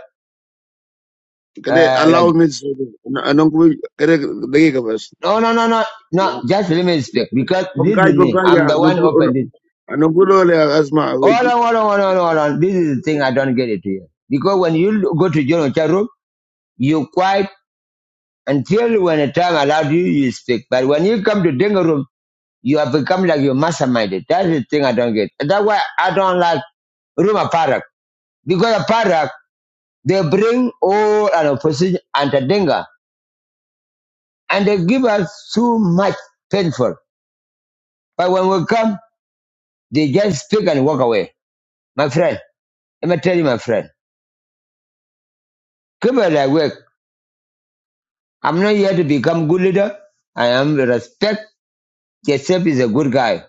كده uh, Rachel. allow me to- انا انا نقول كده دقيقه بس No, no, no, no, no, just let me speak because this is كونتاكت me. كونتاكت I'm يا the one who نقول opened it. انا نقول ولا اسمع Hold ويجي. on, hold on, hold on, hold on. This is the thing I don't get it here. Because when you go to General Charu, you quiet until when the time allowed you, you speak. But when you come to Dengarum, You have become like your masterminded. That's the thing I don't get. That's why I don't like Ruma Parak. Because of Parak, they bring all an opposition and a dinga. And they give us too much painful. But when we come, they just speak and walk away. My friend, let me tell you, my friend, come it like work. I'm not here to become good leader. I am respect. Joseph is a good guy.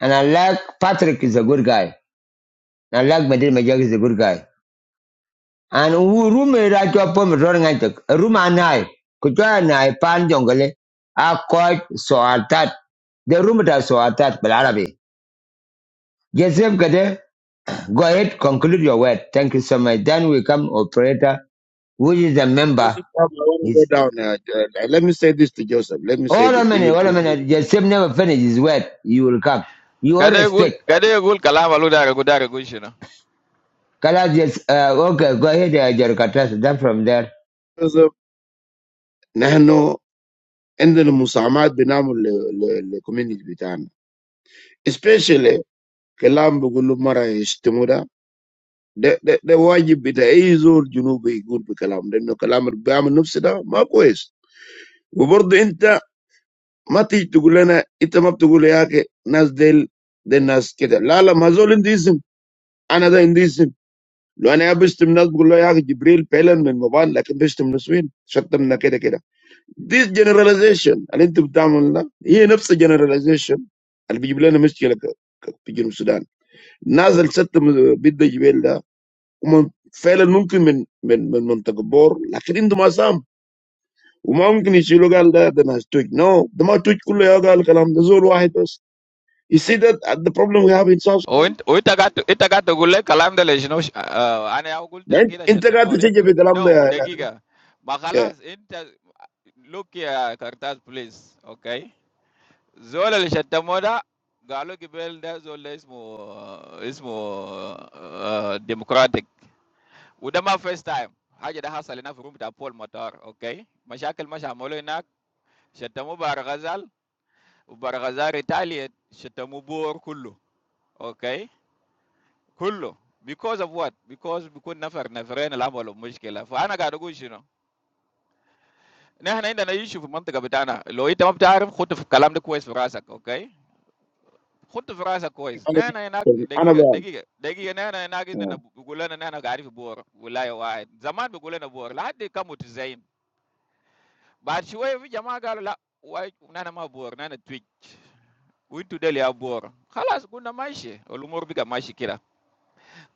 And I like Patrick is a good guy. I like Medina Majak is a good guy. and wu rume ra cho pom ror ngai tek ruma nai ku cho nai pan jongale a ko so atat the room that so atat bel arabi jesem kade go ahead conclude your word thank you so much then we come operator who is a member Joseph, I want to go is down. Uh, uh, Let me say this to Joseph. Let me say all a this even minute all to a minute jesem never finish his word you will come you all Kade gul respect kade gul kalama lu daga gu daga kala just uh, okay go ahead uh, jerkatas then from there Joseph. Nehano ende musamad binamu le le le community bintani, especially. Kalamba gulu mara istemoda de de de wajib bida eizul junuba i gub kalamba de no kalamba rba minu sida ma ko es gubordo inta mati tu gula na inta matu gula ya ke nasdel de nas kita la la ma zolin disim anada disim lo ane abestum nas gulu ya ke jibril pelan min maban lakun bestum naswin sattum na kita kita this generalization alintu butamul na i niu sida generalization albi gula na mischala kapi junusudan nasal sattum bid jibril da Um, failer nuncum in in in montagbor. Lakini dumasam um, umkini silogal da na stoig na umatutu kuleagal galam dzoruahe tus. You see that at the problem we have in South Sudan? وانت وانت قاعد انت قاعد تقول لي الكلام ده لشنو؟ ش- آه، انا اقول كده Integate شتموني. change galam نو da. دقيقه، ما Yeah, خلاص انت لوك يا كرتاز بليز. اوكي، زول اللي شتموه ده قالوا قبل ده زول اسمه اسمه ديمقراطيك، وده ما فيرست تايم حاجه. ده حصل هنا في روم بتاع بول مطار. اوكي، مشاكل مش عملوا هناك، شتموه بار غزال وبار غزال ريتاليت، شتموه بور كله. اوكي، كله Because of what? Because because nafar nafra in the language of Muskela. For anagaro gushiro. Nana inda na yishu fu mantika bitana. Loita mabtaarum. Khutu fu kalamu kois vrasak. Okay. Khutu vrasak kois. Nana ya nak degi anabwa. degi degi. Nana ya nak inda na bugula na nana garifu boor. Bugula ya waay. Zaman bugula na boor. La de kamutu zaim. Barishu wa vijama galu la wa nana ma boor nana twitch. Uintu dele ya boor. Khalas guna maiche. Olumuru biga maiche kira.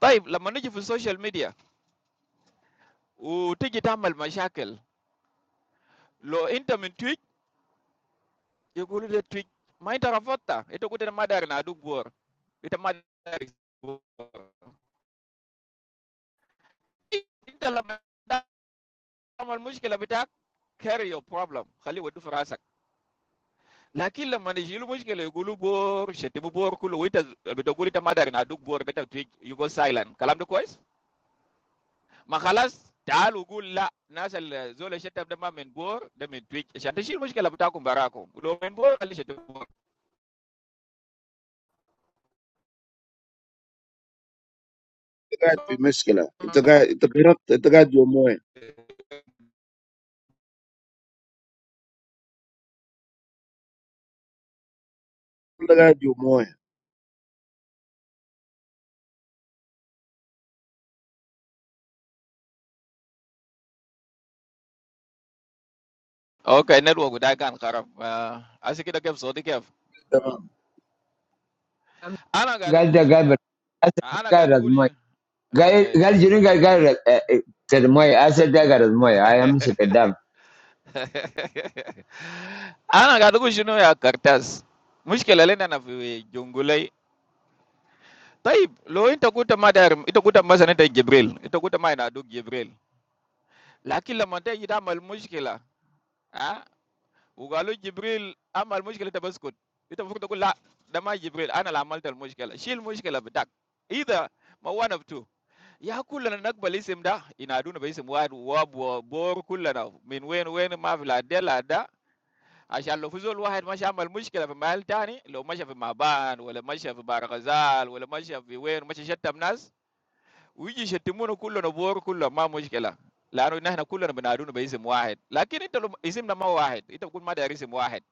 Taif la manje fu social media. U tikitamal mashakel. Lo inta min Twitch, yugulu de Twitch, ma inta rafotta, ito kute madar na duk bor. Ita madar bor. Inta la tamal mushkila bitak, carry your problem, khali wadu farasak. Lakin la manijilu mushkila yugulu bor, shetibu bor kulu, ita bitogulu ita madar na duk bor, beta Twitch, you go silent. Kalam de kois? Ma khalas, تعال وقول لا الناس اللي زول الشتم ده ما من بور ده من تويتش عشان تشيل المشكله بتاعكم براكم ولو من بور خلي شتم Integate be meskila. Integate integate integate jomoy. Integate jomoy. Okay, network with that guy. Karab, asikidakem soti kemp. Allow Ana Gal da gadugulishin ya. gal, Ana gal da gal, gadugulishin. Guys, Okay. guys, you know, guys, guys. Ter moy, I said that guys, moy, I am not a dumb. Ana gadugulishin wey kertas. Mushi kela lenda na vijungulei. Taib lo in to kutama der. Ito kutama sana tayi Gebreil. Ito kutama in aduk Gebreil. La kila mante ida mal mushi kela. Ah, ugalo Gebreil amal mushi kela tayi bus kut. Ito fukutaku la nama Gebreil. Ana la mante mushi kela. Shili mushi kela bedak. Either ma one of two. Ya kul lah naka bali isimda ina dunu bali semua wabur kul lah min wain wain ma'filadilada ashallofuzul wahad masya mal muktila pemal tani lo masyafu maban wala masyafu barazal wala masyafu wain masyafu tabnas uji setemu nukul lah bur kul lah ma muktila lano naha nukul lah ina dunu bali semua head. Lakin itu isim nama wahed itu kul mada risi wahed.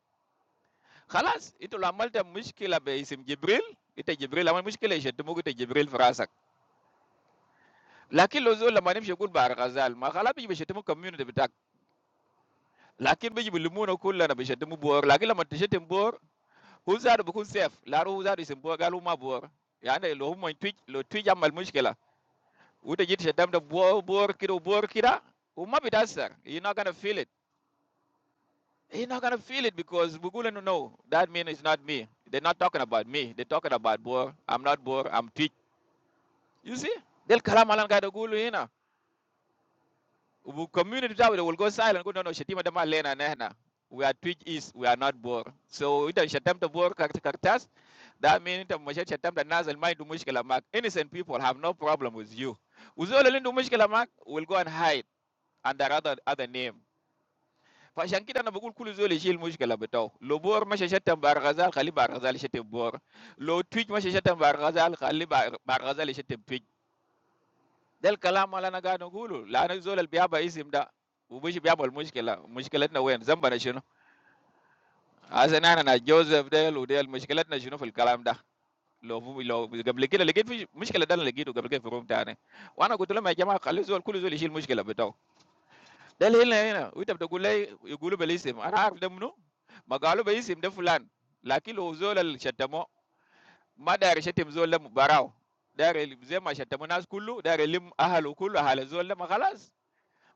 Kalas itu lamal taf muktila isim jibril itu jibril lamal muktila setemu kita jibril firasak. But the people who are in the community, they are not going to feel it. They are not going to feel it because they do not know. That means it is not me. They are not talking about me. They are talking about boy. I am not boy. I am teach. You see? They are talking about boy. Ubu- community that will go silent. Go, No, no, Shetima Dama Lena Nehna. We are Twitch is, we are not bored. So ita attempt to bore kartas. That means ita mashat shatamta nazal mind du mushkila mak. Innocent people have no problem with you. Uzole lindu mushkila mak will go and hide under other other name. Fashan kita na bugul kulu zole shil mushkila betaw. Lo Bor mashat shatam bar ghazal khali bar Bor. Lo Twitch mashat shatam bar ghazal khali Twitch. Del kalam ala nagano gulu, la no zola biaba isimda ubuji biaba almuchkela muchkela tena weny zamba na chuno. Asenana na Joseph del udel muchkela tena chuno fil kalam da lovu lo gablekele, legiti muchkela tena legiti gablekele froom tane. Wana kutola majama kule zola kule zola ishi muchkela betau. Deli ni na uita bto gule gulu belisim. Ana demunu magalu belisim de fulan. Laki lo zola shitemo maday shitemo zola barau. Dare lim zema shitemo nas kulu dare lim ahalu kulu halu zola magalas.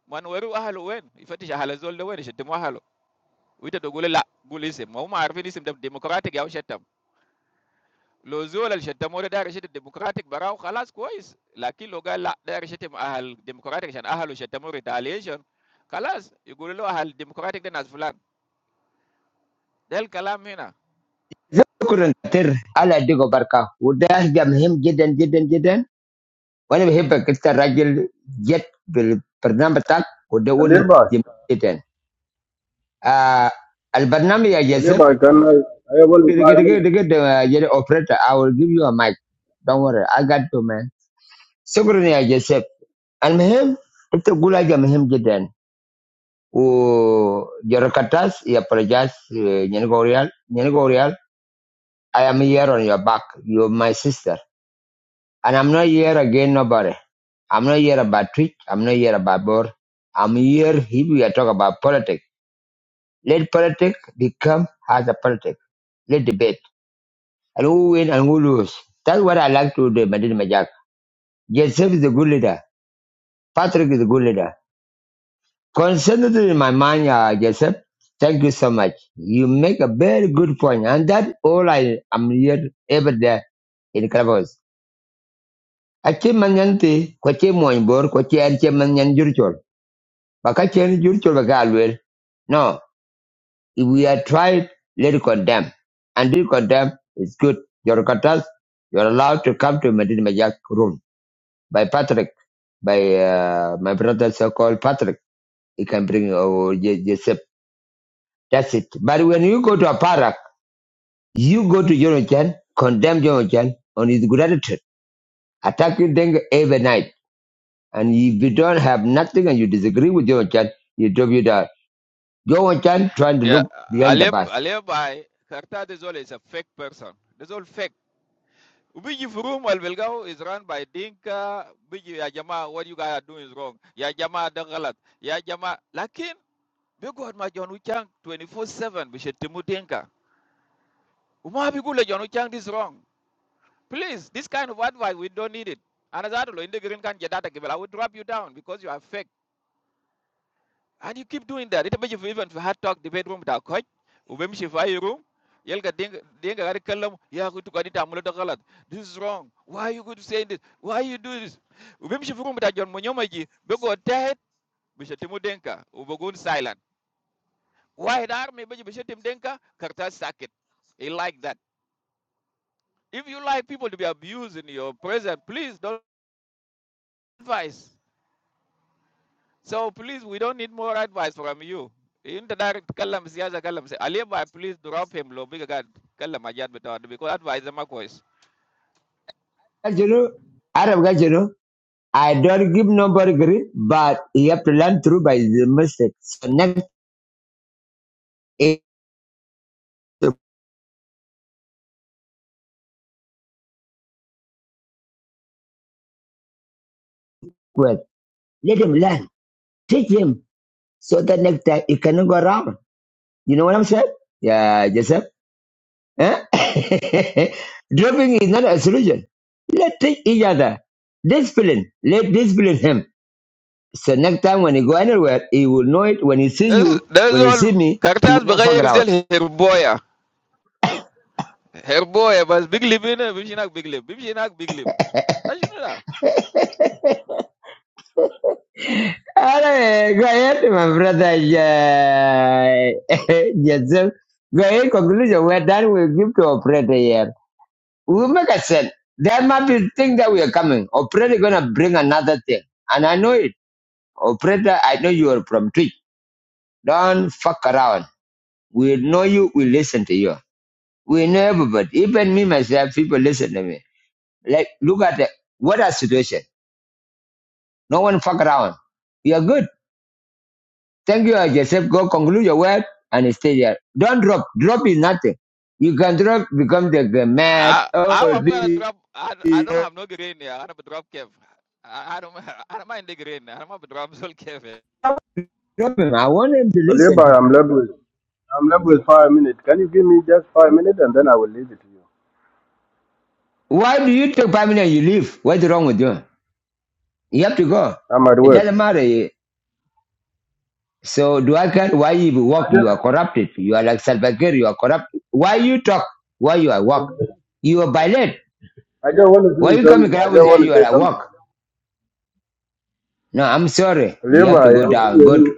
ما نوروا اهله وين يفتش اهل الزول ده وين يشتموا اهله، وانت تقول لا قول اسم، ما هم عارفين اسم ده ديمقراطيك او شتم. لو زول اللي شتموه ده داير يشتم ديمقراطيك براه خلاص كويس، لكن لو قال لا داير يشتم اهل ديمقراطيك عشان اهله شتموه ريتاليشن خلاص يقولوا له اهل ديمقراطيك ده ناس فلان. ده الكلام هنا So, good afternoon. I like to go parka. Would you help him? Jeden, jeden, jeden. When we help, we get a little jet. Per pernam petak. Would you want to Alibi, help? Jeden. Ah, Albanami, Ajasep. Alibi, can I, I have only Take, five take, minutes. take the. Jerry operator. I will give you a mic. Don't worry. I got two men. So good morning, Ajasep. I'm him. Would you go help him? Jeden. who Jorokatas, he apologized to Nyenegorial. Nyenegorial, I am here on your back. You're my sister. And I'm not here again, nobody. I'm not here about Twitch. I'm not here about board. I'm here if we are talking about politics. Let politics become as a politics. Let debate. And who win and who lose. That's what I like to do, Madina Majak. Joseph is a good leader. Patrick is a good leader. Concerning in my mind, uh, Joseph, thank you so much. You make a very good point, and that all I am here every day in Clubhouse. Ache manyanti, kwache moinbor, kwache anche manyan jurchol. Baka chen jurchol baka alwer. No, if we are tried, let it condemn. And this condemn is good. Your katas, you are allowed to come to Medina Majak room by Patrick, by uh, my brother so-called Patrick. He can bring uh, Joseph. That's it. But when you go to a parak, You go to Jonathan, condemn Jonathan on his gratitude, attack you then every night. And if you don't have nothing and you disagree with Jonathan, you drop you down. Jonathan trying to يا look behind the علي bus. علي باي كارتا. ده زول is a fake person. ده زول fake. Biji Furum Al Belgao is run by Dinka. Biji Ya Jama, what you guys are doing is wrong. Ya Jama Dangalat. Ya Jama. Lakin, Bigu had my John Uchang 24 7. We should Timu Dinka. Uma Bigula John Uchang this wrong. Please, this kind of advice, we don't need it. And as I do in the green can get that, I will drop you down because you are fake. And you keep doing that. Ita baje even for hard talk debate room ta coach, ubemshi for your room, yelga denga denga gari kalam ya kutu kadi tamulo ta galat. This is wrong. Why are you good saying this? Why you do this? Ubemshi for room ta John Munyoma ji, bego dead, bisha timu denka, ubogun silent. Why the army baje bisha tim denka, karta sakit. He like that. If you like people to be abused in your presence, please don't advise. So please, we don't need more advice from you. Into direct kalam siasa kalam si Aliba, please drop him lo big god kalam ajat bitawad because advice the makwes. As you know, Arab guys, you know, I don't give nobody grief, but you have to learn through by the mistake. So next is the word. Let him learn. Teach him so that next time he cannot go wrong. You know what I'm saying? Yeah, Jesse. Eh? Dropping is not a solution. Let's take each other. Discipline. Let discipline him. So next time when he go anywhere, he will know it. When he see That's you, that's when he see all. me, he will Kartas not fuck bagay around. rizal herboya herboya bas big lip ina bimshinak big lip bimshinak big lip. That's you know that. All right, go ahead, my brother. Yeah. Joseph. Go ahead, conclusion. We're done. We'll give to operator here. We'll make a sense. There might be thing that we are coming. Operator gonna bring another thing. And I know it. Operator, I know you are from Twitch. Don't fuck around. We know you, we listen to you. We know everybody. Even me myself, people listen to me. Like, look at the, what a situation. No one fuck around. You're good. Thank you, Joseph. Go conclude your work and stay there. Don't drop. Drop is nothing. You can drop, become the, the mad. I, I Oh, I'm gonna this, drop. I, I this. don't have no green here. I'm gonna drop Kev. I, I don't I don't mind the green. I'm gonna drop Zol Kev. drop him. I want him to Alibi, listen. I'm left with, I'm left with five minutes. Can you give me just five minutes and then I will leave it to you? Why do you take five minutes and you leave? What's wrong with you? You have to go. I'm at It work. doesn't matter. So do I care why you I walk? just, You are corrupted. You are like Salvakir. You are corrupted. Why you talk? Why you are walk? You are violent. I just want to Why say you coming something. I around just with that want you to are say at something. walk? No, I'm sorry. You have to Alibi, go down. Go to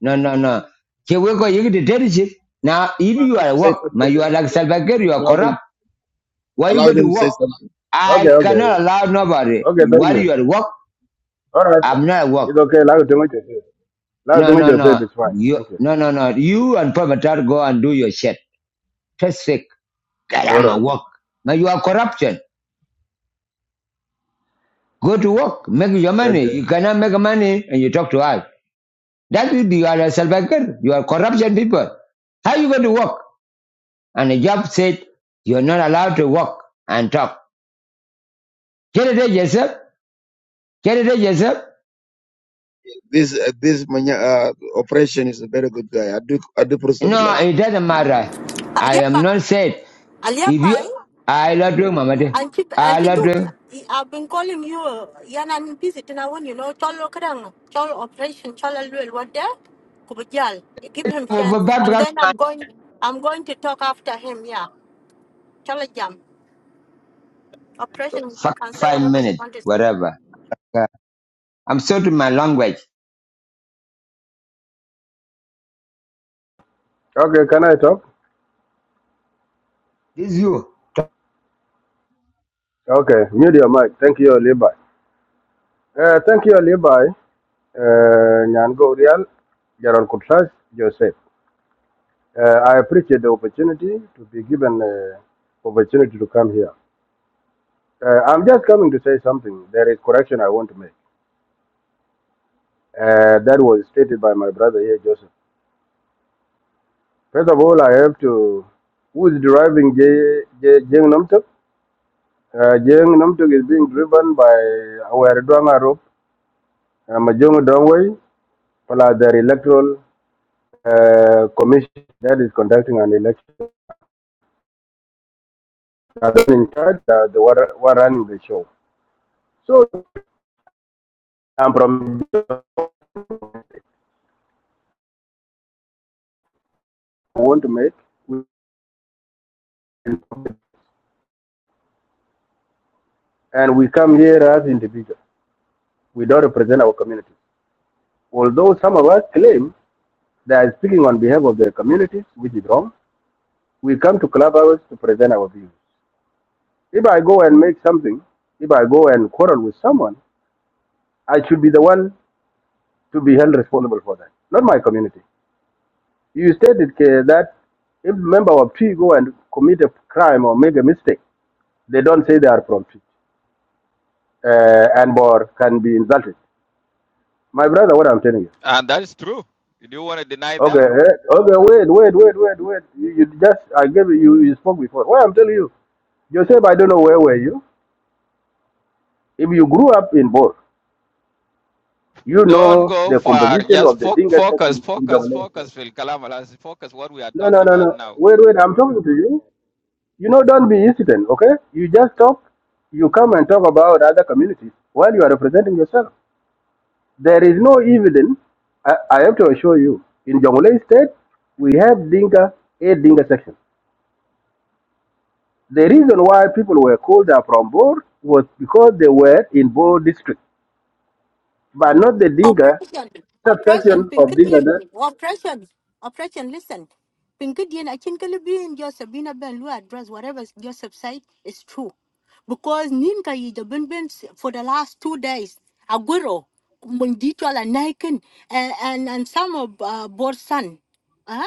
no, no, no. Here we go. You get the leadership. Now, if you them to are say walk, now something. you are like yeah. Salvakir. You are Allow them. corrupt. Why you Allow go to them to say walk? something. I okay, okay, cannot allow nobody. okay, thank While you. you are walk, All right, I'm not at work. it's okay. Now you think yourself. Now you No, think no, yourself no. is fine. You, Thank you. no, no, no. You and Papa Tar go and do your shit. Just fake. Get All out my right, work. Now you are corruption. Go to work, make your money. okay, You cannot make money and you talk to us. That will be you are a self-hacker. You are corruption people. How you going to work? And the job said you are not allowed to work and talk. Get it out yourself. Get it out yourself. This uh, this mania operation is a very good guy. I do I do No, prozebila. it doesn't matter. I am not Aliapai, said. If you, Aliapai, I love you, Mama. dear. and keep I and you love do. you. I've been calling you. uh, Yan and visit and I want you know. Cholo kadang, cholo operation, cholo luel. What there? Kubajal. Give him chance, Over back, and then I'm going. I'm going to talk after him. Yeah, cholo jam operation. You fuck, can say five whatever you minutes, want to say. whatever. Uh, I'm sorry to my language. okay. Can I talk? This you, Okay, mute your mic. Thank you, Alibi. Uh, thank you, Alibi. Uh, Nyan Gorial, Gerald Kutlas, Joseph. Uh, I appreciate the opportunity to be given uh, opportunity to come here. Uh, I'm just coming to say something. There is correction I want to make. Uh, that was stated by my brother here, Joseph. First of all, I have to. Who is driving Jeng Namtuk? Uh, Jeng Namtuk is being driven by our Dwanga Rope, uh, Majongo Dongwei, plus their electoral uh, commission that is conducting an election. Uh, those in charge, uh, the one, running the show. So I'm from I want to make. We And we come here as individuals. We don't represent our communities. Although some of us claim they are speaking on behalf of their communities, which is wrong, we come to clubhouse to present our views. If I go and make something, if I go and quarrel with someone, I should be the one to be held responsible for that, not my community. You stated K, that if a member of P go and commit a crime or make a mistake, they don't say they are from P, uh, and or can be insulted. My brother, what I'm telling you. And that is true. Do you want to deny Okay, that? eh, okay, wait, wait, wait, wait, wait. You, you just, I gave you, you you spoke before. Well, I'm telling you, Joseph, I don't know where were you. If you grew up in both, you Don't know go the far. composition Just of the fo- Dinka focus, section in focus, Jonglei. state. focus, Phil Kalamalas. Focus what we are No, no, talking no, about no. now. Wait, wait, I'm talking to you. You know, don't be hesitant, okay? You just talk, you come and talk about other communities while you are representing yourself. There is no evidence, I, I have to assure you, in Jonglei state, we have Dinka, a Dinka section. The reason why people were called up from Bor was because they were in Bor district, but not the Dinka Operation, operation, subsection of Dinka. pinkadian, That operation, operation, listen. Pinkadian, I think Libyan Joseph Bina Ben Lu address whatever Joseph said is true. Because Ninka Yija Ben Ben for the last two days, Aguro, Mundichal and Naikin, and, and and some of uh, Borsan. uh,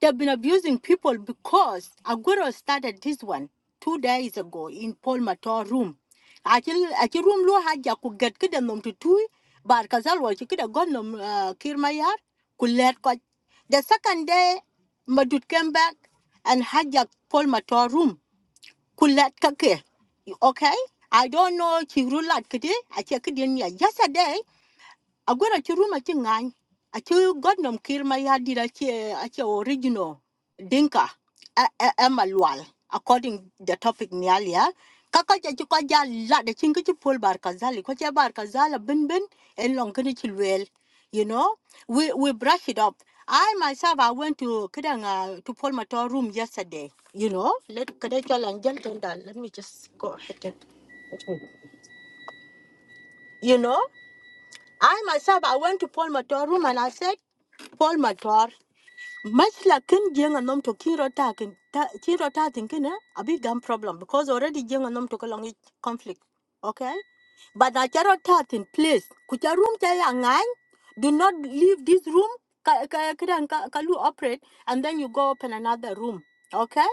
They've been abusing people because Aguero started this one two days ago in Paul Mator room. Actually, actually, room lo haja ku get kida nom to two, but kazal wa kida gon nom uh, kirmayar ku let ko. The second day, Madut came back and hijacked Paul Mator room ku let kake. Okay, I don't know chirulat kidi. Actually, kidi ni yesterday agwera ci ruma achu god a ci godnom kir ma ya dira ci a original dinka a according the topic ni alia kaka ja ci ko ja la de cinga ci pol bar kazali ko ci bar kazala bin bin en long kini ci you know we we brush it up I myself, I went to Kedanga to Paul Mator room yesterday. You know, let Kedanga and gentlemen, let me just go ahead. and- You know, I myself, I went to Paul Mator room and I said, Paul Mator. much like kin jeng and nom to kin rota kin ta kin rota thinking, kin eh, a big gun problem because already jeng and nom to kalong conflict okay but I cannot touch in place. Kucha room chaya ngang. Do not leave this room. Ka ka ka ka kalu operate and then you go open another room. Okay?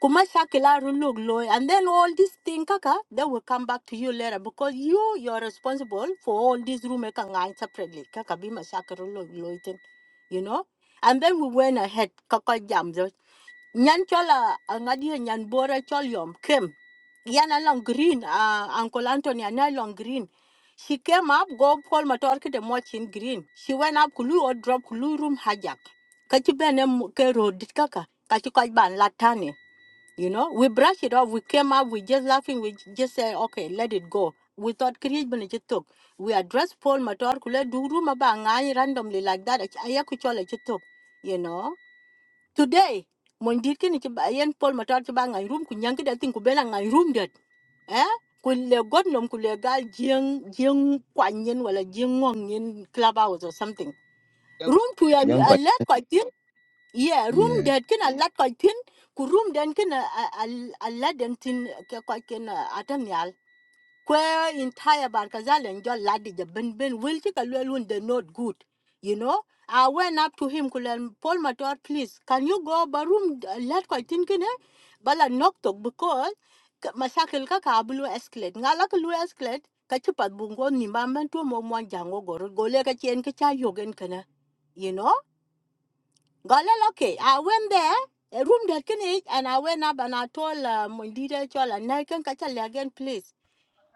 Kuma shakila rulug loy and then all these thing kaka they will come back to you later because you you're responsible for all these room eka ngang separately. Kaka bima shakirulug loy thing. You know? And then we went ahead kaka jam. zo. Nyan chola angadi nyan bora cholyom Yana long green, uh, Uncle Anthony, Yana long green. She came up, go Paul Matorki the much in green. She went up Kulu or drop Kulu room hijack. Kachibene Kero Ditkaka, Kachikoban Latani. You know, we brushed it off. We came up, we just laughing, we just said, okay, let it go. We thought create Benichitok. We addressed Paul Matorki, let do room about randomly like that. Ayakuchola Chitok, you know. Today, Mondirkin, Paul Matorki bang a room, Kunyanki, I think, Kubela, I room that eh kule godnom kule gal jeng jeng kwanyen wala jeng ngongen clubhouse or something young room to a, young a lot quite thin yeah room that can a lot quite thin ku room den can a a, a lot den thin quite can a where entire Barkazal and John Ladija Ben Ben will take a little when they're not good. You know? I went up to him, Kulan Paul Mator, please, can you go barum let quite thinking eh? Bala knocked up because ka- Masakil Kaka Bulu escalate. Ngalaka Lu escalate, Kachupat Bungo Nimbaman to Momon Jango Goro, Goleka Chien Kacha Yogan Kana. You know? Galal, okay. I went there. A room that can eat, and I went up and I told uh, Mundita Chola, and I can catch a again, please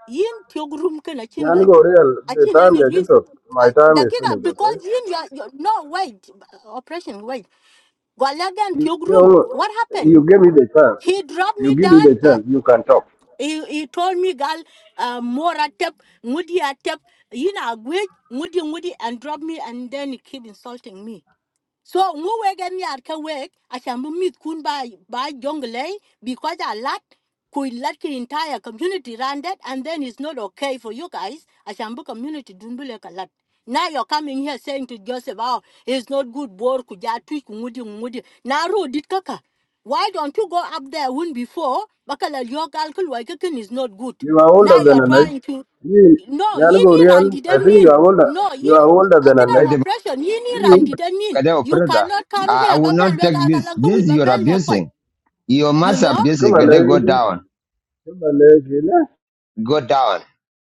yin Tog room. Can kana chin Nyan go real, the Akin time any getting risk. to my time is Dagiga, finished, because okay? you, you, are- you no wait, operation wait. Gwalaga and you, Tugrum. know, What happened? you give me the chance. He dropped You me give me down. the Uh, chance. You can talk. he, he told me, girl, uh, more atep, moody atep, you know, wait, moody, moody, and dropped me, and then he keep insulting me so ngu wegen yar ka weg acham bu mit kun ba ba jongle because a lot could let the entire community run that and then it's not okay for you guys acham bu community dun bu lek a lot now you're coming here saying to Joseph, oh, it's not good, bor kujatui kumudi kumudi. Now, road did kaka. Why don't you go up there when before? Bakala your calculation is not good. You are Now older you're than a night. trying to You no Nyan go yini real, randi I think you demin are older. no You yin are older than a akada night. operation yini randi You demin you operator. cannot come I, I here will babel not take wega this. kalanko with This you're babel lekot abusing. You you must know abuse come it. on, They go eh? down. Come on, eh? Go down.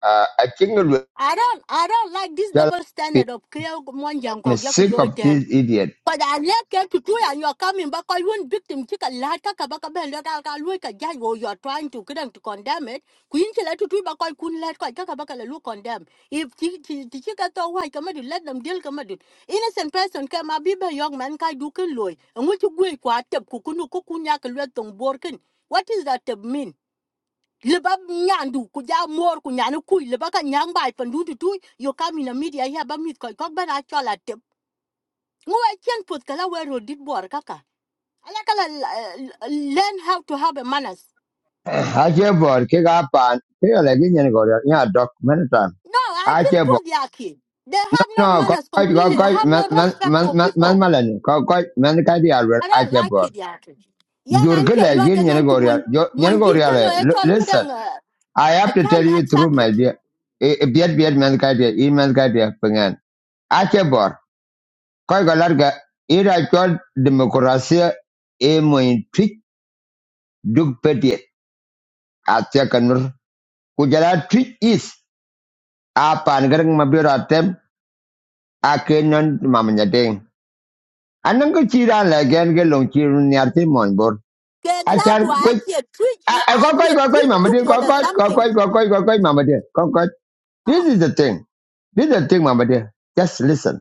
Uh, I think it will i don't i don't like this tell double standard people, of kriya monjang I'm kok sick of yak this idiot. But I like to do and you're coming back. I won't victim chick a lata kabaka bell that I'll look at guy you're trying to get them to condemn it. Queen she let to do back I couldn't let quite kabaka look condemn. If the chica thought why come to let them deal come at it. Innocent person came a biba young man kai dukin loy and what you go quite up kukunu kukunyak letung borkin. What is that uh, mean? Lebab nyandu kuja mor kunyanu kui lebaka nyang bai pandu tu tu yo kam in a media here ba mit koi kok ban a chola Ngô ai chen put kala we ro dit bor kaka. Ala kala l- l- learn how to have a manners. I can't board. Kick up and feel like you know, go there. Yeah, doc, many time. No, I I can can't board. put the yaki. They have no No, go, manners go, completely. They go, have no man, man, respect man, for man, people. man, man, go, go, man, go, the I I don't can't like board. it yaki. Yan You're good anke like lo you de know, nan ku go mon there. You mon know, go dit kan lo there. e Li- chol Listen, kudang I a have to tell child you had through my socket. dear. Beard, beard, man, can't go there. Email, go there. Ache Achebor, koi galarga ira chol demokrasia e mo twitch duk petiet atia kanur kujala twitch is a pan garang mabira tem a kenon mamanya ding anang ko chira la gen ge long chiru nyarti mon bor Ke that achar why I koi can twitch a I koi koi can koi koi twitch you mamadi koi or koi something. koi koi koi koi koi koi mamadi koi koi this Ah. is the thing this is the thing mamadi just listen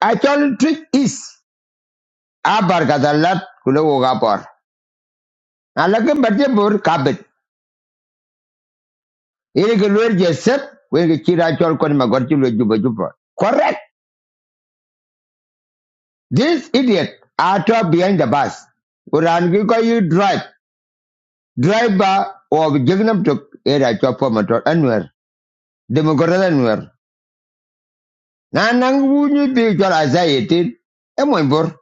actual trick is a bar kadalat kulo gapor alakim berde bur kabet Ini ke luar je sep, wen ke kira chol kon ma gorti lo juba juba. Correct. This idiot are trapped behind the bus. Uran ki ko you drive. Driver of Jignam to era chol for motor anwer. Democrat anwer. Na nang wu ni bi chol azayeti. Emon bor.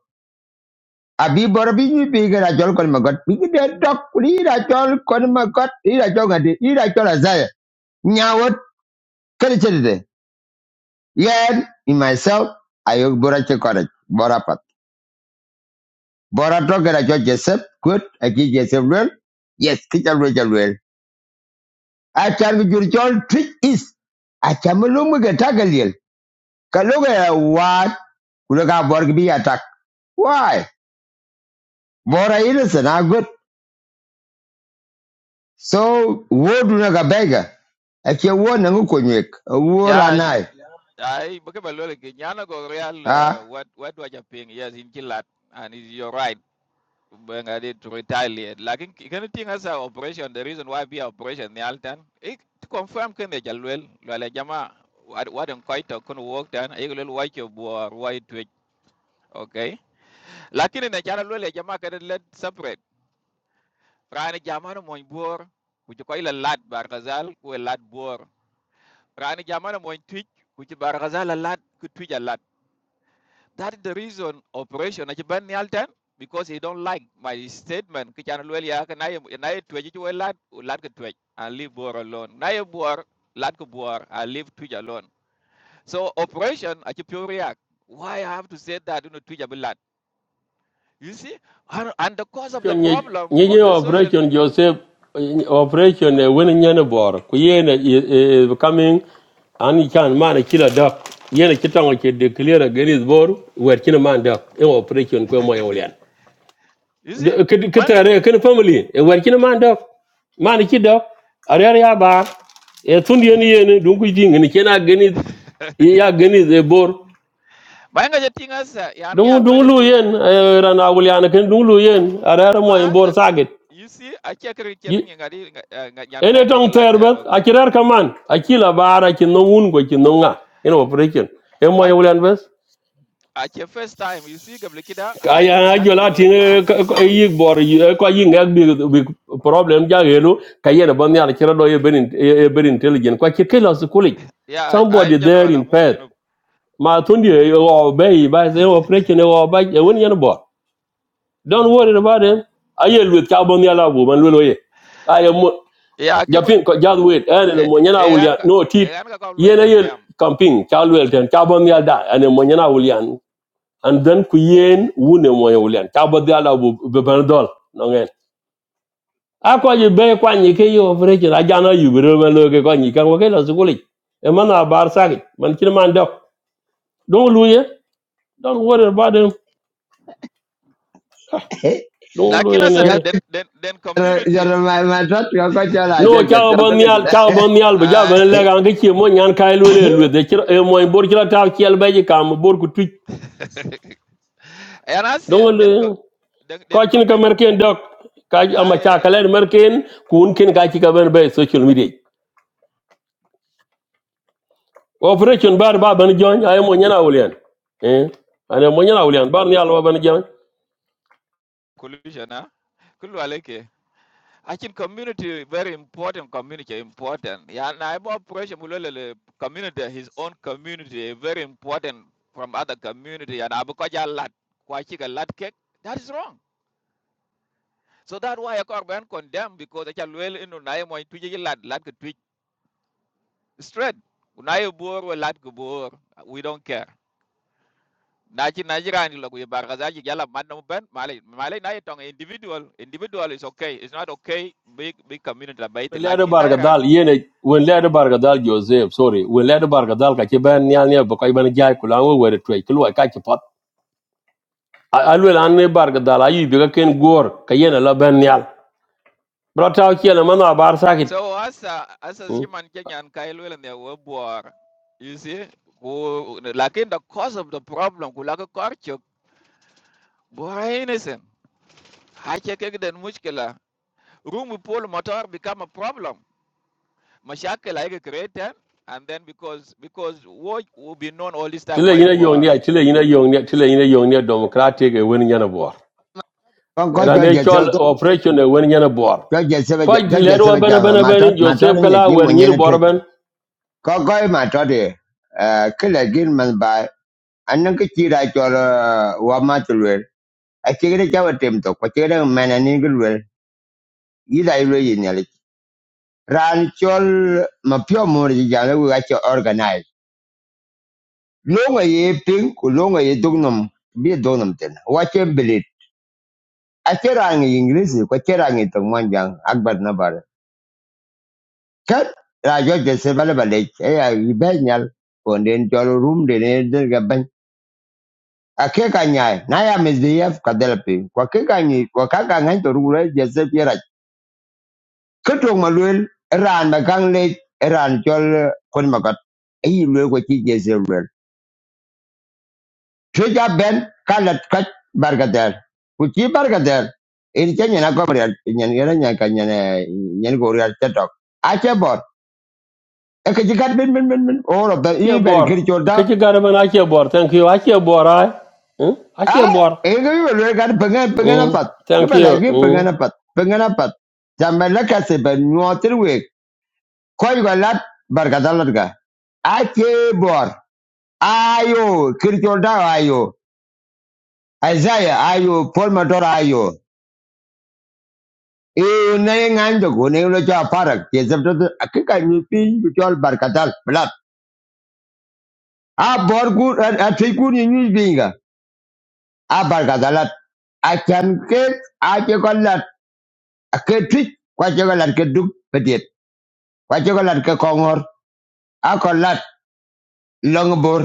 Abi bor bi ni bi ke ra chol kon ma got. Bi ke de tok ni ra chol kon ma got. Ni ra chol ngade. Ni ra chol azay. Nyawot kali chede. Yen in myself I bora chekorek. Bora Bora toke na cho Joseph kut aki Joseph well. Yes, kicha lwel well. lwel. Achar mi juri chol trick is. Achamulungu ke takaliel. Kalungu ya wat. Kulaka bora kibi attack. Why? Bora innocent are good. So wo duna ka bega. Ake wo nangu konywek. Wo Yeah, ranai. I Bukabalole Nyana go real uh, Ah. what what do I ping? Yes, in Kilat. And it- you're right. When I did to retaliate. Like in can you think as a operation, the reason why be operation the Altan, it to confirm can they jalwell, Lala Jama what what in quite a couldn't work done, I will watch your boy white twitch. Okay. Lakini na chana lole jamaa Can let separate. rani jamana moñ bor ku ci koy la lat barkazal ku lat bor rani jamana moñ tuj ku ci barkazal la lat ku tuj a lat that is the reason operation na ci ban yaltan because he don't like my statement ki chan luel ya ka nay nay tuj ci way lat u lat ko tuj and leave bor alone nay bor lat ko bor and leave tuj alone so operation a ci pure react why i have to say that you know tuj a bi you see and, and the cause of the Operation nye problem on the social operation Joseph eh, operation eh, when nye ne bor ku ye coming and can man killer duck ye kitang ke declare against bor wer kin man duck in operation ko mo yolen you see kitare kin family eh, wer kin man duck man ki duck are ya ba e tun ye ne ye ne dun ku jing ne kena against ya against e bor Bayan ga tinga sa yan ke dun dun alwele lu ke yen eh, ran awulian kin dun lu yen are mo en ma bor saget you see a che kena ngi ngari yan kai ene da tong yela tan terbet okay. akirar kaman akila bara kin no un go can no nga in operation e mo Quite yulan bes a first time you see gabli kida a che kaya mashaka ajola loy a yi bor yi ko yi ngak problem ja helu kaya na a yar kira do ye berin e berin intelligent kwa kikela ya a somebody there general in amu Perth. jenup. ma tundi e o be ba se operation e o ba e won yan bor don't worry about them. I ayel with carbon yala bu man I am. Ya ke bu japin ko jal wet ene no mo nyana yan wulian ka no e tit yan ka ko loy yene yel condemn. camping chal wel ten cha bon yal da ene mo nyana wulian and then ku yen wune mo nyana wulian cha bon yal da bu no ngen a ko be kwa ni ke yo vre ji la jana yu be ro lo ke ko ni kan wo ke lo zuguli e man a bar sa ki man kin man do don lu ye don wore ba de don lu ye Lakina sa ne Ya ke den den den ya community ma ma chat ka ko chala no cha cha cha to bon ke yal da. cha bon yal be ja ban ai le ga ke chi mo nyan kai lu le lu de chi e mo bor chi la ta chi el be ji kam bor ku tuj and I den then co- dongol then then kocin ka community merken dok ka yeah ama I, uh, chakalen merken kun kin ka ci ka ben be social media operation bar ba ban jon ay mo nyana wulian eh ana mo nyana wulian bar ni alwa ban jon collusion huh? Kullu alaike. I think community very important. Community important. Yeah, na ibo pressure mulele community his own community very important from other community. And abu abukaja lat kwachika lat cake that is wrong. So that's why I can't condemn because I can well inu na imo tuji lat lat ke tuji straight. Unayo bor we lat bor we don't care. Naji najira ni logo yebargaza yala madam ben malay malay na itong individual individual is okay. It's not okay big big community la baiti. ledo Lakini barga na dal yene wen ledo barga dal joseph sorry wen ledo barga dal ka ci ben nyal ne ba koy ban jaay kula wo wore toy kilo ka ci pat alwe lan ne barga dal ayi bi ka ken gor ka yena la ben nyal bro taw ci na man bar sakit So as hasa Hmm? human Kenyan kailwele ne webuar. You see? Ku lakin the cause of the problem kulaka korchuk bora innocent. Hache kek den mushkila. Room pull motor become a problem. Mashakila ike created and then because because what will be known all this time tile why yina yong boar. ne tile yina yong ne tile yina yong ne democratic e wen nyana bor con có cho rande dịch chol sao operation e wen nyana bor George ko Sebeja, George lero wa Sebeja, bana bana bani matot, matot joseph ni kala ji wer mu nyir nyen tu. bor ben Ko goi matot e, eh, kila gin man bai, anang ke chi rai chol eh, wa ma tu lwer. to, ko chi gida mena ni gil lwer, yi dai lwer yi nyali. Ran chol ma pyo mur ji organize. Longa ye ping, ku longa ye dugnum, bi dugnum ten. Wa che bilit. A che English, ko che rangi tong mwanjang, akbar kat rajo de se bala bala e ya yi be nyal ko den jolo rum de ne de ga ban a ke ka nyaay na ya me de yef ke ka ni ka ka ngai to ru re je se pi ran na kang le ran jol kon ma kat e yi le ko ti je se luel ja ben ka lat ka bar ga del ku ti bar ga del in ke nyana ko re nyen yera nyan ka ne nyen go re ta tok a bor e ke ji kat bin bin bin bin o ro da ke i ber bor kir ke ke gar ban ake bor thank you ake bor ai Hm? ake Ah, bor ini mereka pengen mm pengen apa? thank Kita lagi you pengen apa? Pengen apa? Zaman lagi sebenarnya terwek. Kau juga lat berkata lat ga? Aje bor, ayo kirjoda ayo, Isaiah ayo, Paul Motor ayo. Eh, nai nganjo ko nai lo cha parak. Ke sabto to akika nyupi jual berkata lat. A bor ku ah tiku ni nyupi ga. A berkata lat. A chan ke aje ko lat. A ke tik kwa lat ke kwa chokolat ke kongor a ko lat long bor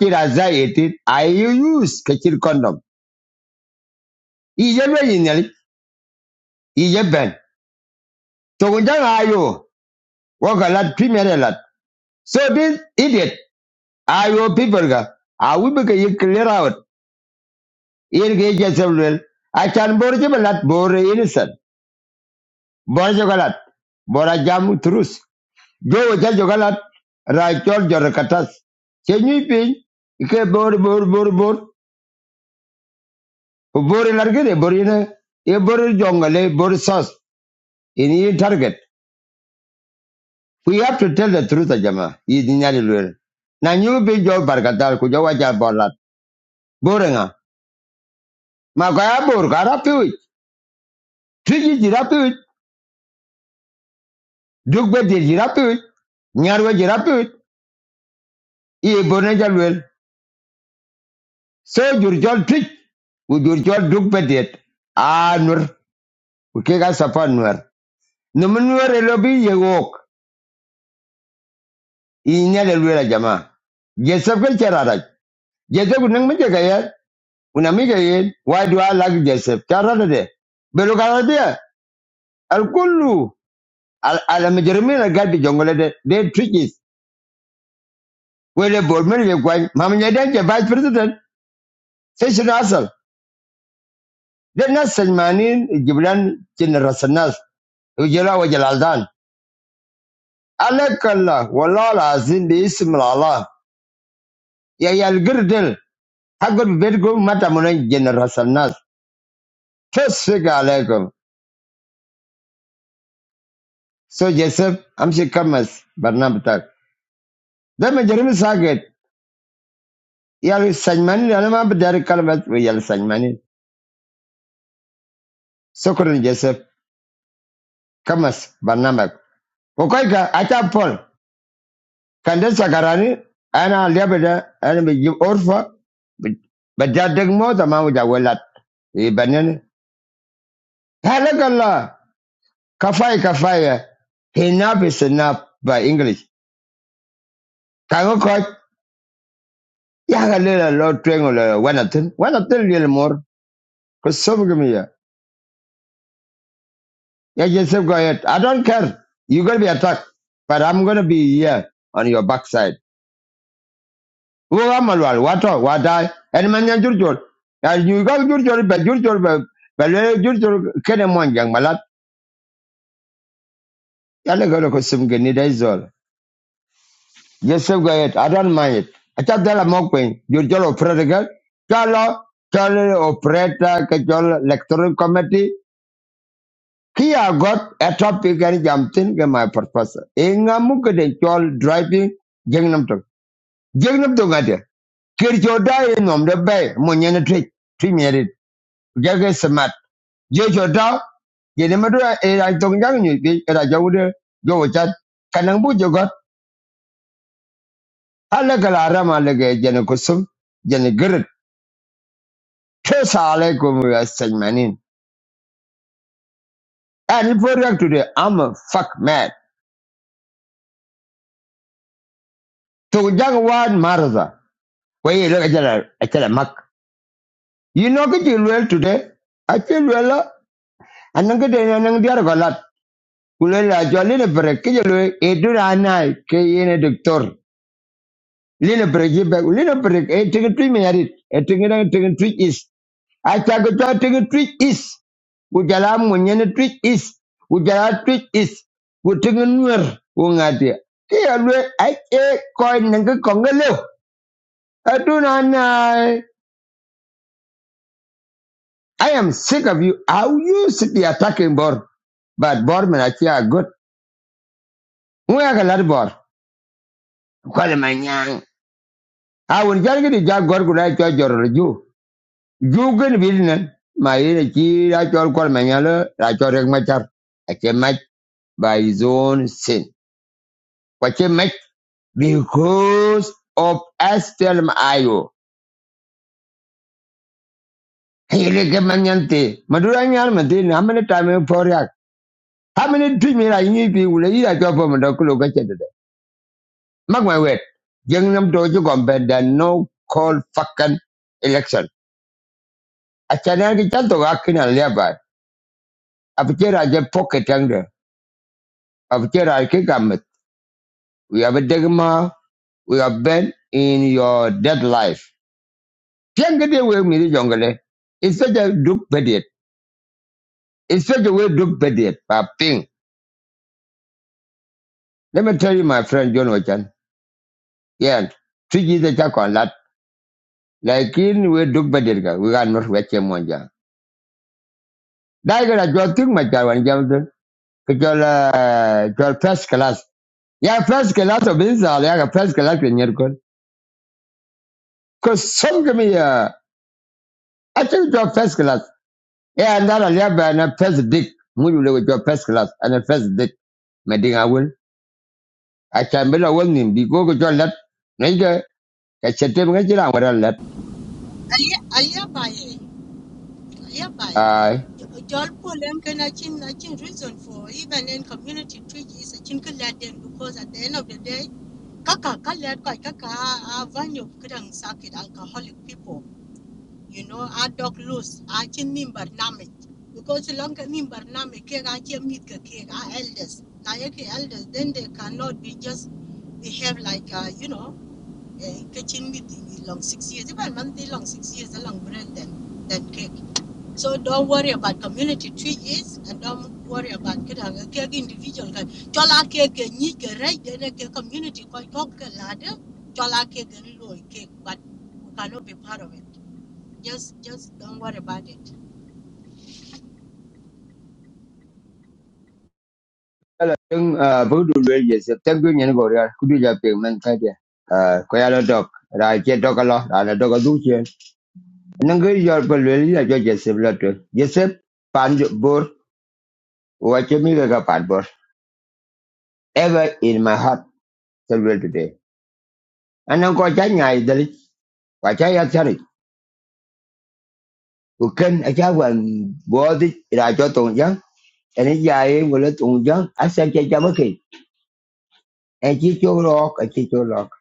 chira za etit use ke chir condom i je be ben to ayo wo ka so this idiot ayo people ga a wi be ke ye clear out yer ke je sebel a chan bor innocent bor chokolat bor a jam trus jo wo ja chokolat ra chol jor katas che nyi pin ke bor bor bor bor Bori largede, bori ne, e bori jongale, bori sos, in ye target. We have to tell the truth, Ajama. Is nyali lwel. Na nyu be jo barkatal ku jo wacha bolat. Bori nga. Ma kaya bor kara piwi. Tuji jira piwi. Dugbe dir jira piwi. Nyarwe jira piwi. Iye bori ne jalwel. So jur jol tuj. U jur jol dugbe dir. Ah, nur. Ukeka sapa nur. Numunwer elobi yewok. Inyali lwel, Ajama. Jesep ke Joseph nang mi jaga ya, una yen, why do I like Joseph? Cara de. Belo dia, al kullu al al mi jermi na gadi jongole de, they tricky. Wele bol mi le kwai, mam nya dan je vice president, session asal. Dan nas sajmani jibran cin rasanas, ujela wa jalaldan. Alakalla wala lazim bi ism Allah. Ya ya al girdel, hagod bed go mata munan jin rasanas. Tasfiga alaikum. So Joseph, amshi kamas barnam Dama Jeremy Saget, yal Sanmani, alama bidari kalabat we yal Sanmani. Sokorin Joseph, Kamas, Barnamak. Okoika, Ata Paul, Kande Sakarani, Ana Liabeda, Ana Bijib Orfa, Bajadeg Mota Mamuja Welat, Ibanani. Halakala, Kafai Kafaya. Enough is enough by English. Kango Koch, Yagalila Lord Triangle, Wanatin, Wanatin Lilmore, Kosovigamiya. Yeah, Joseph, go ahead. I don't care. You're going to be attacked, but I'm going to be here on your backside. Wo wa malwal, wa to, wa dai. En man yan jur jur. Ya you go jur jur be jur jur be be le jur jur kene mon jang malat. Ya le go ko sim ge ni dai zol. Joseph, go ahead. I don't mind it. Acha dala mo kwen jur jur o predigal. Kalo kalo operator ke jol electoral committee. Kia got a topic and jumped in my professor. Inga mukade jol driving jengnam jeng nam to ngade ker jo da e nom de bay mo nyen tre tri meri jage smat je jo da ye ne madu e ra to ngang ni bi e ra jo de jo chat kanang bu jo ala kala ra le ge jene kusum jene ger tre sa le ko mu ya sen react to the i'm a fuck mad to jang wan marza ko ye le jara a jara mak you know ke ji well today i feel well and nang de nang diar galat. Kulela jwa lene brek ke jelo edura anai ke yene doctor. Lene brek jibe lene brek e tinga tui me yarit e tinga na tinga tui is. Acha ko jwa tinga tui is. Ujala mu nyene tui is. Ujala tui is. Ku tinga nuer u ngati. Ke yelo ai e koi nanga kongelo. Aduna anai. I am sick of you. How you sit there attacking Bor? But Bor man, I feel good. We are a lot of Bor. Call him a awon jar gidi jar gor guda cho joror ju ju gin bidnen ma yene chi ra cho kor ma nyalo ra cho rek ma char a che ma by his own sin kwa che ma because of astel ayo hele ke manyante madura how many time for yak how many dream ra yini bi wule ira cho for ma dokulo ka chede mak ma wet jeng nam do ju gombe no call fucking election I a chana ki chanto ga a leba Abichera je pocket anger. after I kick him, We have a dogma. We have been in your dead life. Tianga we mi jongale. It's such a duke bediet. It's such a way duke bediet. Ping. Let me tell you, my friend John Wachan. Yeah. Fiji the chak on that. Like in we duke bediet ga. We are not wache monja. Daiga I jwa tuk macha wan jamdun. Kajol, kajol first class. Yeah, first class of insal. Ya first class in your Because some give me, uh, I think it's your first class. Yeah, and that i and a first dick. Mulu with your first class and a first dick. Meding I will. I can be a woman because you let Ranger. I said, Tim Regina, what I let. Alia, Alia, bye. Alia, bye. I. Jol Pulem can achin achin reason for even in community treaty is a chinka because at the end of the day, kaka kalad koi kaka a vanyo kudang sakit alcoholic people, you know, a dog loose, a chin nimbar namik. Because long nimbar namik keg a chin meet ka a elders. Na yake elders, then they cannot be just behave like, uh, you know, kitchen meet long six years, even month long six years along brand then. then. So don't worry about community treaties and don't worry about individual ka chola ke ke ni ke right then ke community ko ko ke lade chola ke ke ni lo but we cannot be part of it. Just just don't worry about it. Young Voodoo Rages, a tanking and Goria, could you have been Mancadia? Quayala dog. And I get dog a lot and a dog a duchian. And then go your Bolivia, I judge yourself letter. Joseph Panjo Bor, watch me like a padbor. Ever in my heart, till today. And I'm going to tell you, I tell it. Watch I tell it. O ken, aja wun bodi ra jo tongjang. Ani jai wulat tongjang. Asa cajamoki. Anji cjo rock, anji cjo rock.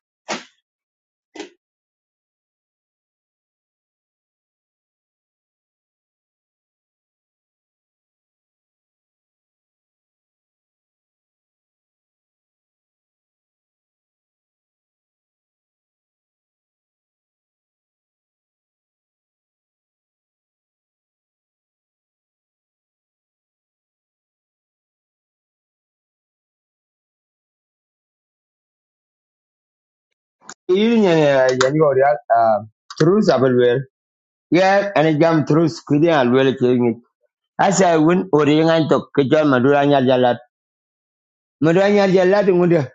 Iri ni ya ni wuriat. Ah, trus abel bel. Ya, ani jam trus kudi abel kelingit. Asa wun wuriang to kerja maduanya jala. Maduanya jala tungude.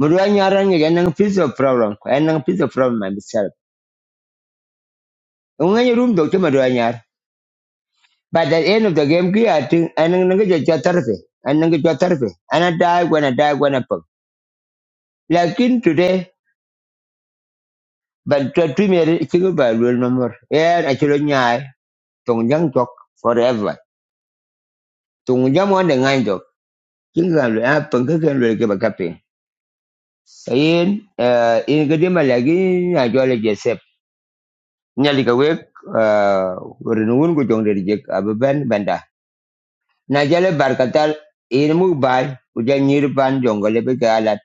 Maduanya orang ni anang physical problem. Anang physical problem anisal. Onganyo rum dok tu maduanya. By the end of the game ki a ting anang ngejo jo terfe. Anang ngejo terfe. Anah die wunah die wunah pang. Lakin today, but to premier chigo ba lul nomor. Yeah, I should nyai tong jang tok forever. Tong jang one ngai tok. Kinga lu a pangka kan lu ke bakape. Sayin eh in gede ma lagi na jole jesep. Nyali ka wek eh renungun ko jong dari jek ababan banda. Na jale barkatal in mu bai ujan nyir ban jongale be galat.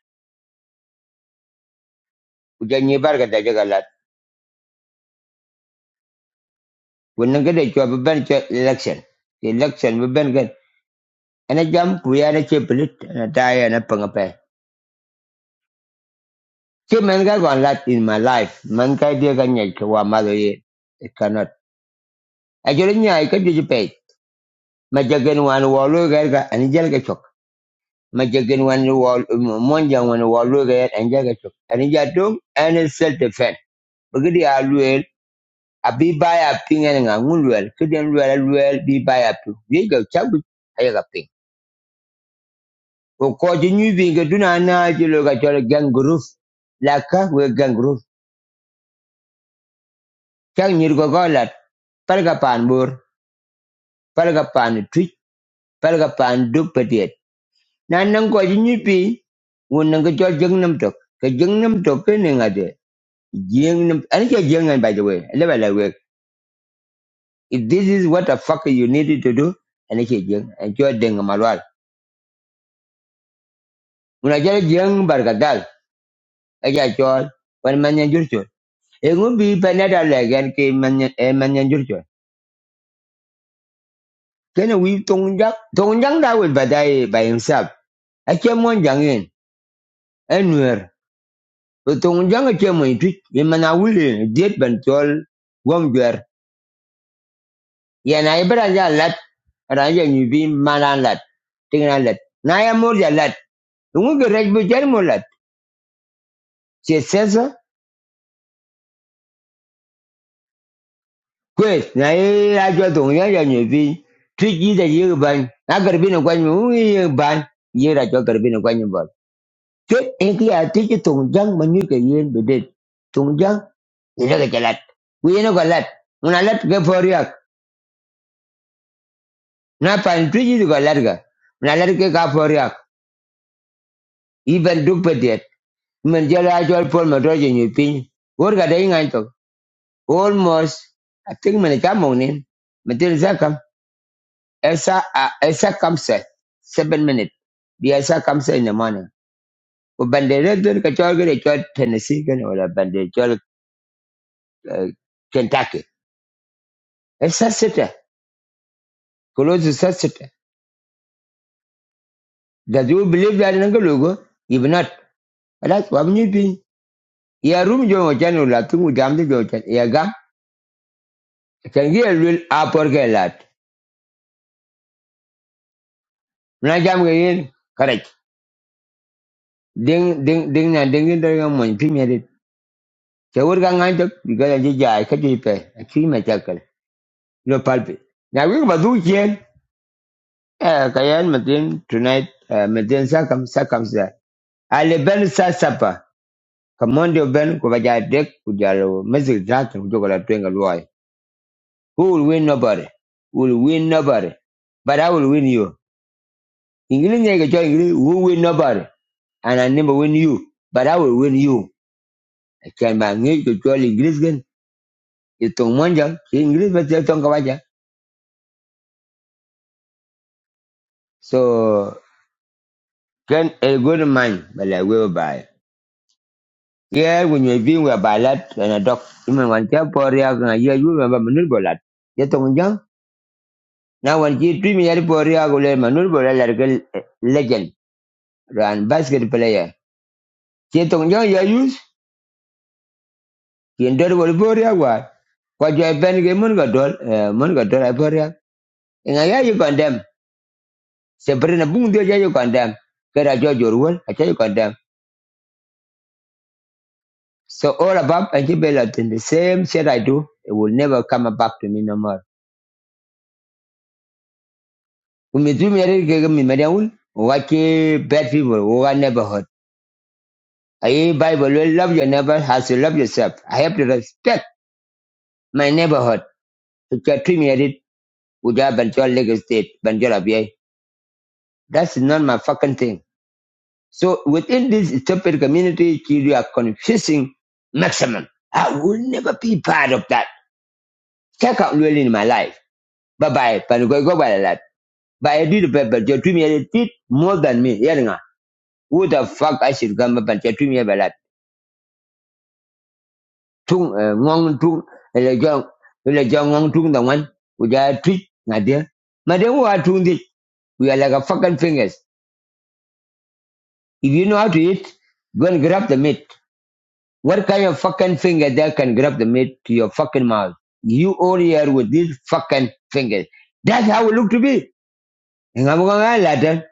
Ujan nyir barkatal jagalat. Wonne gede chwa ban election. Election be ben And I jump create a chip and a tire and a pangape. Chip man got one lot in my life. Man kai dear ganya kawa mother ye. cannot. I get in I can do pay. My jagan one wall gaga and jelga chok. My jagan one wall monja one wall gaga and jaga chok. And in jadum and self defense. Bagadi aluel. A be by a ping and a moonwell. Couldn't well well be by a ping. We go chabu. I got ping. Ko ko jinyu binga duna na je lo ga jol gang gangroof laka we gangroof Cak nyir kokolat, palga paan bor, palga paan tuj, palga paan duk patiet. Nan nan ko ji nyipi, wun nan ka chol jeng nam tok. Ka jeng nam tok ka ne ngade. Jeng nam, ane by the way, I leba la wek. If this is what the fuck you needed to do, ane kia jeng, ane chol deng malwal. Wuna When I bargadal, aja Jung, wan I jur chol. E ngu bi panada lagan ke be eh, manyan jur chol. Kena wi tong jak, tong jang da wul badai by himself. I Ache mon jangin, Tung jang che mo itu man awil diet ban tol gom jwer. Ya na ibra ja lat ra ja ni bi mana lat. Ting na lat. Na ya mor ja lat. Tung ge rej bu jer mo lat. Che sesa kwes na ye ra jo tung ya ja ni bi. Tu ji da ye ban. Na gar no kwan mu ye ban. Ye ra jo gar no kwan ba. Che en ki a ti che jang man ke yen be det. jang ye ge ja lat. Ku ye no lat. Una lat ge for ya na pan tu ji go lar na lar ka for yak Even ben du pe det men je la jol pol ma do je ni pin wor ga dai ngai to almost i think men ka mo ni men te za kam esa a esa kam se 7 minute bi esa kam se in the morning ko bande re dur ka chol ge chol tennessee gan wala bande chol eh, kentucky esa sita close esa sita does you believe that nangalo logo. if not alas wa ni pin ya rum jo chan la tungu jam de jo chan ya gam chan gi el a por ke lat na jam ge yin kare ding ding ding na ding ding de mon pi me de che wor ga ngan de bi ga la ji ja ka ji pe ki me cha kal lo pal pi na wi ba du chen eh ka yan me din tonight eh, me din sa kam sa kam sa ale ben sa sapa kamondo ben ko ba ja de ku ja lo me zi ja ka ku jo la twen ga lo ai who will win nobody who will win nobody but i will win you Ingini nyeke cho ingini won't win nobody. And I never win you. But I will win you. I can manage to cho English gen. Itong monja. Si English ba siya tong kawaja. So, can a good man. But I will buy. Yeah, when you're being with a ballad and a dog. Iman wan kya pori ako nga iya yu mamba manul bolat. Ya tong jang. Na wan ki tui minyari pori ako le manul bolat legend. Run basket player. Si tong jang You use. You ndori bol pori ako. What you ipen ke mun ka dol. Mun ka dol ay In a year you condemn. Sabrina Bung do you condemn. Get a judge your will, I tell you condemn. So all above and you belt in the same shit I do, it will never come back to me no more. When me do me I give me median, wake bad people who are neighborhood. I Bible will love your neighbor as you love yourself. I have to respect my neighborhood. If you treat me at it, would have been your legal state, Banjola That's not my fucking thing. So within this Ethiopian community, you are confusing maximum. I will never be part of that. Check out really in my life. Bye bye. But go by that. But I did but but you dream you did more than me. Yeah, nga. Who the fuck I should come up and you me about that. Tung eh, ngong tung ele jong ele jong ngong tung the one. We are treat my dear. My dear who are doing this. We are like a fucking fingers. If you know how to eat, go and grab the meat. What kind of fucking finger that can grab the meat to your fucking mouth? You all here with these fucking fingers. That's how it look to be. And I'm going to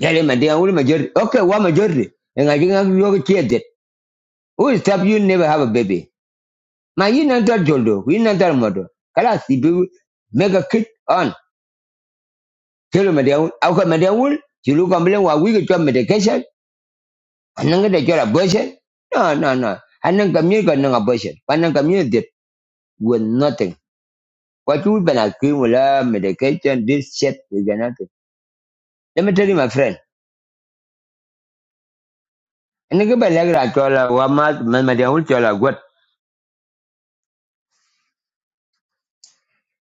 Tell him, "Adi, I'm only majority. Okay, what majority? And I think I'm going to that. Who will stop you never have a baby? My, you not that joldo. You not that mother. Kalas, if you make a kid on. Tell him, "Adi, I'll come, Adi, I You look and blame what we get your medication. And then get your abortion. No, no, no. And then communicate an abortion. And then communicate with nothing. What you been accused with medication, this shit is nothing. Let me tell you, my friend. And you can like that chola wamat man madia ul chola gut.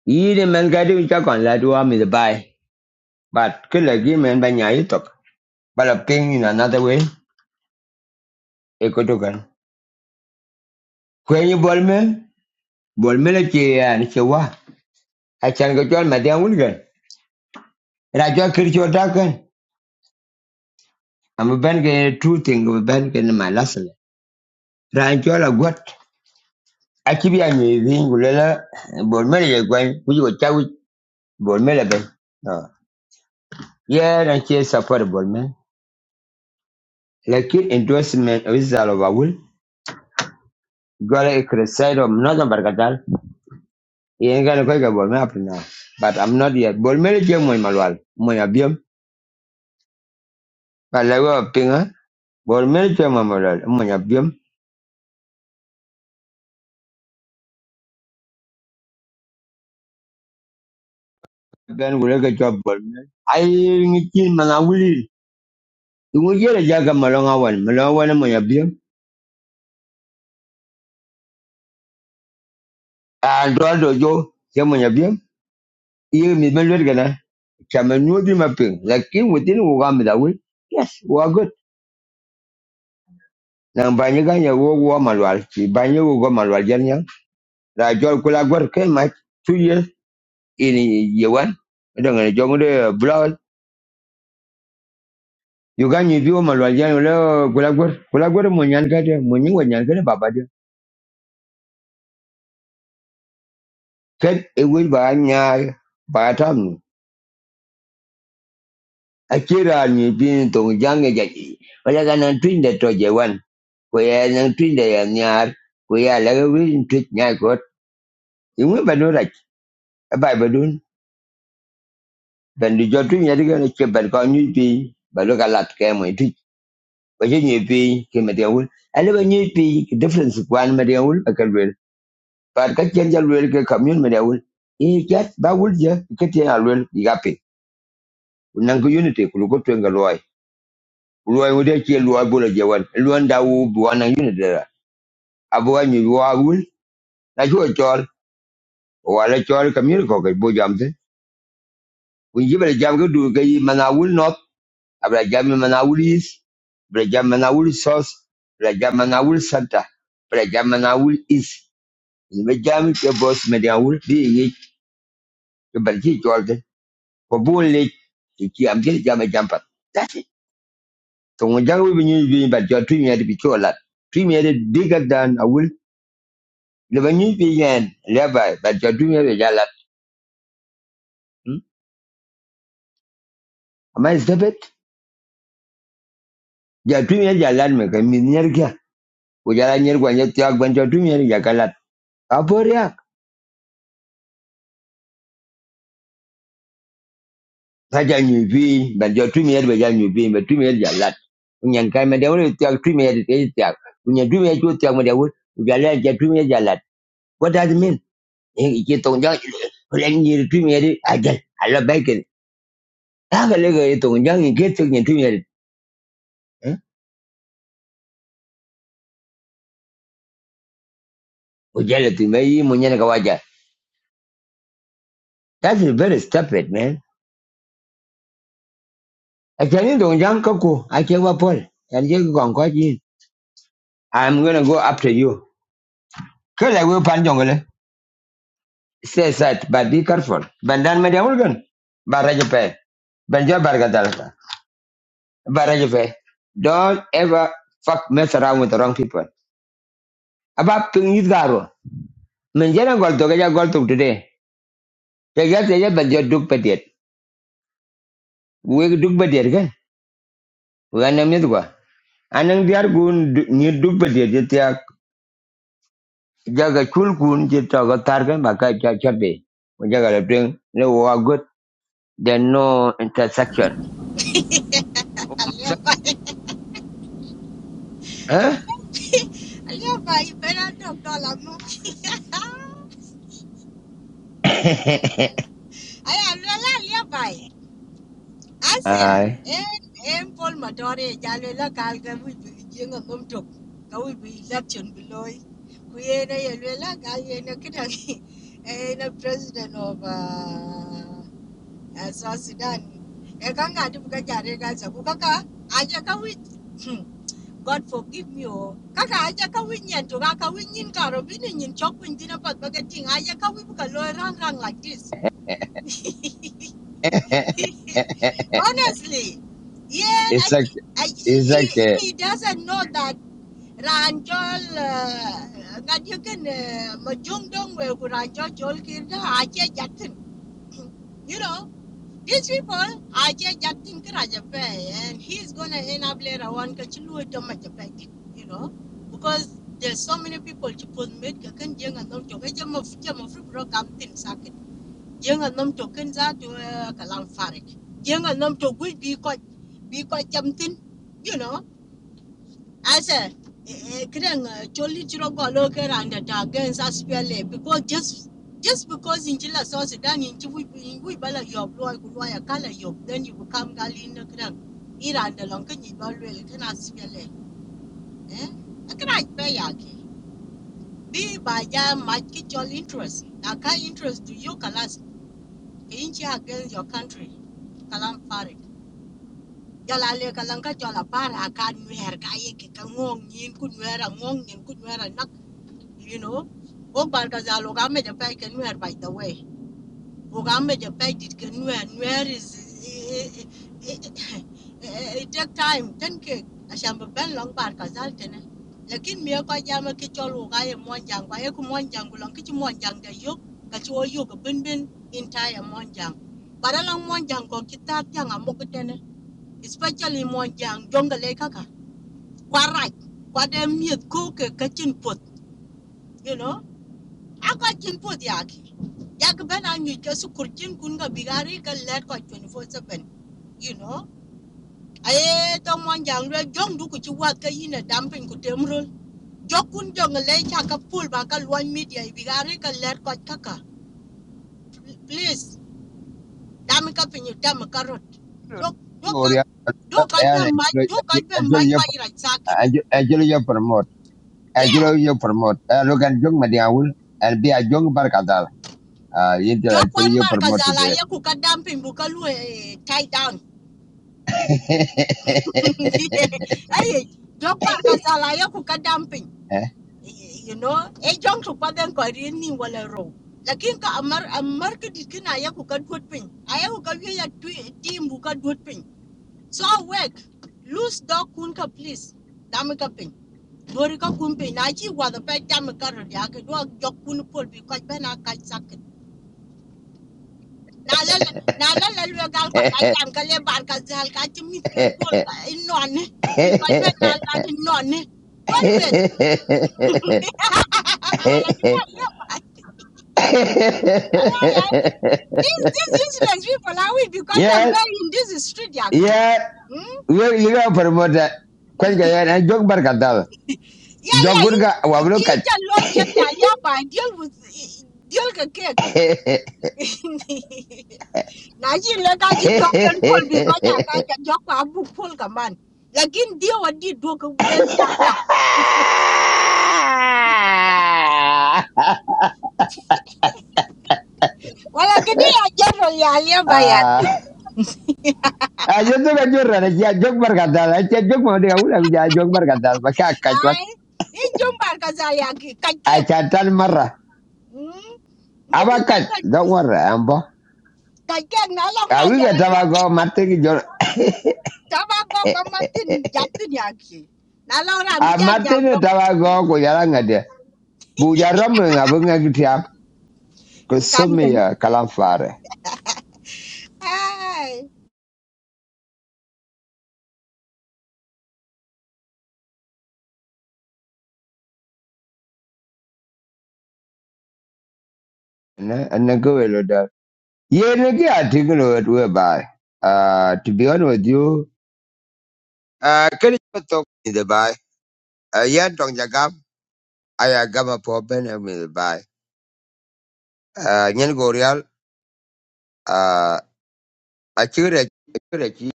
Yi de man gadi ul chakon la duwa mi the buy. But kill a game and banya itok. But a ping in another way, ekotokan. Kwenye When you bol me le che an chewa. I can go to chol madia ul gan. Rajo kircho takan. I'm a ben ke two thing of a ben ke my lesson. Ran chola gut. Akibi anyi zingulela bol me le gwan. Kuji go Bolme leben. No. Yeah, and here support Bolme. Lakin endorsement with Zalovawul. Gwala e criticize of Northern Barkatal. Yen gana kwa Bolme up now. But I'm not yet. Bolme le je moy malwal. Moy abiyam. But la wa pinga. Bolme le je moy malwal. Moy abiyam. Ben wule get job Bolme. Ay ngitin manawuli. Tungu jere jaga malonga wan. Malonga wan moy abiyam. And do do jo. Je moy You Iye mi ben lwet Chamanyodi maping. Lakini within Uganda da will. Yes, we are good. Nang banyaga ya wo wo malwal. Si banya wo go malwal jan yang. La jol kula gwar ke ma two years in yewan. Dang ne jong de blood. Uganda bi wo malwal jan le kula gwar. Kula gwar mo nyan ka de mo baba de. Ket e wo ba nya ba tam. Akira ni bin tong jange jaji. Wala ga twin de to jewan. Ko ya nan twin de ya nyar. Kuya ya la ga win twin nyar ko bai ba dun ben di jotu nya di gana che bar ka nyu pi ba lo ka lat ka mo tu ba je nyu pi ke ma de wul ale ba nyu pi ke difference ko an ma can wul ba ka wel par ka chen jal wel ke commune ma de wul e ket ba wul je ke te al wel di ga pi nan ko unity ku ko to nga loy loy wo de che loy bo le je wan loy da wu bu wan unity da abu wa nyu wa wul na jo chol wa le chol commune ko ke bo jam te ku ji ba jam ke du ke ma na wul no Abraham Manawil Abraham Manawil South, Abraham Manawil Center, Abraham Manawil East. In the jam ke boss Manawil be it ke balki Jordan ko bun le ke ki am ke jam jam pat. That's it. So when jang we been doing but your dream had to be chola. Dream had bigger than I will never knew again. Levi but your dream had a lot. Ama Elizabeth ya dream had a lot me ke min yer ke. Ko jala nyer kwa nyet ya gwan your dream had a lot. Raja nyubi, but your two minute with nyubi, but two minute your lot. When you come and they only talk two minutes, they talk. When you do it, you talk when they would, you are like your two minutes your lot. What does it mean? You get not know, when you two minutes, I get, I love bacon. Have a little, you don't know, you get to your two minutes. Ujala tu mai munya na kawaja. That is very stupid, man. Achani don't jang kaku, achewa pol. Yanjek gongkwa jin. I'm gonna go after you. because I will pan jongole. stay safe, but be careful. Bandan media organ. Barajupe. Banjo bargadalata. Barajupe. Don't ever fuck mess around with the wrong people. About ping is garo. Menjana gol to gaja gol to today. Tegas teja banjo duk pediet. We duk pediet again. We are anam ni tuwa. Anang diar gun du- ni duk pediet jetiak. Jaga kul kun jetiak gotar kan maka cacapi. Jaga lepeng. No good. There no intersection. Aliava Huh? aliava i live by better not dollar mo. I am aliava. Asia, Aye. en en Paul Matore jalo la kalga, ka wi bi jenga mum tok ka wi bi election bi ku yena ye le la kal yena kida en president of uh, uh, South Sudan e kanga tu ka jare ka sa ku kaka aja ka wi Hmm, God forgive me oh kaka aja ka wi nyen to ka ka wi nyin ka ro bi nyin chok pin dina pat ba ka ting aja ka wi bu ka loy rang rang like this Honestly, yeah, I, it's like I, it's he, like eh, he doesn't know that Ranjol, uh, that you can, uh, Majung Dong where could Ranjol Jol Kirda, Ajay Jatin. You know, these people, Ajay Jatin Karajape, and he's gonna end up later on Kachulu Tomajape, you know, because there's so many people to put mid Kakan Jang and Nom Jong, Jam of Jam of Rock Younger nom to ken za to eh, kalam farik jenga nom to gui bi ko bi ko chamtin you know asa kren choli chiro go lo ke randa ta gen sa spele because just just because in jila so sudan in chiwi in gui bala yob lo ku lo ya kala yob then you become gali na kren iranda the ken yi ba lo le kana spele eh a pe ya ke bi ba ja ma your interest na ka interest to you kala inchi against your country kalam farik jala le kalam ka jala par akan nuher ka ye ke ka ngong nyin ku nuher ngong nyin ku nuher nak you know o bar ka jalo ka me ja pai ke nuher by the way Ugambe Japaiti can wear and where is eh, eh, eh, eh, it, take time, ten cake. I shall be Ben Long Park as Altena. Lakin me a Kajama Kichol Ugaya Monjang, Wayaku Monjang, Lankichi Monjang, the Yuk, Kacho Yuk, Bin Bin, entire Monjang. But along Monjang, Kokita, Yang, and Mokotene, especially Monjang, Jonga Lekaka. quite Quadam Yuk, Cook, a Kitchen Put, you know. Aka chin po diaki. Yak ben anyu kesu kurchin kun ga bigari ka let ko 24/7. You know? Aye to mon jang re jong du ku chi wat ka yin na dam pin ku jong le cha ka pul ba ka lwan media bigari ka let ko kaka. Please, dam ka pin yu dam ka rot. Dok dok ka gloria dok ka and jam mai actually dok ka you jam mai actually you pa ira saket. promote Yeah, actually you promote uh, look at young madiawul and be a young barkadal uh you do jok actually one you bar ka promote zala today ye ku ka dam pin tie down ay jok par ka sala ya ku ka dumping you know e jong to pa den ko ri ni wala ro lakin ka amar amar ka dit kina ya ku ka dot pin ay ku ka wi ya twi- team bu ka dot pin so work lose dog kun ka please dam ka pin dori ka kun pin na chi wa da pa dam ka ro ya ka do jok kun pol bi ka ba na ka sak. na la na ko ta jam bar ka zal ka ti ken pol ka i bi ko be na di non ni well wala ki na wala ya ki these these useless people are we because them yeah very in this street ya ki yeah hmm you you got promote kwanga and young barkadal yeah yeah in jogun in ja lo ye ya ya ba deal with deal ka ke na ji le ka ji jok ken pol bi ko ja ka ja jok bu pol ka man lakin dia wadi dua ke ben dia dia Ajenduka Wala gidi ya jero ya alia bayaki. jorra na kia jok barkatal, akia jok ma dia ulah bija jok barkatal, maka akat wat, Ai, in jumbar kazal kakek. akatan marra, Hmm. Muju abakat, kakek don't worry, ambo. kakek na long ran Awi ka jara du. tabago marte ki jor, Tama go gamatin japtin yaki. Na long ran mi a jang marte ne go. tabago ko yala ngade, bu jaram ne ngabu ngagitia, ko In kan somi kan. ya kalam fare, Ai. ne, ne go welo da. Ye ne ki atingulo wet whereby, Ah, to be honest with you, Ah, kiri tok in the bai. Ah, yan tong jagam. Aya gama po bene mi de bai. Ah, nyen gorial. Ah, a chure a chure chi.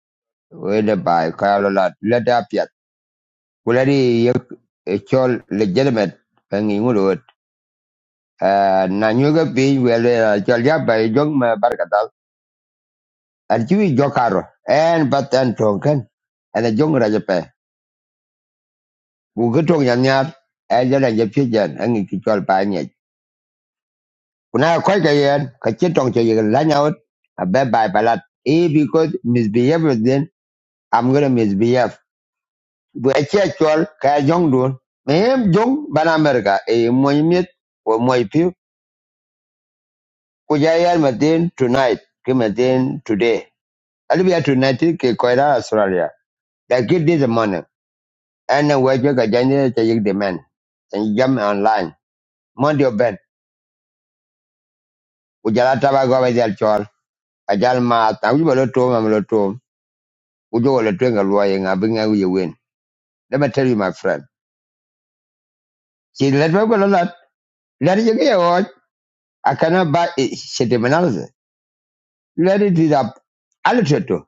We de bai ka lo lat piat. Kulari yek e chol legitimate e ngi ngulot. Ah, nanyuga nyoga pi we le ah, chol ya jong ma barkatal. An chi jokaro. En bat an tong ken. An a jong ra jape. Ku gutong yan yar. En jala japi jan ngi ki Kuna quite a year, Kachitong Chayan Lany out, a bad by ballot. A because misbehave with them, I'm gonna misbehave. We a churchual, Kaya Jong Dun, Mayhem Jong, Ban America, a Moimit, or Moipu, Kujayan Matin tonight, Kimatin today. I'll be at tonight, Kikoida, Australia. They get this morning, and a wager Kajanya Chayik demand, and jump online. Mondio Ben, Ujala Tabago, Ajal Chol, Ajal Mat, and we were to him, ujo wala twenga luoying abinga uye win. Let me tell you, my friend. See, let me go a lot. Let it get I cannot buy it. Shit, even else. Let it is up. Alitrato.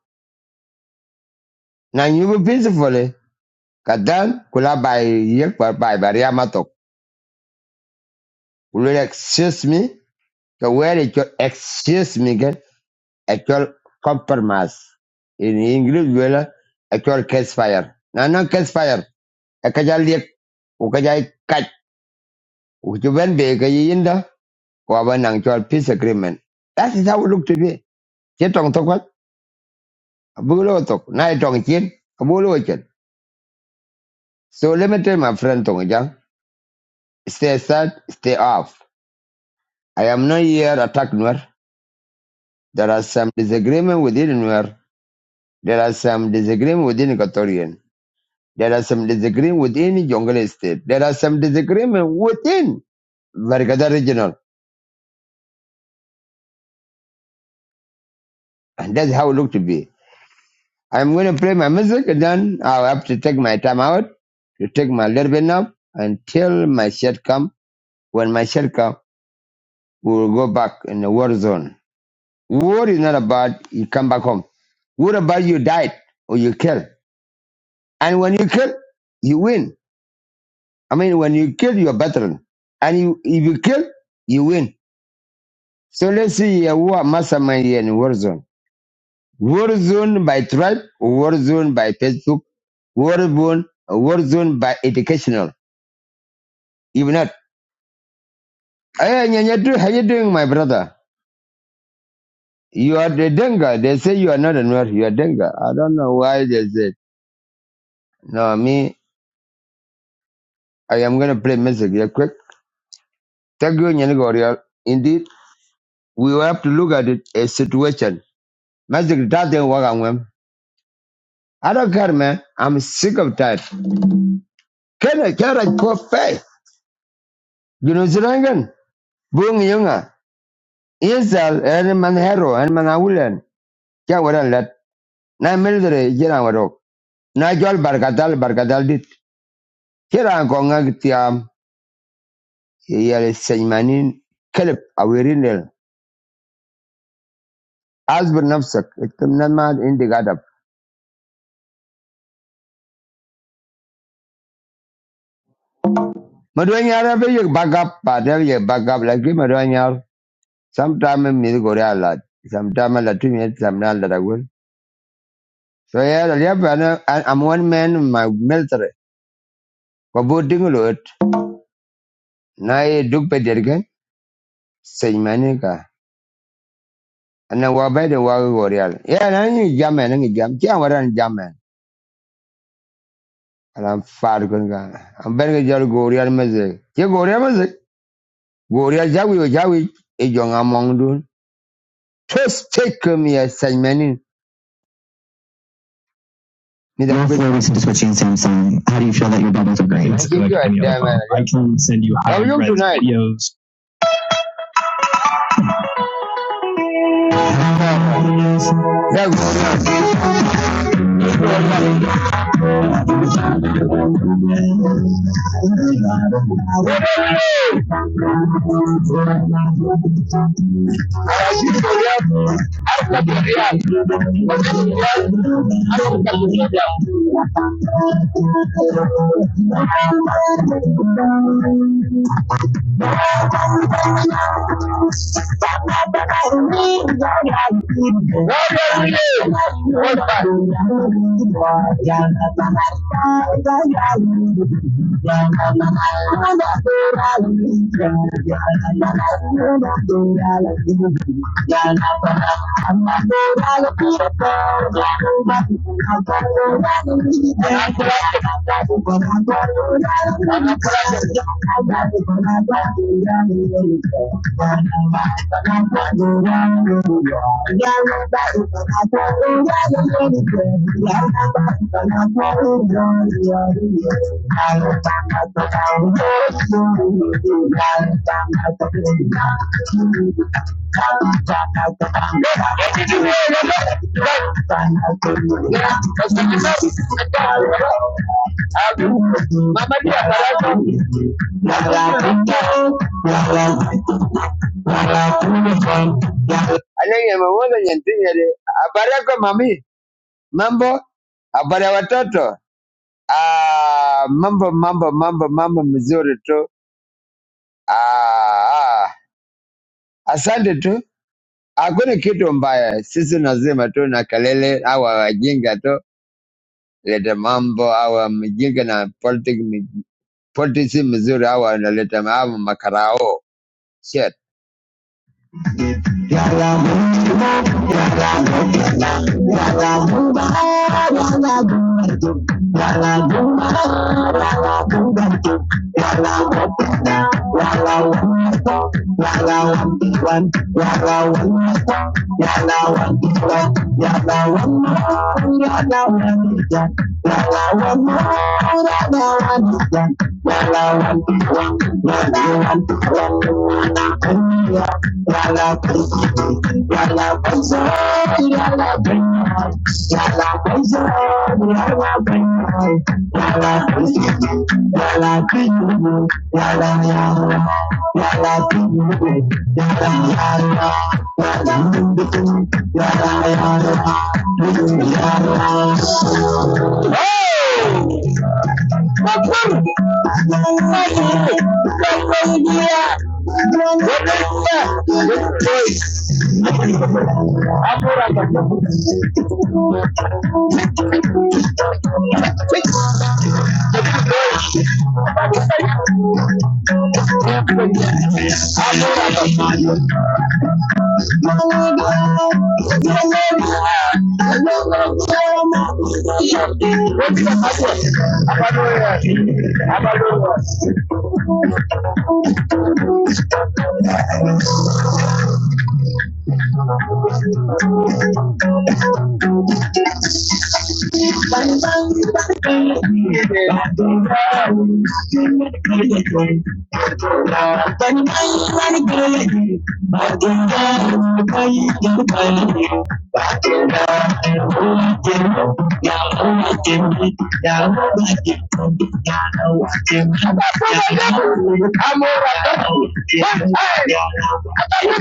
Now you will peacefully. Kadan kula by yek by by baria matok. Will excuse me? The where it your excuse me again. Actual compromise. In English, well, actual case fire. Now, no case fire. Akajal yek. Ukajai kaj. Ujuben be kayinda. waba nang chol peace agreement that is how we look today che tong tok wat abu lo tok na tong chin abu lo chen so let me tell my friend tong jang stay aside stay off i am not here attack nuer there are some disagreement within nuer there are some disagreement within equatorian there are some disagreement within jongle state there are some disagreement within vargada regional and that's how it look to be I'm going to play my music and then I'll have to take my time out to take my little bit nap until my shirt come. When my shirt come, we will go back in the war zone. War is not about you come back home. What about you died or you kill? And when you kill, you win. I mean, when you kill, you're a veteran. And you, if you kill, you win. So let's see uh, who are mastermind here in war zone. War zone by tribe, war zone by Facebook, war zone, war zone by educational. If not, hey, Nyanyatu, how you doing, my brother? You are the Denga. They say you are not a Nuer. You are Denga. I don't know why they said. No, me, I am going to play music real quick. Thank you, Nyanagorial. Indeed, we will have to look at it a situation. Magic doesn't work on them. I don't care, man. I'm sick of that. Can I care like coffee? You know, Zirangan, Bung Yunga, Insel, and Manhero, and Manawulan. Yeah, what I let. Na military, Jiran Warok. Na Jol Bargadal, did. Kira ngonga giti am yale seymaniin kelip awiri nil az burnam sak itum namad indi gadab madwanya ravi yebagap pateli yebagap lakini madwanya sometimes mi goria lad sometimes latu mi sometimes latagul so yale ravi ano I'm one man in my military kabudi ngulut nae duk pedirigan seymaniika na wabai de wagu goria lad yana ngejam nengejam tiwa rani jaman. and I'm fat going on. I'm better get your Goria music. Your Goria music. Goria Jawi, Jawi, a young among dun. Just take me a segment. Your four weeks of switching Samsung. How do you feel that your bubbles are great? It's good like God any other damn phone. it. I can send you high res tonight. videos. Yeah, Goria. Thank you. I'm Mama, Anenge amemwona Nyantinyere. Habari yako mami, mambo? Habari ya watoto? Ah, mambo mambo mambo mambo mzuri tu. Ah, ah. asante tu. Hakuna kitu mbaya, sisi lazima tu na kelele au wajinga tu leta mambo au mjinga na politics politics mzuri au analeta mambo makarao. Shit. Wala, wala, wala, wala, wala, Yala, Kapur, Kapur, Kapur, Rebecca, Grace, Rebecca, Kapur, Come on, Thank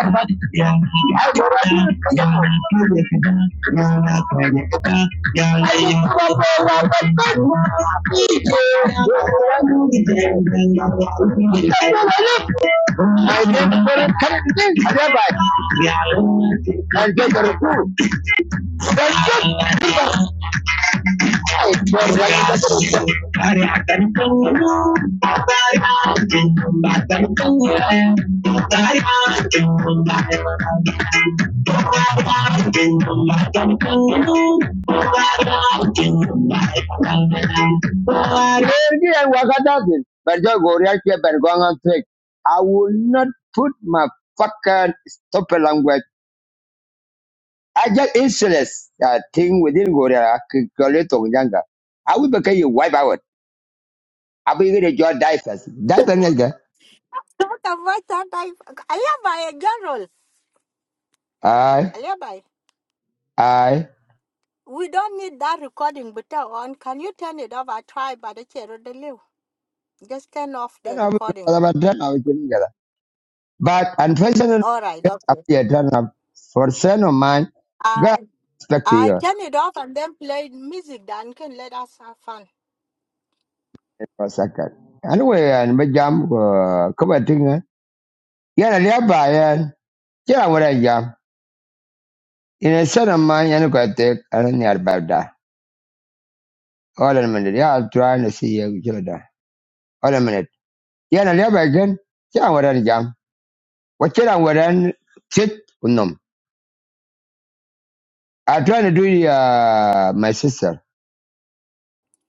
you. Yeah. I don't know. Yeah, I Lady and Wakadaki, but the Goriaki Bergonga trick. I will not put my fucking stupid language. I just insolence that thing within Goria, Kikoleto Yanga. I will become your wipe out. Abi gidi jo diapers. Diapers ne Tota vata dai alia bay jero. Aye, Alia bay. aye. We don't need that recording but uh, on can you turn it off I try but the chair chero the live. Just turn off Then the I recording. will turn up together. But unfortunately, All right, after you turn up for son of mine, okay. God respect I you turn it off and then play music then can let us have fun. for a second. Anyway, and my jam, uh, come and think, eh? Yeah, and thereby, and yeah, what I jam. In a son of mine, and go take, and near about that. Hold on a minute. Yeah, I'm trying to see you, Jordan. Hold on a minute. Yeah, and thereby again. Yeah, what I jam. What you know, what sit? I try to do it, uh, my sister.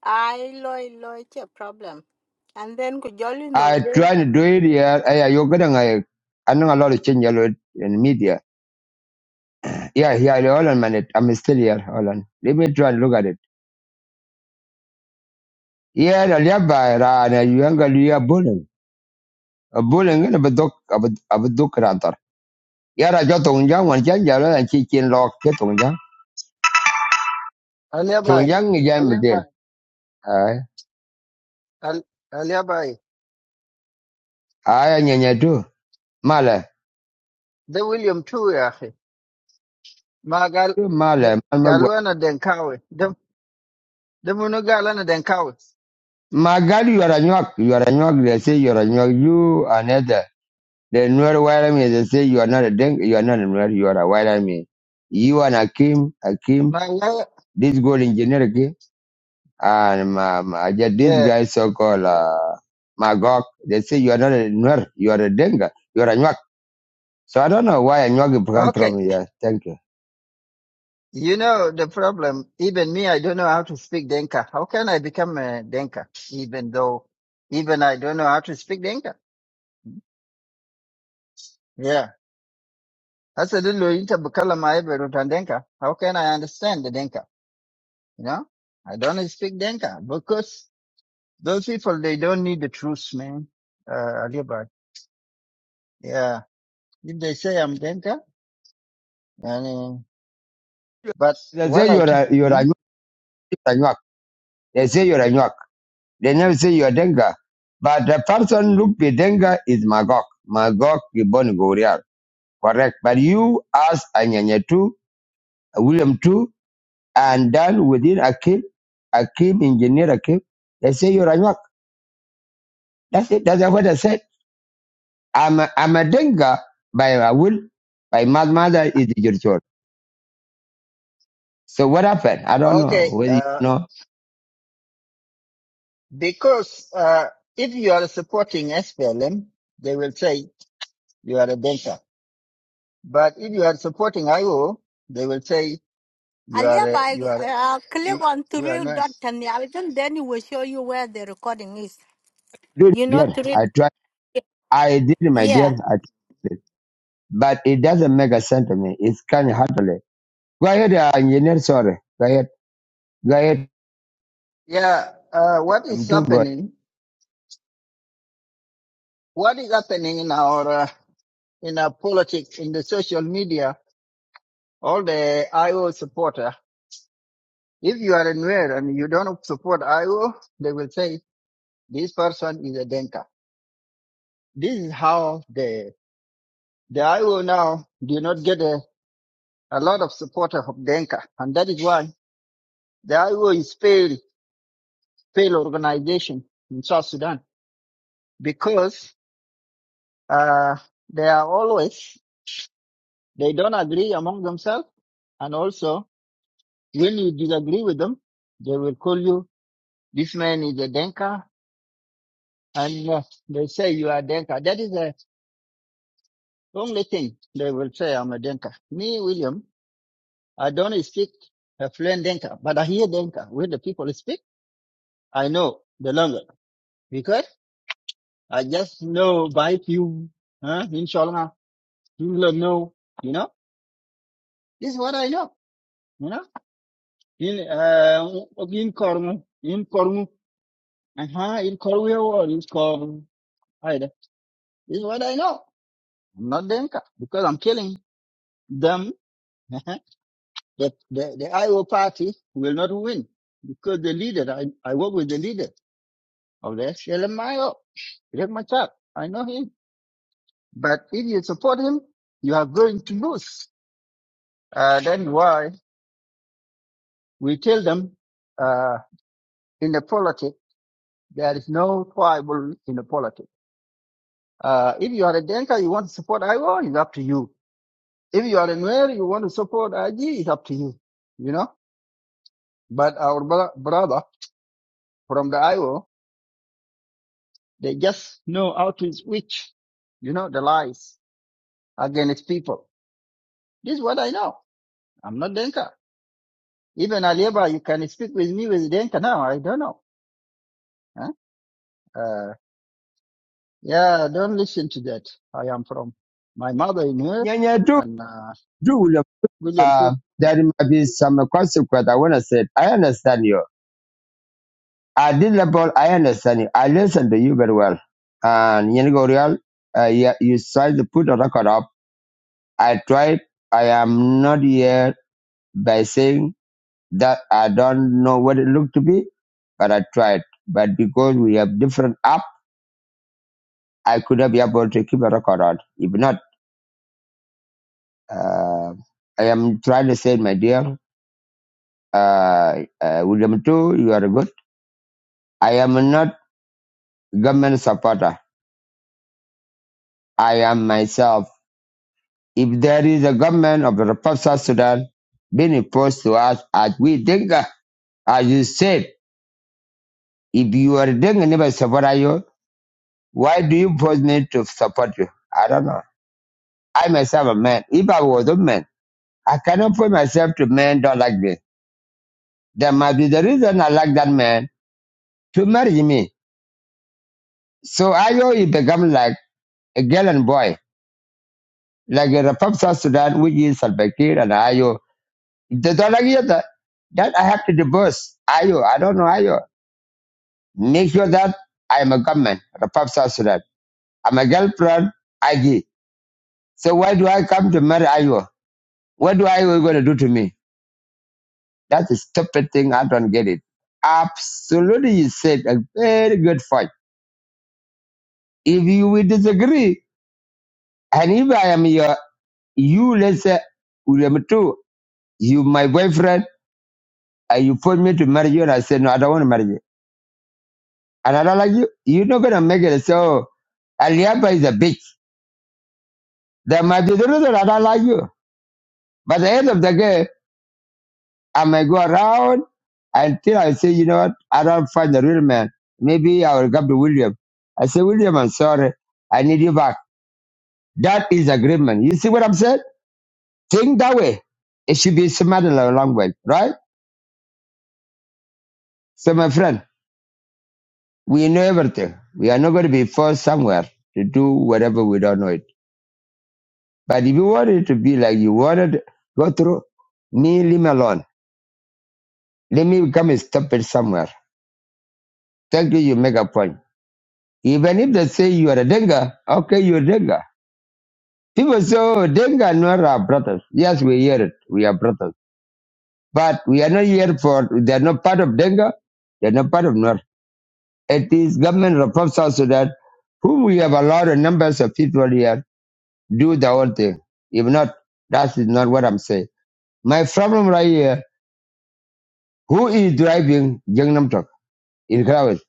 I loy loy a problem. And then go jolly no I girl. try to do it. Yeah, yeah. You're getting I, I know a lot of change a lot in media. Yeah, yeah. yeah, Hold on, man. I'm still here. Hold on. Let me try and look at it. Yeah, the nearby rana younger you are bullying. A bullying and a bedok a bedok rather. Yeah, I got on young one young yellow and chicken lock get on young. Alia To bai, young again with them. Aye, Al- alia bai. aye, and you do. Mala, De William too ya akhi. Ma gal do de- mala, mala. galwana denkawe. De de munu galana denkawe. My God, you are a knock. You are a knock. They say you are a knock. You are another. The Nuer white army, they say you are not a Deng, you are not a Nuer, you are a white army. You and Akim, Akim, Ma ya this gold engineer, okay, and um, uh, yeah, this yeah. guy so-called uh, Magog, they say you are not a Nuer, you are a Denga, you are a Nuak. So I don't know why a Nuak come Okay. from here. Thank you. You know the problem. Even me, I don't know how to speak Denka. How can I become a Denka? Even though, even I don't know how to speak Denka. Yeah. That's a little interbukala Denka. How can I understand the Denka? You know, I don't speak Denka because Those people, they don't need the truth, man. Uh, Ali Bhai. Yeah. If they say I'm Denka, I mean, but They what say I you're do, a you're a hmm? York, you're a York. They say you're a York. They never say you're Denga. But the person look be Denga is Magog. Magog is born Gorial. Correct. But you as a Nyanyetu William two and done within Akim, Akim, engineer Akim. They say you're Anyak. That's it. That's what I said. I'm a, I'm a Denga by a will. My mad mother is your child. So what happened? I don't Okay. know. Whether you Uh, know, because, uh, if you are supporting SPLM, they will say you are a Denka. But if you are supporting IO, they will say you are, Alia a, by you are, uh, click you, on you are three not. dot and the algorithm, then it will show you where the recording is. dude, You know dear, three I tried. I did, my dear. yeah. I tried. But it doesn't make a sense to me. It's kind of hard to live. Go ahead, uh, engineer. Sorry. Go ahead. Go ahead. Yeah. Uh, what is I'm too good. happening? What is happening in our, uh, in our politics, in the social media, all the IO supporter If you are in Nuer and you don't support IO, they will say this person is a Denka. This is how the the IO now do not get a, a lot of supporter of Denka, and that is why the IO is failed failed organization in South Sudan because uh, they are always they don't agree among themselves, and also when you disagree with them, they will call you this man is a Denka, and uh, they say you are Denka. That is a Only thing they will say I'm a Denka. Me, William, I don't speak a fluent Denka, but I hear Denka. When the people speak, I know the language because I just know by few, huh? In Sholna, you do know, you know. This is what I know, you know. In uh, in Kormu, in Kormu, uh huh, in Korweo or in Kormu, either. This is what I know. I'm not Denka because I'm killing them. that the, the IO party will not win because the leader, I, I work with the leader of the SLMIO, Riek Machar. I know him. But if you support him, you are going to lose. Uh, then why we tell them, uh, in the politics, there is no tribal in the politics. Uh, if you are a Denka, you want to support IO, it's up to you. If you are a Nuer, you want to support IG, it's up to you. You know, but our bro- brother from the IO They just know how to switch, you know, the lies against people. This is what I know. I'm not Denka. Even Aliaba, you can speak with me with Denka now. I don't know. Huh? Uh, yeah, don't listen to that. I am from my mother in here Yeah, yeah, do, and uh, do. William too. Uh, there might be some consequence. I want to say, I understand you I did the ball. I understand you. I listened to you very well. And Yenigo Real, uh, you, you tried to put a record up. I tried. I am not here by saying that I don't know what it looked to be, but I tried. But because we have different app, I could not be able to keep a record on. If not, uh, I am trying to say, my dear, uh, uh, William too, you are good. I am not government supporter. I am myself if there is a government of the Republic of South Sudan being imposed to us as we Dinka, as you said, if you are Dinka never support you, why do you force me to support you? I don't know. I myself a man. If I was a man, I cannot put myself to men don't like this. There might be the reason I like that man to marry me. So I owe you become like a girl and boy, like a Republic of South Sudan, which is Salbakir and Ayo. If they don't like you, that, that I have to divorce. Ayo, I don't know Ayo. Make sure that I'm a government, Republic of South Sudan. I'm a girlfriend, IG. So why do I come to marry Iowa? What do Iowa going to do to me? That's a stupid thing. I don't get it. Absolutely, you said a very good point. If you will disagree, and if I am your, you, let's say, William too, you my boyfriend, and you put me to marry you, and I said, no, I don't want to marry you. And I don't like you. You're not going to make it. So, Aliaba is a bitch. There might be the reason I don't like you. But at the end of the day, I may go around until I say, you know what, I don't find the real man. Maybe I will come to William. I say, William, I'm sorry. I need you back. That is agreement. You see what I'm saying? Think that way. It should be smart in a long way, right? So my friend, we know everything. We are not going to be forced somewhere to do whatever we don't know it. But if you want it to be like you wanted, to go through me, leave me alone. Let me come and stop it somewhere. Thank you, you make a point. Even if they say you are a Denga, okay, you're a Denga. People say, oh, Denga and Nuer are brothers. Yes, we hear it. We are brothers. But we are not here for, they are not part of Denga. They are not part of Nuer. It is government reform South Sudan, whom we have allowed a numbers of people here do the whole thing. If not, that is not what I'm saying. My problem right here, who is driving Gangnam Talk in Kravis?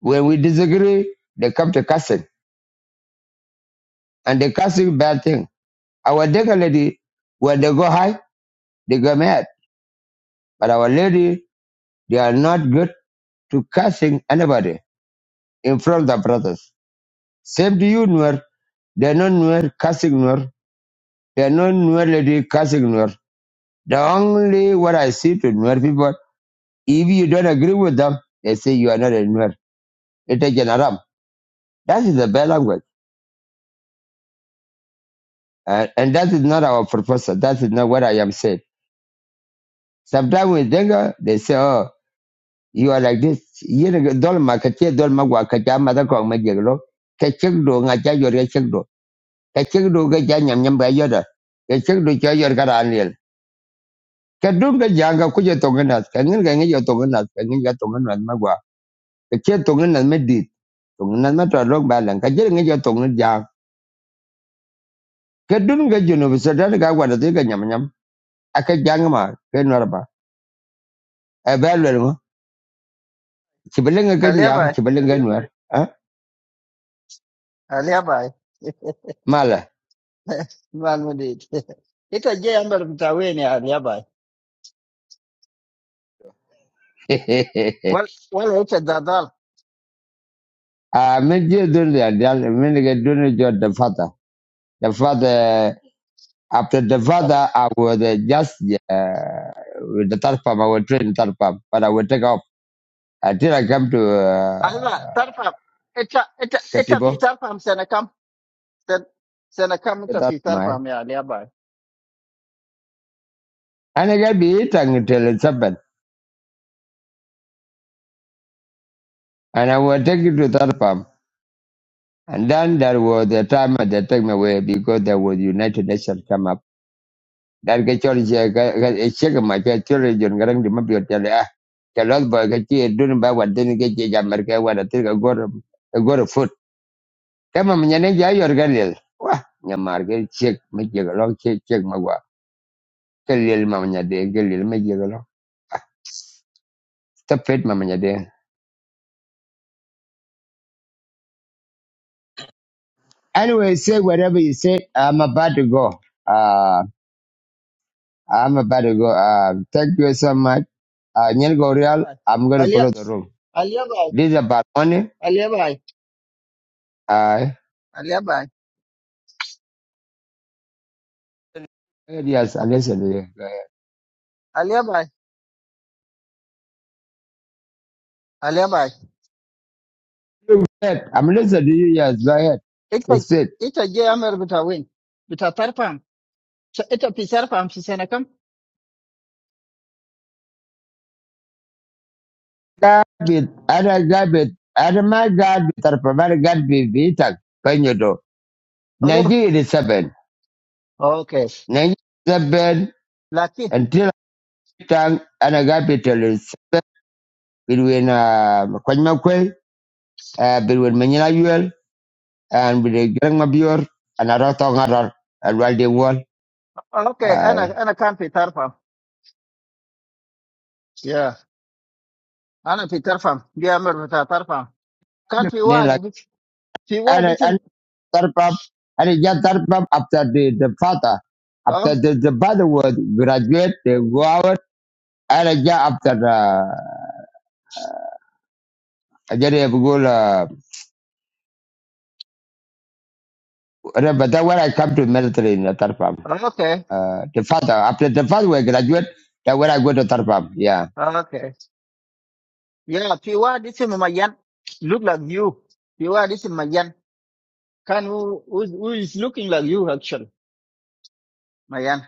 When we disagree, they come to cussing. And they cussing bad thing. Our Denga lady, when they go high, They got mad. But Our Lady, they are not good to cursing anybody in front of the brothers. Same to you, Nuer. They are not Nuer cursing Nuer. They are not Nuer lady cursing Nuer. The only what I see to Nuer people, if you don't agree with them, they say you are not a Nuer. It is an Aram. That is a bad language. And, and that is not our proposal. That is not what I am saying. Sometimes with anger, they say, oh, You are like this. Yen dolma kache dolma gua kacha mada kong ma jeglo. Kachek do ngacha yor kachek do. Kachek do kacha nyam nyam ba yoda. Kachek do cha yor kara anil. Kadung ka janga kuja tonganas. Kangin ka ngayo tonganas. Kangin ka tonganas ma gua. Kache tonganas ma gwa. Ka che tong ka nas me dit. Tonganas ma tra rong balang. Kache ngayo tonganas jang. Kadung ka junub sadan ka wada tu ka nyam nyam. Aka jang ma. Kenwar ba. Evaluate mo. Sibalinga kanya. Aliaba, Sibalinga nuar. Aliaba, Mala. man with it. It's a jay amber mtaweni Aliaba. Well, well, it's a dadal. Uh, when you do that, that- when you do it, you're the father. The father, after the father, I was uh, just, uh, with the third farm, I was train third farm, but I would take off until I come to, uh, Allah, tarfam. It's a, it's a, it's Katibo, a, tarfam Sen, sen kam the inte tittar på my, mig, Alia Bai. and I got be eating until it's happened. And I will take it to third farm. And then there was the time that they take me away because there was United Nations come dan ke chol che ga ga di ma bi ah ke boy ke dun ba wa den ke ke wa da gor gor foot ke ma nya ne ja yor ke che ma che ga lo che che ma wa ke lel ma nya de ke anyway say whatever you said i'm about to go uh i'm about to go uh thank you so much uh nyen go Bai. i'm going to Alia, close the room Alia Bai, this is about money Alia Bai, uh Alia Bai, yes i listen to you Alia Bai, Alia Bai. I'm listening to you, yes, go ahead. Ita, He said, ita ge amer bita win. Bita tarpam. So ita pisar tarpam si sena kam? Garbage, other garbage, other my garbage, or provided garbage, Vitak, Panyodo, Oh, 1987, okay. 1987, Laki. until time, and a garbage is between uh, Kwanyamakwe, uh, between Manila UL, and with the Grangmabior, and Aratong Arar, and Waldi Wall. okay, ana, ana kan pi tarpam. Yeah, ana pi tarpam. Ge amer bita tarpam. Kan pi wa, pi wa I, ditin. third pump, and he just third after the, the father. Oh, After the, the father was graduate, they go out, and I just after the, I just have go, uh, but then when I come to military in the third okay, uh, the father, after the father was graduate, that when I go to third yeah. okay. Yeah, pi wa ditin ma yan. Look like you. Pi wa ditin ma yan. Kan who, who, who is looking like you actually, Mayan.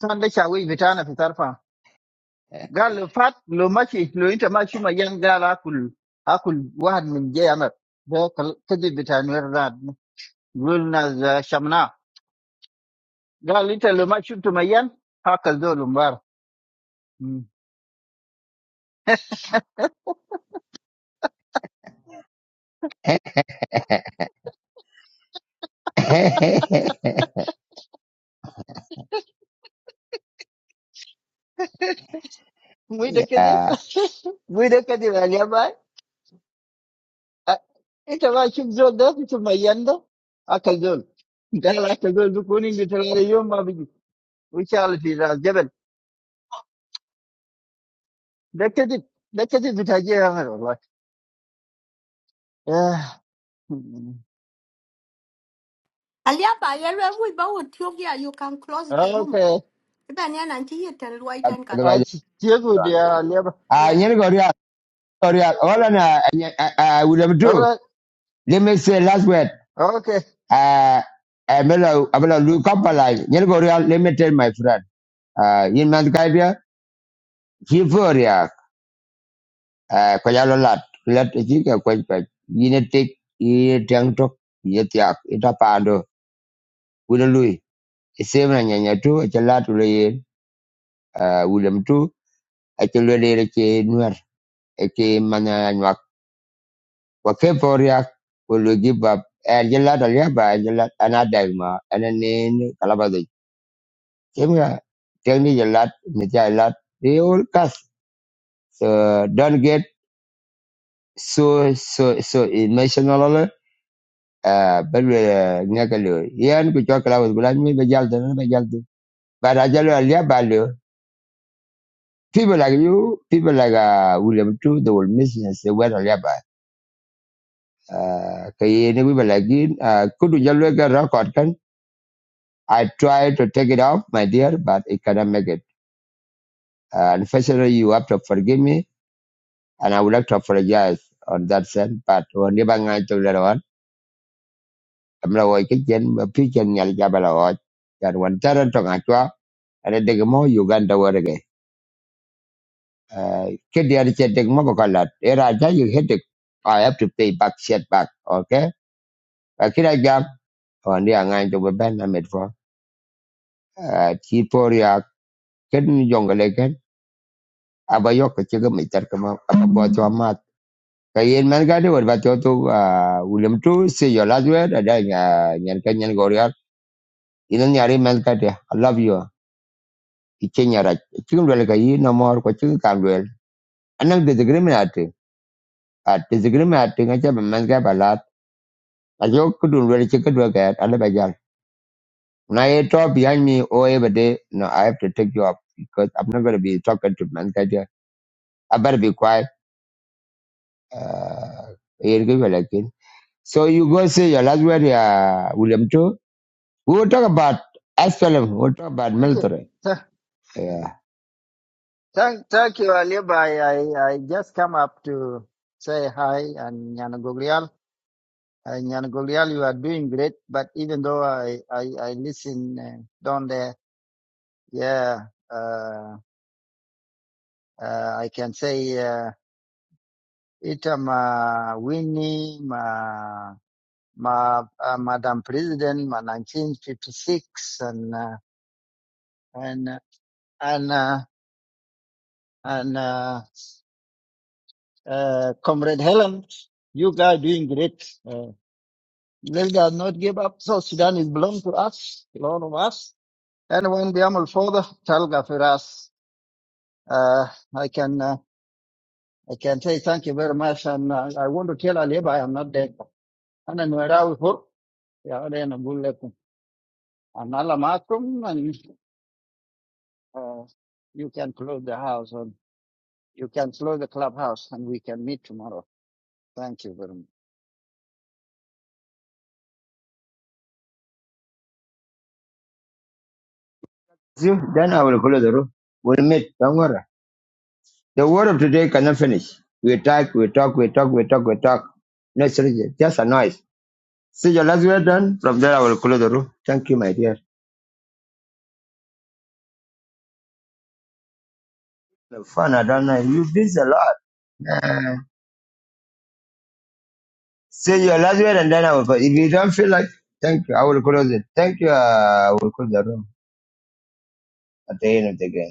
San da shawi vitana fitarfa. Gal fat lo mashi lo inta mashi Mayan gal akul akul wahad min jayamat. Da kal- kaji vitanuwar rad. Gul na za shamna. Gal inta lo mashi tu Mayan haka zo lumbar. Mm. Mui da kaji, yeah. mui da kaji raliya bai. A- Ita ba shi zo da su Mayan da akal zo. Gal akal zo dukunin da tarare yom ma bigi. Wuce alfi da Naked, naked vitajia like yeah. Alia by yellow we bow with you here, you can close the room. Okay, Iban yan and tea and white and I Otherwise, still dear Aliba. uh, you know, real, real, all on, uh, I, I, I would have All do. right. Let me say last word. Okay. Uh, I'm gonna, I'm gonna look up a line. You know, real, let me tell my friend. Ah, yin man kai dia chi for ya ah, ko ya lo lat ku lat e chi ka ko pa yin te i dang tok ye tiak i ta pa do ku de lui e se na nya nya tu e lat le ye u lem tu e che le le che nuer e che man ya nya ko ke for ya ku lu gi ba e je lat ya ba e je lat ana da ma ana ne ni kala ba de che nga te ni je lat ni ja lat de ol kas so don't get so so so emotional Ah, bel we nyakalo yan ku chokla was gulan mi be jalde no be jalde but I ajalo alia balo people like you people like uh, William too they will miss and They where alia ba Ah, ka ye ne we like in ah, kudu jalo ga record kan I try to take it off my dear but it cannot make it Ah, unfortunately you have to forgive me and I would like to apologize on that sense but when you bang to later on I'm not going to get a picture nyal jabala watch that one tarant to ngachwa and a degmo Uganda war again. Kedi ari chetek mabo kalat. Era aja you headache. I have to pay back shit back. Okay. Akira jam. Wandi angan to beben na medfo. Chipori ya kedi jongle ken. Aba yok chega mitar kama aba bojo amat. Kayen man gade war bato to William tu say your last word ada uh, nyan kan nyan goriar. Ina nyari man gade. I love you. Ichenya raj. Chikum dwele kayi namor ko chikum kandwele. Anak disagreement ate. At disagreement ate ngacha man gaba Ajo kudun very chicken work at Alabajan. Now you talk behind me all every day. No, I have to take you up because I'm not gonna be talking to Mankaja. I better be quiet. Uh, you'll give you like it. so you go say your last word, uh, William too. We will talk about SLM, we will talk about Thank you. military. Th- Yeah. Thank, thank you, Aliba. I, I, I just come up to say hi and Yanagolial. And Yanagolial, you are doing great. But even though I, I, I listen uh, down there, yeah, uh, uh, I can say, uh, itam uh, winning Ma, uh, Madam President, ma 1956, and uh, and uh, and uh, and uh, uh, Comrade Helen, you guys doing great. Uh, let us not give up. So Sudan is belong to us, belong to us. And when we are further, Talga for us. Uh, I can uh, I can say thank you very much, and uh, I want to tell Alib I am not dead. And I'm around for yeah, then I'm good. And Allah Makum, and uh, you can close the house. You can close the clubhouse and we can meet tomorrow. Thank you very much. So then I will close the room. We'll meet. Don't worry. The word of today cannot finish. We talk, we talk, we talk, we talk, we talk. No strategy, just a noise. See your last word done. From there I will close the room. Thank you, my dear. Fun, I don't know. You've been a lot. man. Say your last word and then I will go. If you don't feel like, thank you. I will close it. Thank you. Uh, I will close the room at the end of the game.